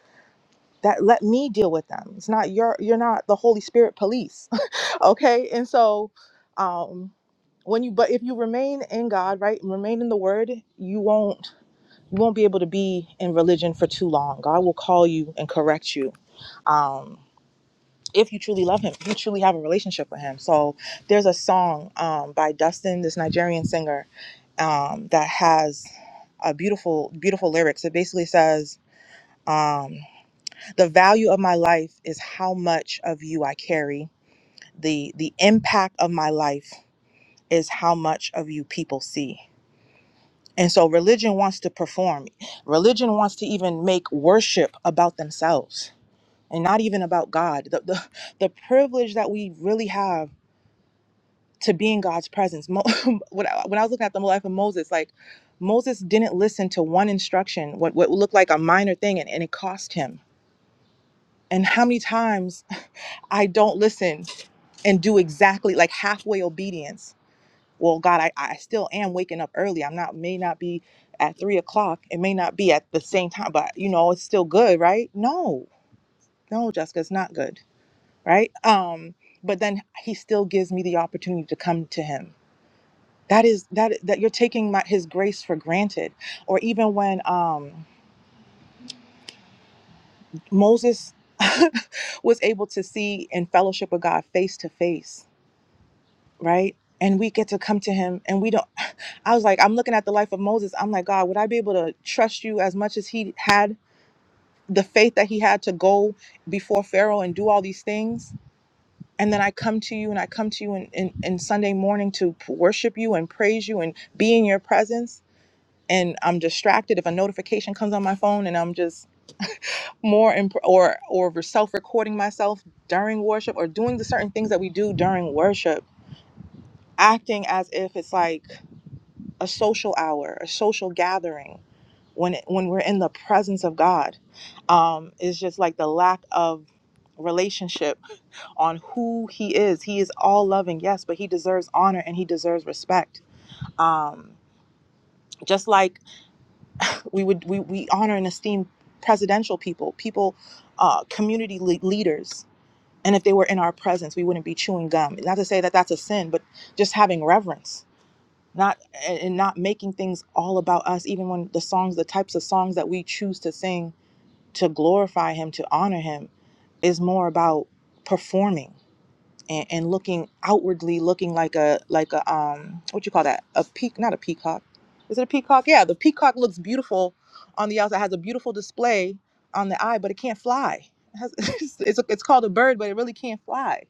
I: That let me deal with them. It's not your you're not the Holy Spirit police. okay? And so um when you but if you remain in God, right? Remain in the word, you won't you won't be able to be in religion for too long. God will call you and correct you. Um if you truly love him, if you truly have a relationship with him. So there's a song um, by Dustin, this Nigerian singer, um, that has a beautiful, beautiful lyrics. It basically says, um, "The value of my life is how much of you I carry. the The impact of my life is how much of you people see." And so religion wants to perform. Religion wants to even make worship about themselves and not even about God. The, the, the privilege that we really have to be in God's presence. Mo- when, I, when I was looking at the life of Moses, like Moses didn't listen to one instruction, what, what looked like a minor thing, and, and it cost him. And how many times I don't listen and do exactly like halfway obedience. Well, God, I, I still am waking up early. I'm not may not be at three o'clock. It may not be at the same time, but you know, it's still good, right? No, no, Jessica, it's not good, right? Um, but then he still gives me the opportunity to come to him that is that that you're taking my, his grace for granted or even when um moses was able to see and fellowship with god face to face right and we get to come to him and we don't i was like i'm looking at the life of moses i'm like god would i be able to trust you as much as he had the faith that he had to go before pharaoh and do all these things and then i come to you and i come to you in, in, in sunday morning to p- worship you and praise you and be in your presence and I'm distracted, if a notification comes on my phone and I'm just more imp- or or self recording myself during worship or doing the certain things that we do during worship, acting as if it's like a social hour, a social gathering, when it, when we're in the presence of God, um, is just like the lack of relationship on who He is. He is all loving, yes, but He deserves honor and He deserves respect. Um, just like we would we, we honor and esteem presidential people people uh, community le- leaders and if they were in our presence we wouldn't be chewing gum not to say that that's a sin but just having reverence not and and not making things all about us even when the songs the types of songs that we choose to sing to glorify him to honor him is more about performing and, and looking outwardly looking like a like a um what you call that a peak not a peacock is it a peacock yeah the peacock looks beautiful on the outside has a beautiful display on the eye but it can't fly it has, it's, it's, it's called a bird but it really can't fly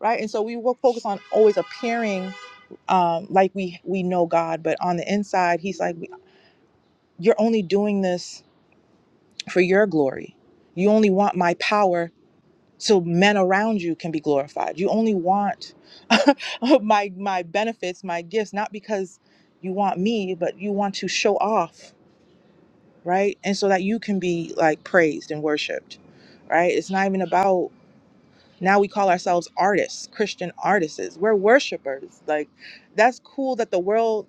I: right and so we will focus on always appearing um like we we know god but on the inside he's like you're only doing this for your glory you only want my power so men around you can be glorified. You only want my my benefits, my gifts, not because you want me, but you want to show off, right? And so that you can be like praised and worshipped, right? It's not even about now we call ourselves artists, Christian artists. We're worshipers. Like that's cool that the world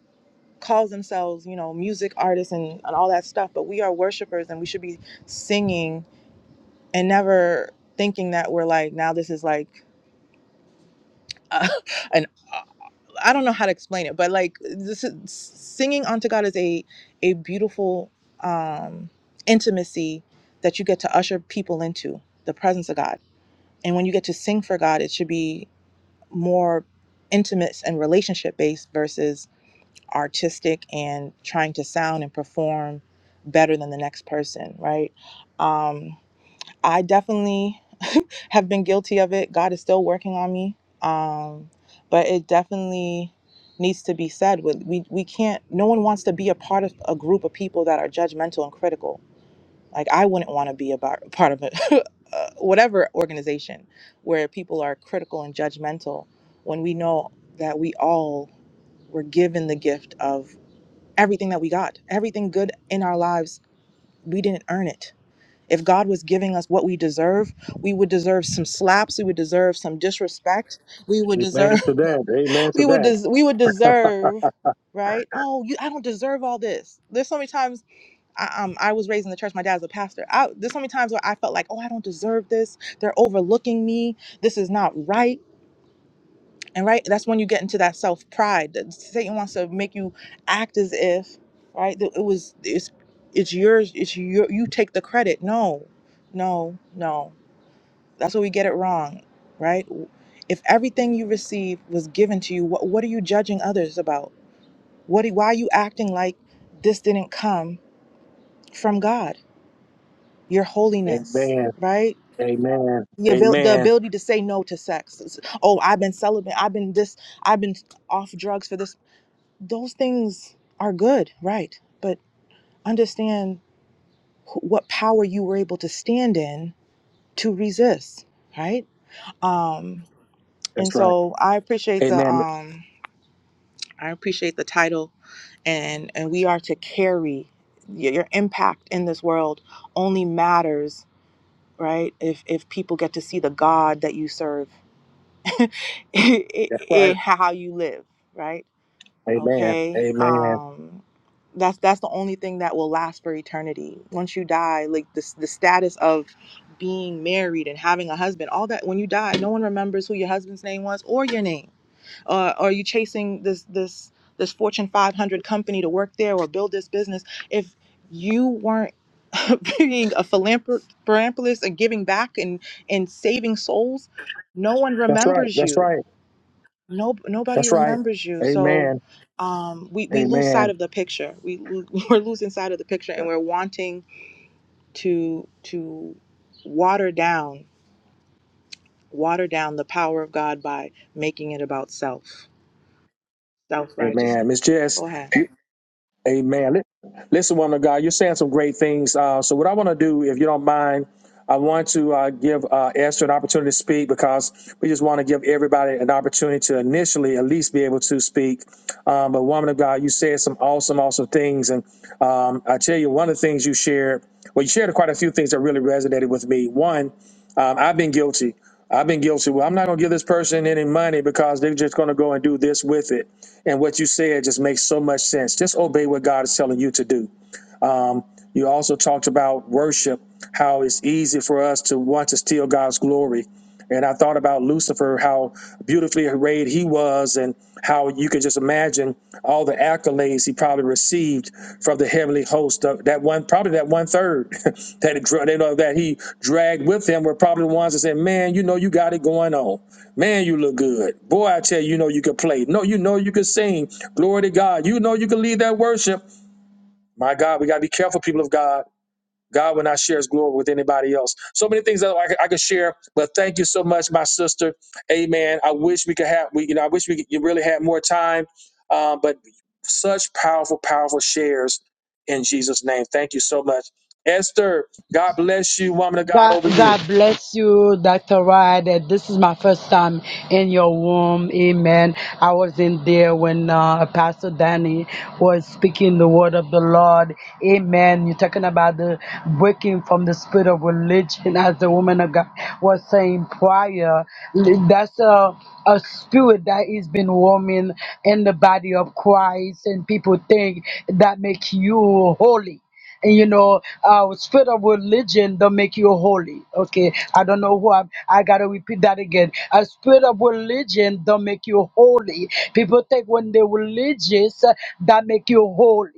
I: calls themselves, you know, music artists and, and all that stuff, but we are worshipers and we should be singing and never thinking that we're like now this is like uh, an I don't know how to explain it, but like this is, singing unto God is a a beautiful um, intimacy that you get to usher people into the presence of God. And when you get to sing for God, it should be more intimate and relationship based versus artistic and trying to sound and perform better than the next person, right? Um, I definitely have been guilty of it. God is still working on me. Um, but it definitely needs to be said. With we we can't. No one wants to be a part of a group of people that are judgmental and critical. Like I wouldn't want to be a bar, part of it, uh, whatever organization where people are critical and judgmental. When we know that we all were given the gift of everything that we got, everything good in our lives, we didn't earn it if God was giving us what we deserve, we would deserve some slaps, we would deserve some disrespect, we would
A: Amen to
I: deserve
A: that. Amen to
I: we would
A: that.
I: des- we would deserve right oh you i don't deserve all this there's so many times I, um, I was raised in the church my dad's a pastor I, there's so many times where i felt like oh i don't deserve this they're overlooking me this is not right and right that's when you get into that self-pride that satan wants to make you act as if right that it was it's it's yours it's your you take the credit no no no that's what we get it wrong, right? If everything you receive was given to you, what, what are you judging others about? What, do- why are you acting like this didn't come from God? Your holiness,
A: Amen.
I: right?
A: Amen.
I: The, abil- the
A: Amen.
I: ability to say no to sex. It's, Oh, I've been celibate. I've been this. I've been off drugs for this. Those things are good, right? But understand wh- what power you were able to stand in to resist, right? Um, and
A: That's right.
I: so I appreciate the
A: Amen.
I: um I appreciate the title, and and we are to carry your, your impact in this world. Only matters, right? If if people get to see the God that you serve,
A: That's right.
I: in how you live, right?
A: Amen.
I: Okay,
A: Amen.
I: um, that's that's the only thing that will last for eternity. Once you die, like this, the status of being married and having a husband, all that. When you die, no one remembers who your husband's name was or your name uh, are you chasing this this this fortune 500 company to work there or build this business if you weren't being a philanthrop- philanthropist and giving back and and saving souls no one
A: That's right.
I: remembers
A: That's
I: you
A: right.
I: no nobody
A: That's right.
I: remembers you so
A: Amen.
I: um, we, we lose sight of
A: Amen.
I: the picture we lo- we're losing sight of the picture and we're wanting to to water down water down the power of god by making it about self self righteousness
A: Amen. Miss Jess.
I: go ahead
A: Amen. Li- Listen, woman of God, you're saying some great things. Uh, so, what I want to do, if you don't mind, I want to uh, give uh, Esther an opportunity to speak because we just want to give everybody an opportunity to initially at least be able to speak. Um, but, woman of God, you said some awesome, awesome things. And um, I tell you, one of the things you shared, well, you shared quite a few things that really resonated with me. One, um, I've been guilty. I've been guilty. Well, I'm not going to give this person any money because they're just going to go and do this with it. And what you said just makes so much sense. Just obey what God is telling you to do. Um, you also talked about worship, how it's easy for us to want to steal God's glory. And I thought about Lucifer, how beautifully arrayed he was, and how you could just imagine all the accolades he probably received from the heavenly host. Of that one, probably that one third that it, dra- you know that he dragged with him were probably the ones that said, "Man, you know you got it going on. Man, you look good. Boy, I tell you, you know you could play. No, you know you could sing. Glory to God. You know you can lead that worship." My God, we got to be careful, people of God. God will not share his glory with anybody else. So many things that I could, I could share, but thank you so much, my sister. Amen. I wish we could have, we, you know, I wish we could, you really had more time, um, but such powerful, powerful shares in Jesus' name. Thank you so much. Esther, God bless you, woman of God,
J: God,
A: over you.
J: God bless you, Dr. Rod. Uh, This is my first time in your womb. Amen. I was in there when uh, Pastor Danny was speaking the word of the Lord. Amen. You're talking about the breaking from the spirit of religion, as the woman of God was saying prior. That's a, a spirit that is been warming in the body of Christ, and people think that make you holy and you know uh spirit of religion don't make you holy okay i don't know who i'm i gotta repeat that again a spirit of religion don't make you holy people think when they're religious uh, that make you holy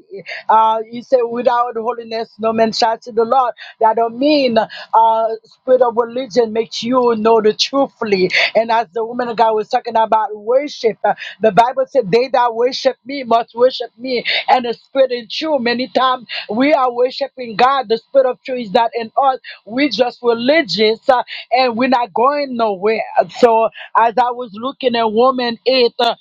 J: uh you say without holiness no man shall see the lord that don't mean uh spirit of religion makes you know the truthfully and as the woman of god was talking about worship uh, the bible said they that worship me must worship me and the spirit in truth many times we are worshiping God. The spirit of truth is not in us. We just religious uh, and we're not going nowhere. So as I was looking at woman 8, uh,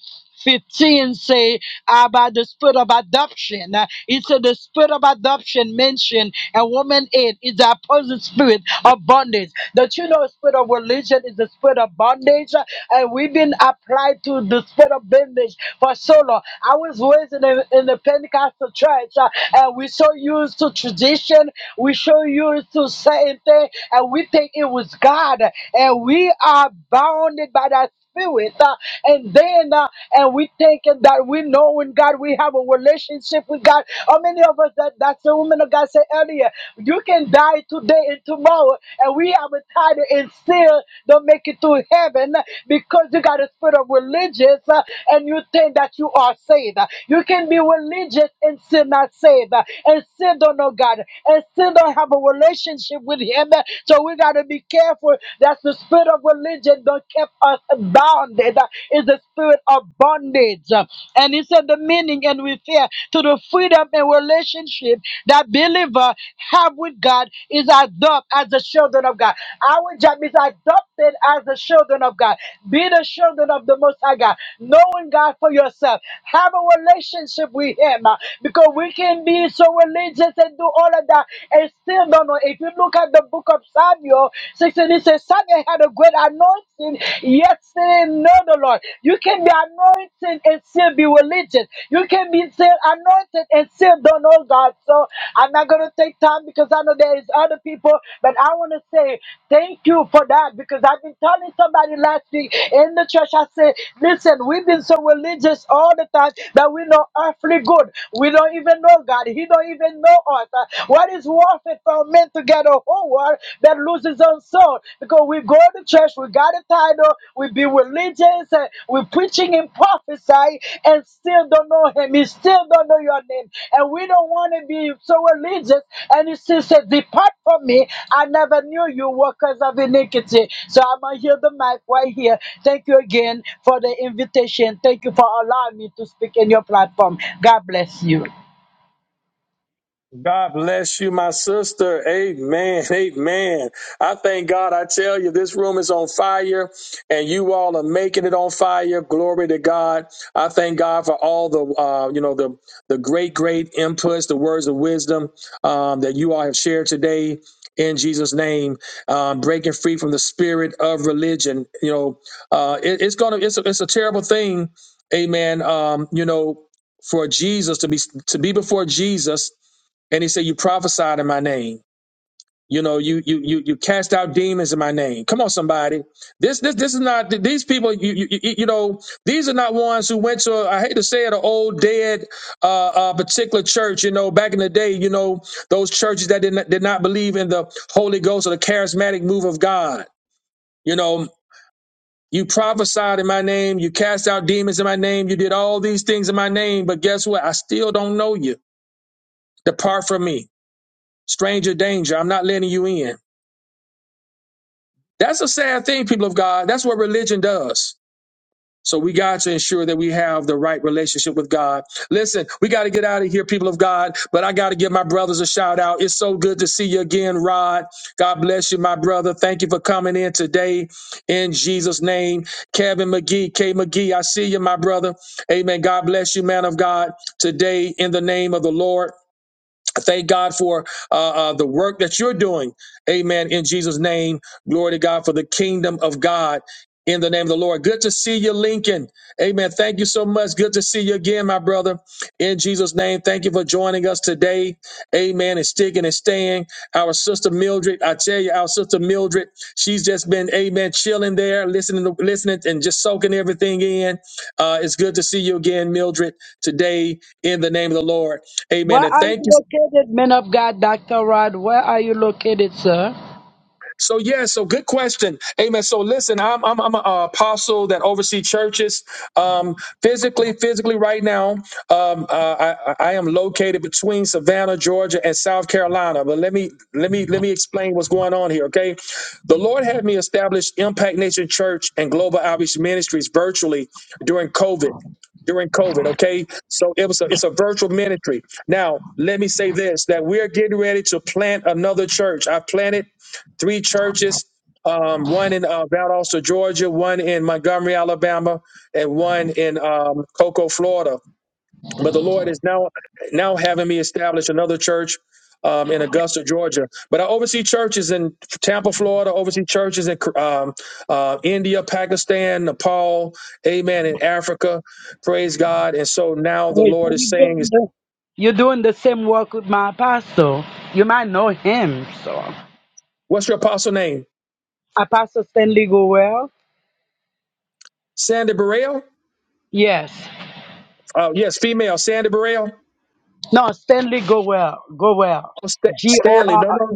J: 15 say about the spirit of adoption. Uh, It said the spirit of adoption mentioned and woman 8 is the opposite spirit of bondage. The you know spirit of religion is the spirit of bondage uh, and we've been applied to the spirit of bondage for so long. I was raised in the, in the Pentecostal church uh, and we we're so used to tradition. We're so used to certain things, and we think it was God. And we are bounded by that spirit. uh, and then, uh, and we thinking that we know in God, we have a relationship with God. How many of us that that's the woman of God said earlier? You can die today and tomorrow, and we have a title and still don't make it to heaven because you got a spirit of religious uh, and you think that you are saved. You can be religious and still not saved live uh, and sin don't know God and sin don't have a relationship with Him. uh, So we got to be careful that the spirit of religion don't keep us bounded. uh, It's the spirit of bondage. uh, And He said the meaning and we fear to the freedom and relationship that believer have with God is adopt as the children of God. Our job is adopted as the children of God. Be the children of the Most High God, knowing God for yourself. Have a relationship with Him uh, because we can can be so religious and do all of that and still don't know. If you look at the book of Samuel 16, it says Samuel had a great anointing, yet still didn't know the Lord. You can be anointed and still be religious. You can be still anointed and still don't know God. So I'm not gonna take time because I know there is other people, but I want to say thank you for that because I've been telling somebody last week in the church. I said, listen, we've been so religious all the time that we know earthly good. We don't even even know God. He don't even know us. Uh, What is worth it for men to get a whole world that loses own soul? Because we go to church, we got a title, we be religious, and we preaching and prophesy, and still don't know Him. He still don't know your name, and we don't want to be so religious. And He still said, "Depart from me. I never knew you, workers of iniquity." So I'm gonna hear the mic right here. Thank you again for the invitation. Thank you for allowing me to speak in your platform. God bless you.
A: God bless you, my sister. Amen. Amen. I thank God. I tell you, this room is on fire and you all are making it on fire. Glory to God. I thank God for all the, uh, you know, the, the great, great inputs, the words of wisdom, um, that you all have shared today in Jesus name, um, breaking free from the spirit of religion. You know, uh, it- it's going to, it's a, it's a terrible thing. Amen. Um, you know, for Jesus to be, to be before Jesus and he said, You prophesied in my name. You know, you you you you cast out demons in my name. Come on, somebody. This this this is not these people. You you you you know these are not ones who went to. I hate to say it, an old dead uh, uh particular church. You know, back in the day, you know those churches that did not, did not believe in the Holy Ghost or the charismatic move of God. You know, you prophesied in my name. You cast out demons in my name. You did all these things in my name. But guess what? I still don't know you. Depart from me. stranger danger. I'm not letting you in. That's a sad thing, people of God. That's what religion does. So we got to ensure that we have the right relationship with God. Listen, we got to get out of here, people of God. But I got to give my brothers a shout out. It's so good to see you again, Rod. God bless you, my brother. Thank you for coming in today in Jesus' name. Kevin McGee, K McGee, I see you, my brother. Amen. God bless you, man of God, today in the name of the Lord. Thank God for uh, uh, the work that you're doing. Amen. In Jesus' name, glory to God for the kingdom of God. In the name of the Lord. Good to see you, Lincoln. Amen. Thank you so much. Good to see you again, my brother. In Jesus' name, thank you for joining us today. Amen. And sticking and staying. Our sister Mildred, I tell you, our sister Mildred, she's just been, amen, chilling there, listening, to, listening, and just soaking everything in. Uh, it's good to see you again, Mildred, today in the name of the Lord.
J: Where
A: Amen. And
J: are you
A: thank you. so
J: located, man of God, Dr. Rod? Where are you located, sir?
A: So yeah, so good question. Amen. So listen, I'm I'm, I'm an apostle that oversee churches. Um, physically, physically, right now, um, uh, I, I am located between Savannah, Georgia, and South Carolina. But let me let me let me explain what's going on here. Okay, the Lord had me establish Impact Nation Church and Global Outreach Ministries virtually during COVID. During COVID, okay, so it was a, it's a virtual ministry. Now, let me say this: that we're getting ready to plant another church. I planted three churches, um, one in uh, Valdosta, Georgia, one in Montgomery, Alabama, and one in um, Cocoa, Florida. But the Lord is now now having me establish another church um, in Augusta, Georgia. But I oversee churches in Tampa, Florida. Oversee churches in um, uh, India, Pakistan, Nepal, Amen, in Africa. Praise God! And so now
J: Oh,
A: the
J: so
A: Lord is
J: you
A: saying,
J: doing
A: "Is
J: the, you're doing the same work with my apostle. You might know him, so.
A: what's your apostle name?
J: Apostle Stanley Gowell?
A: Sandy Burrell?
J: Yes.
A: Uh, yes, female. Sandy Burrell.
J: No, Stanley Gowell. Gowell.
A: Oh, Sta-
J: G O
A: Stanley. No, no.
J: R.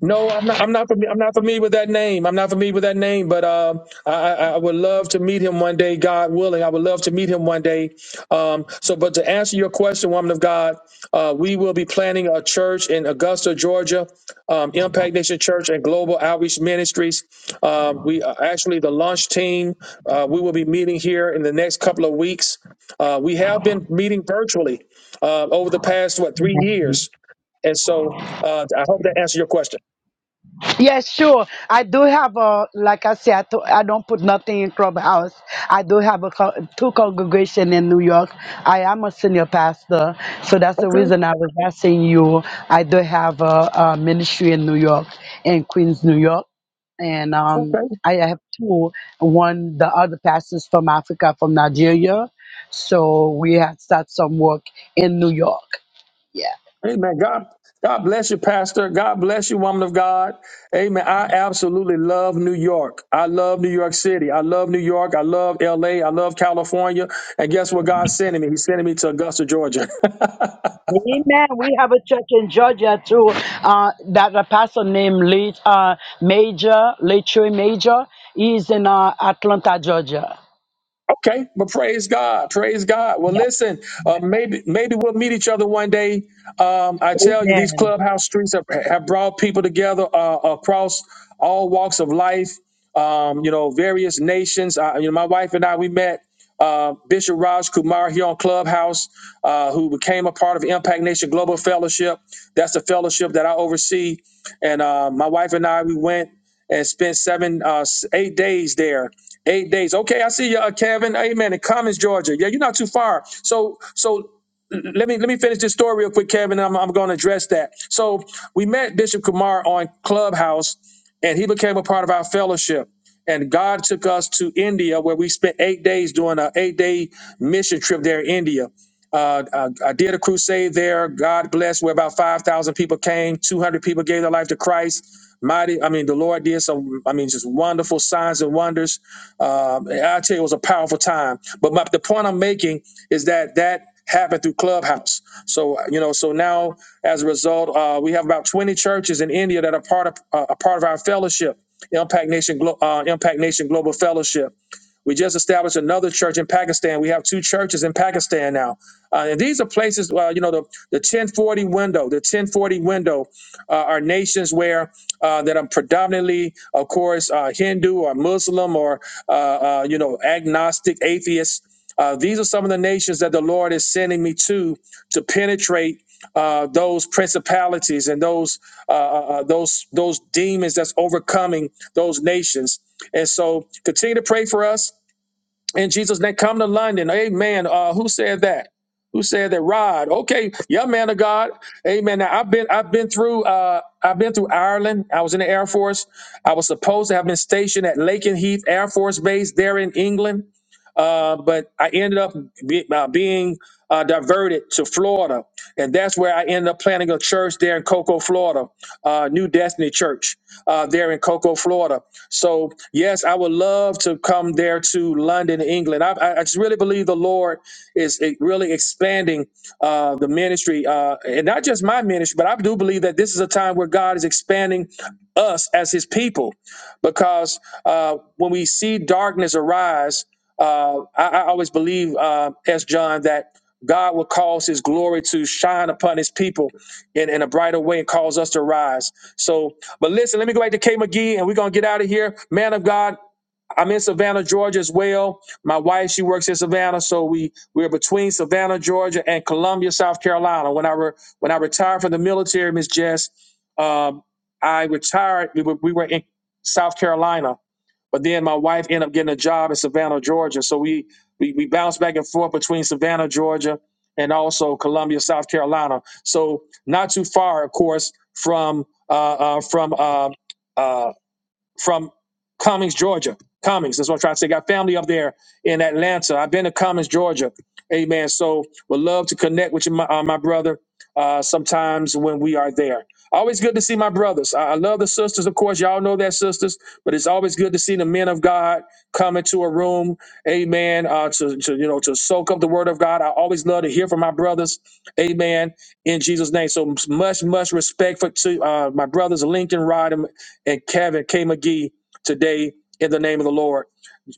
A: No, I'm not. I'm not. Familiar, I'm not familiar with that name. I'm not familiar with that name. But um, I, I I would love to meet him one day, God willing. I would love to meet him one day. Um, so, but to answer your question, woman of God, uh, we will be planning a church in Augusta, Georgia, um, Impact Nation Church and Global Outreach Ministries. Um, we uh, actually the launch team. Uh, we will be meeting here in the next couple of weeks. Uh, we have been meeting virtually uh, over the past what three years, and so uh, I hope that answers your question.
J: Yes, sure. I do have a like I said, I, to, I don't put nothing in clubhouse. I do have a co- two congregation in New York. I am a senior pastor, so that's the
A: Okay,
J: reason I was asking you. I do have a, a ministry in New York, in Queens, New York, and um,
A: okay.
J: I have two. One, the other pastors from Africa, from Nigeria, so we had start some work in New York. Yeah.
A: Amen. God, God bless you, Pastor. God bless you, woman of God. Amen. I absolutely love New York. I love New York City. I love New York. I love LA. I love California. And guess what God's sending me? He's sending me to Augusta, Georgia.
J: Amen. We have a church in Georgia too uh, that a pastor named Le- uh, Major, Lechoy Major. He's in uh, Atlanta, Georgia.
A: Okay, but praise God, praise God. Well,
J: Yeah.
A: listen, uh, maybe maybe we'll meet each other one day. Um, I tell you, these
J: Amen.
A: clubhouse streets have, have brought people together uh, across all walks of life. Um, you know, various nations. Uh, you know, my wife and I we met uh, Bishop Raj Kumar here on Clubhouse, uh, who became a part of Impact Nation Global Fellowship. That's the fellowship that I oversee, and uh, my wife and I we went and spent seven, uh, s- eight days there Eight days. Okay, I see you, uh, Kevin. Amen. In Commons, Georgia. Yeah, you're not too far. So, so l- let me let me finish this story real quick, Kevin. and I'm I'm going to address that. So we met Bishop Kumar on Clubhouse, and he became a part of our fellowship. And God took us to India, where we spent eight days doing a eight day mission trip there in India. Uh, I, I did a crusade there. God blessed. where about five thousand people came. Two hundred people gave their life to Christ. Mighty, I mean, the Lord did some, I mean, just wonderful signs and wonders um, I tell you, it was a powerful time. But my, the point I'm making is that that happened through Clubhouse. So you know, so now as a result, uh, we have about 20 churches in India that are part of uh, a part of our fellowship, Impact Nation, Glo- uh, Impact Nation Global Fellowship. We just established another church in Pakistan. We have two churches in Pakistan now. Uh, and these are places, uh, you know, the, the 1040 window, the 1040 window uh, are nations where uh, that are predominantly, of course, uh, Hindu or Muslim or uh, uh, you know, agnostic, atheists. Uh, these are some of the nations that the Lord is sending me to to penetrate uh, those principalities and those uh, uh, uh, those those demons that's overcoming those nations. And so, continue to pray for us in Jesus' name. Come to London. Amen. Uh, who said that? Who said that? Rod. Okay, yeah, man of God. Amen. Now I've been I've been through uh I've been through Ireland. I was in the Air Force. I was supposed to have been stationed at Lakenheath Air Force Base there in England. Uh, but I ended up be, uh, being uh, diverted to Florida, and that's where I ended up planting a church there in Cocoa, Florida, uh, New Destiny Church uh, there in Cocoa, Florida. So yes, I would love to come there to London, England. I, I I just really believe the Lord is eh, really expanding uh, the ministry, uh, and not just my ministry, but I do believe that this is a time where God is expanding us as His people, because uh, when we see darkness arise, uh, I, I always believe, uh, as John, that God will cause His glory to shine upon His people in, in a brighter way and cause us to rise. So but listen, let me go back to K McGee and we're going to get out of here. Man of God, I'm in Savannah, Georgia as well. My wife, she works in Savannah, so we we're between Savannah, Georgia, and Columbia, South Carolina. When I re, when I retired from the military, Miss Jess, um, I retired. We were, we were in South Carolina, but then my wife ended up getting a job in Savannah, Georgia. So we we we bounced back and forth between Savannah, Georgia, and also Columbia, South Carolina. So not too far, of course, from uh, uh, from uh, uh, from Cummings, Georgia. Cummings, that's what I'm trying to say. Got family up there in Atlanta. I've been to Cummings, Georgia. Amen. So would love to connect with you, my, uh, my brother, uh, sometimes when we are there. Always good to see my brothers. I, I love the sisters, of course. Y'all know that, sisters, but it's always good to see the men of God come into a room. Amen. Uh, to, to, you know, to soak up the word of God. I always love to hear from my brothers. Amen. In Jesus' name. So much, much respect for to uh, my brothers, Lincoln, Rod, and Kevin K. McGee today in the name of the Lord.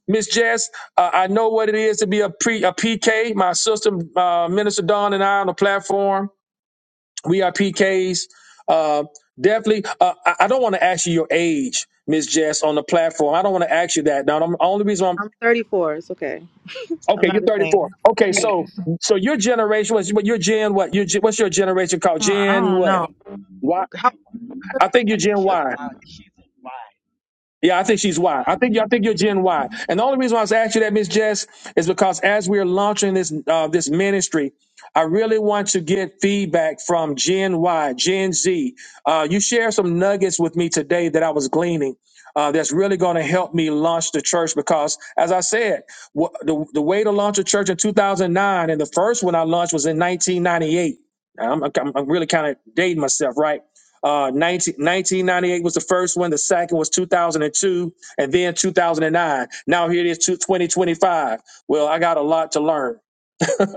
A: Miss Jess, uh, I know what it is to be a, pre, a PK. My sister, uh, Minister Dawn, and I on the platform, we are PKs. Uh, definitely, uh, I, I don't want to ask you your age, Miss Jess, on the platform. I don't want to ask you that. Now, the only reason I'm
I: I'm 34. It's okay. I'm
A: Okay,
I: not
A: you're
I: the
A: 34.
I: same.
A: Okay,
I: Yeah.
A: so so your generation was, but your Gen what? Your, gen- what's your generation called?
I: I I
A: Gen
I: don't
A: what?
I: know.
A: Why?
I: How
A: I think you're Gen Y. Yeah, I think she's Y. I think I think you're Gen Y. And the only reason why I was asking you that, Miss Jess, is because as we're launching this uh, this ministry, I really want to get feedback from Gen Y, Gen Z. Uh, you shared some nuggets with me today that I was gleaning. Uh, that's really going to help me launch the church because, as I said, wh- the, the way to launch a church in 2009, and the first one I launched was in 1998. I'm, I'm I'm really kind of dating myself, right? Uh, 19, 1998 was the first one. The second was 2002, and then 2009. Now here it is, two- 2025. Well, I got a lot to learn.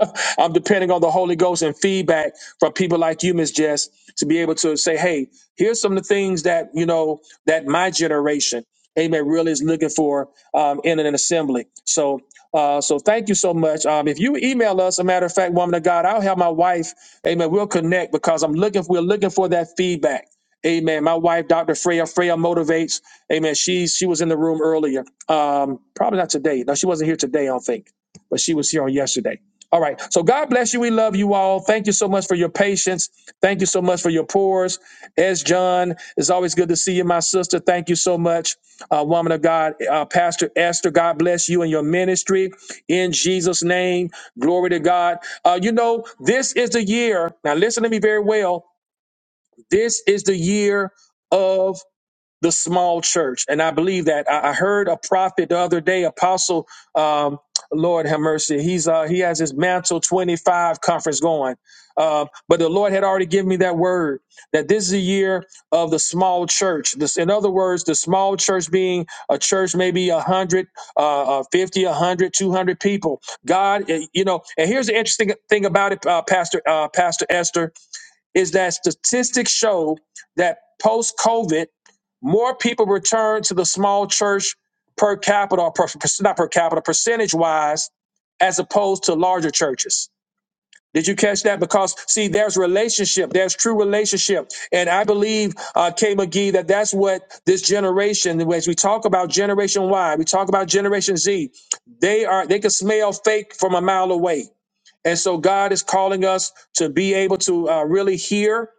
A: I'm depending on the Holy Ghost and feedback from people like you, Miss Jess, to be able to say, hey, here's some of the things that, you know, that my generation, amen, really is looking for um, in an assembly. So, uh, so thank you so much. Um, if you email us, a matter of fact, woman of God, I'll have my wife, amen, we'll connect because I'm looking, we're looking for that feedback. Amen. My wife, Dr. Freya, Freya motivates. Amen. She she was in the room earlier. Um, probably not today. No, she wasn't here today, I don't think, but she was here on yesterday. All right. So God bless you. We love you all. Thank you so much for your patience. Thank you so much for your pores. As John, it's always good to see you, my sister. Thank you so much, uh, woman of God, uh, Pastor Esther. God bless you and your ministry in Jesus' name. Glory to God. Uh, you know, this is the year. Now, listen to me very well. This is the year of the small church. And I believe that I, I heard a prophet the other day, Apostle, um, Lord have mercy. He's, uh, he has his mantle 25 conference going. Uh, but the Lord had already given me that word that this is a year of the small church. This, in other words, the small church being a church, maybe a hundred, uh, uh, 50, a hundred, two hundred people. God, eh, you know, and here's the interesting thing about it, uh, Pastor, uh, Pastor Esther is that statistics show that post COVID, more people return to the small church per capita, or per, not per capita, percentage wise, as opposed to larger churches. Did you catch that? Because see, there's relationship, there's true relationship, and I believe uh, Kay McGee that that's what this generation, as we talk about Generation Y, we talk about Generation Z, they are they can smell fake from a mile away and so God is calling us to be able to uh, really hear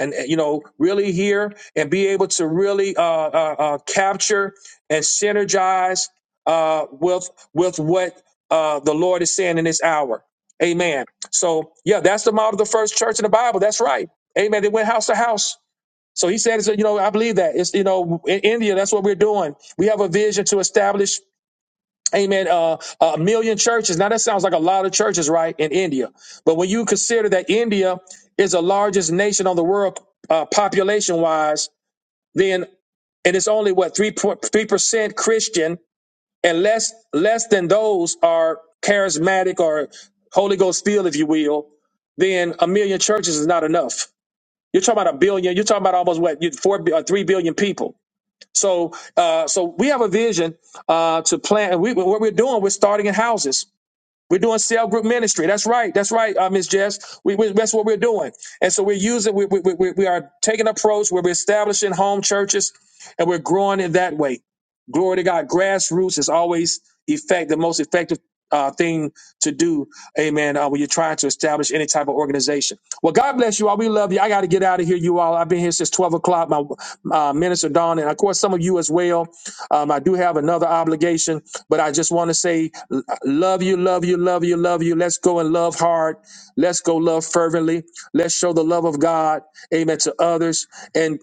A: and, uh, you know, really hear and be able to really uh, uh, uh, capture and synergize uh, with with what uh, the Lord is saying in this hour. Amen. So, yeah, that's the model of the first church in the Bible. That's right. Amen. They went house to house. So he said, you know, I believe that. It's, you know, in India, that's what we're doing. We have a vision to establish amen, uh, a million churches. Now that sounds like a lot of churches, right, in India. But when you consider that India is the largest nation on the world uh, population wise, then and it's only what three point three percent Christian, and less less than those are charismatic or Holy Ghost filled, if you will. Then a million churches is not enough. You're talking about a billion. You're talking about almost what you- four, bi- uh, three billion people. So, uh, so we have a vision uh, to plant. And we, what we're doing, we're starting in houses. We're doing cell group ministry. That's right. That's right, uh, Miss Jess. We, we, that's what we're doing. And so we're using, we, we, we, we are taking an approach where we're establishing home churches and we're growing in that way. Glory to God. Grassroots is always effect, the most effective uh, thing to do. Amen. Uh, when you're trying to establish any type of organization. Well, God bless you all. We love you. I got to get out of here, you all. I've been here since 12 o'clock. My uh, minister, Dawn, and of course, some of you as well. Um, I do have another obligation, but I just want to say, l- love you, love you, love you, love you. Let's go and love hard. Let's go love fervently. Let's show the love of God, amen, to others. And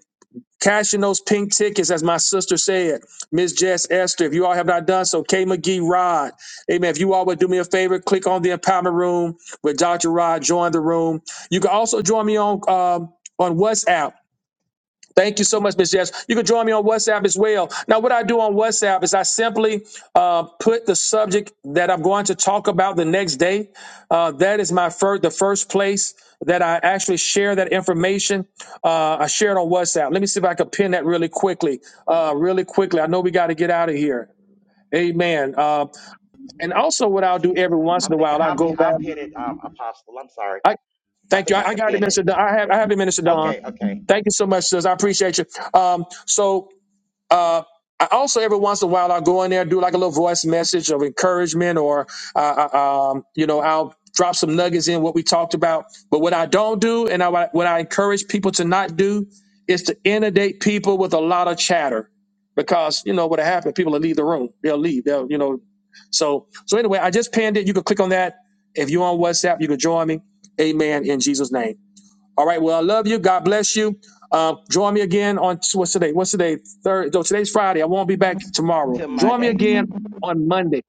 A: cashing those pink tickets, as my sister said, Miss Jess Esther, if you all have not done so, K McGee Rod, amen. If you all would do me a favor, click on the empowerment room with Dr. Rod, join the room. You can also join me on, um, on WhatsApp. Thank you so much, Miss Jess. You can join me on WhatsApp as well. Now, what I do on WhatsApp is I simply uh, put the subject that I'm going to talk about the next day. Uh, that is my first, the first place that I actually share that information. Uh, I share it on WhatsApp. Let me see if I can pin that really quickly. Uh, really quickly. I know we got to get out of here. Amen. Uh, and also, what I'll do every once in a while, I'll go back.
H: Well, I'm sorry.
A: I
H: I
A: thank you.
H: think I
A: I, I
H: can
A: got it,
H: pin it.
A: Minister. Don. I have, I have it, Minister Don.
H: Okay, okay.
A: Thank you so much, sis. I appreciate you. Um, so uh, I also every once in a while I'll go in there, do like a little voice message of encouragement, or uh, uh, um, you know I'll drop some nuggets in what we talked about. But what I don't do, and I, what I encourage people to not do, is to inundate people with a lot of chatter, because you know what'll happen. People will leave the room. They'll leave. They'll you know. So so anyway, I just pinned it. You can click on that if you're on WhatsApp. You can join me. Amen. In Jesus' name. All right. Well, I love you. God bless you. Uh, join me again on what's today? What's today? Third. No, today's Friday. I won't be back tomorrow. Join me again on Monday.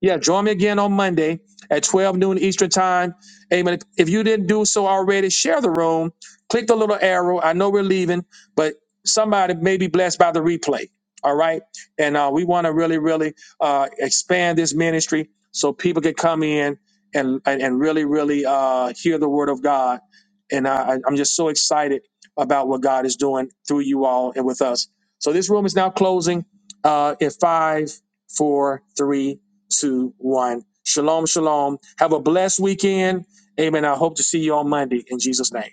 A: Yeah, join me again on Monday at 12 noon Eastern Time. Amen. If you didn't do so already, share the room. Click the little arrow. I know we're leaving, but somebody may be blessed by the replay. All right. And uh, we want to really, really uh, expand this ministry so people can come in and, and, and really, really uh, hear the word of God. And I, I- I'm just so excited about what God is doing through you all and with us. So this room is now closing uh, in five, four, three two, one. Shalom, shalom. Have a blessed weekend. Amen. I hope to see you on Monday in Jesus' name.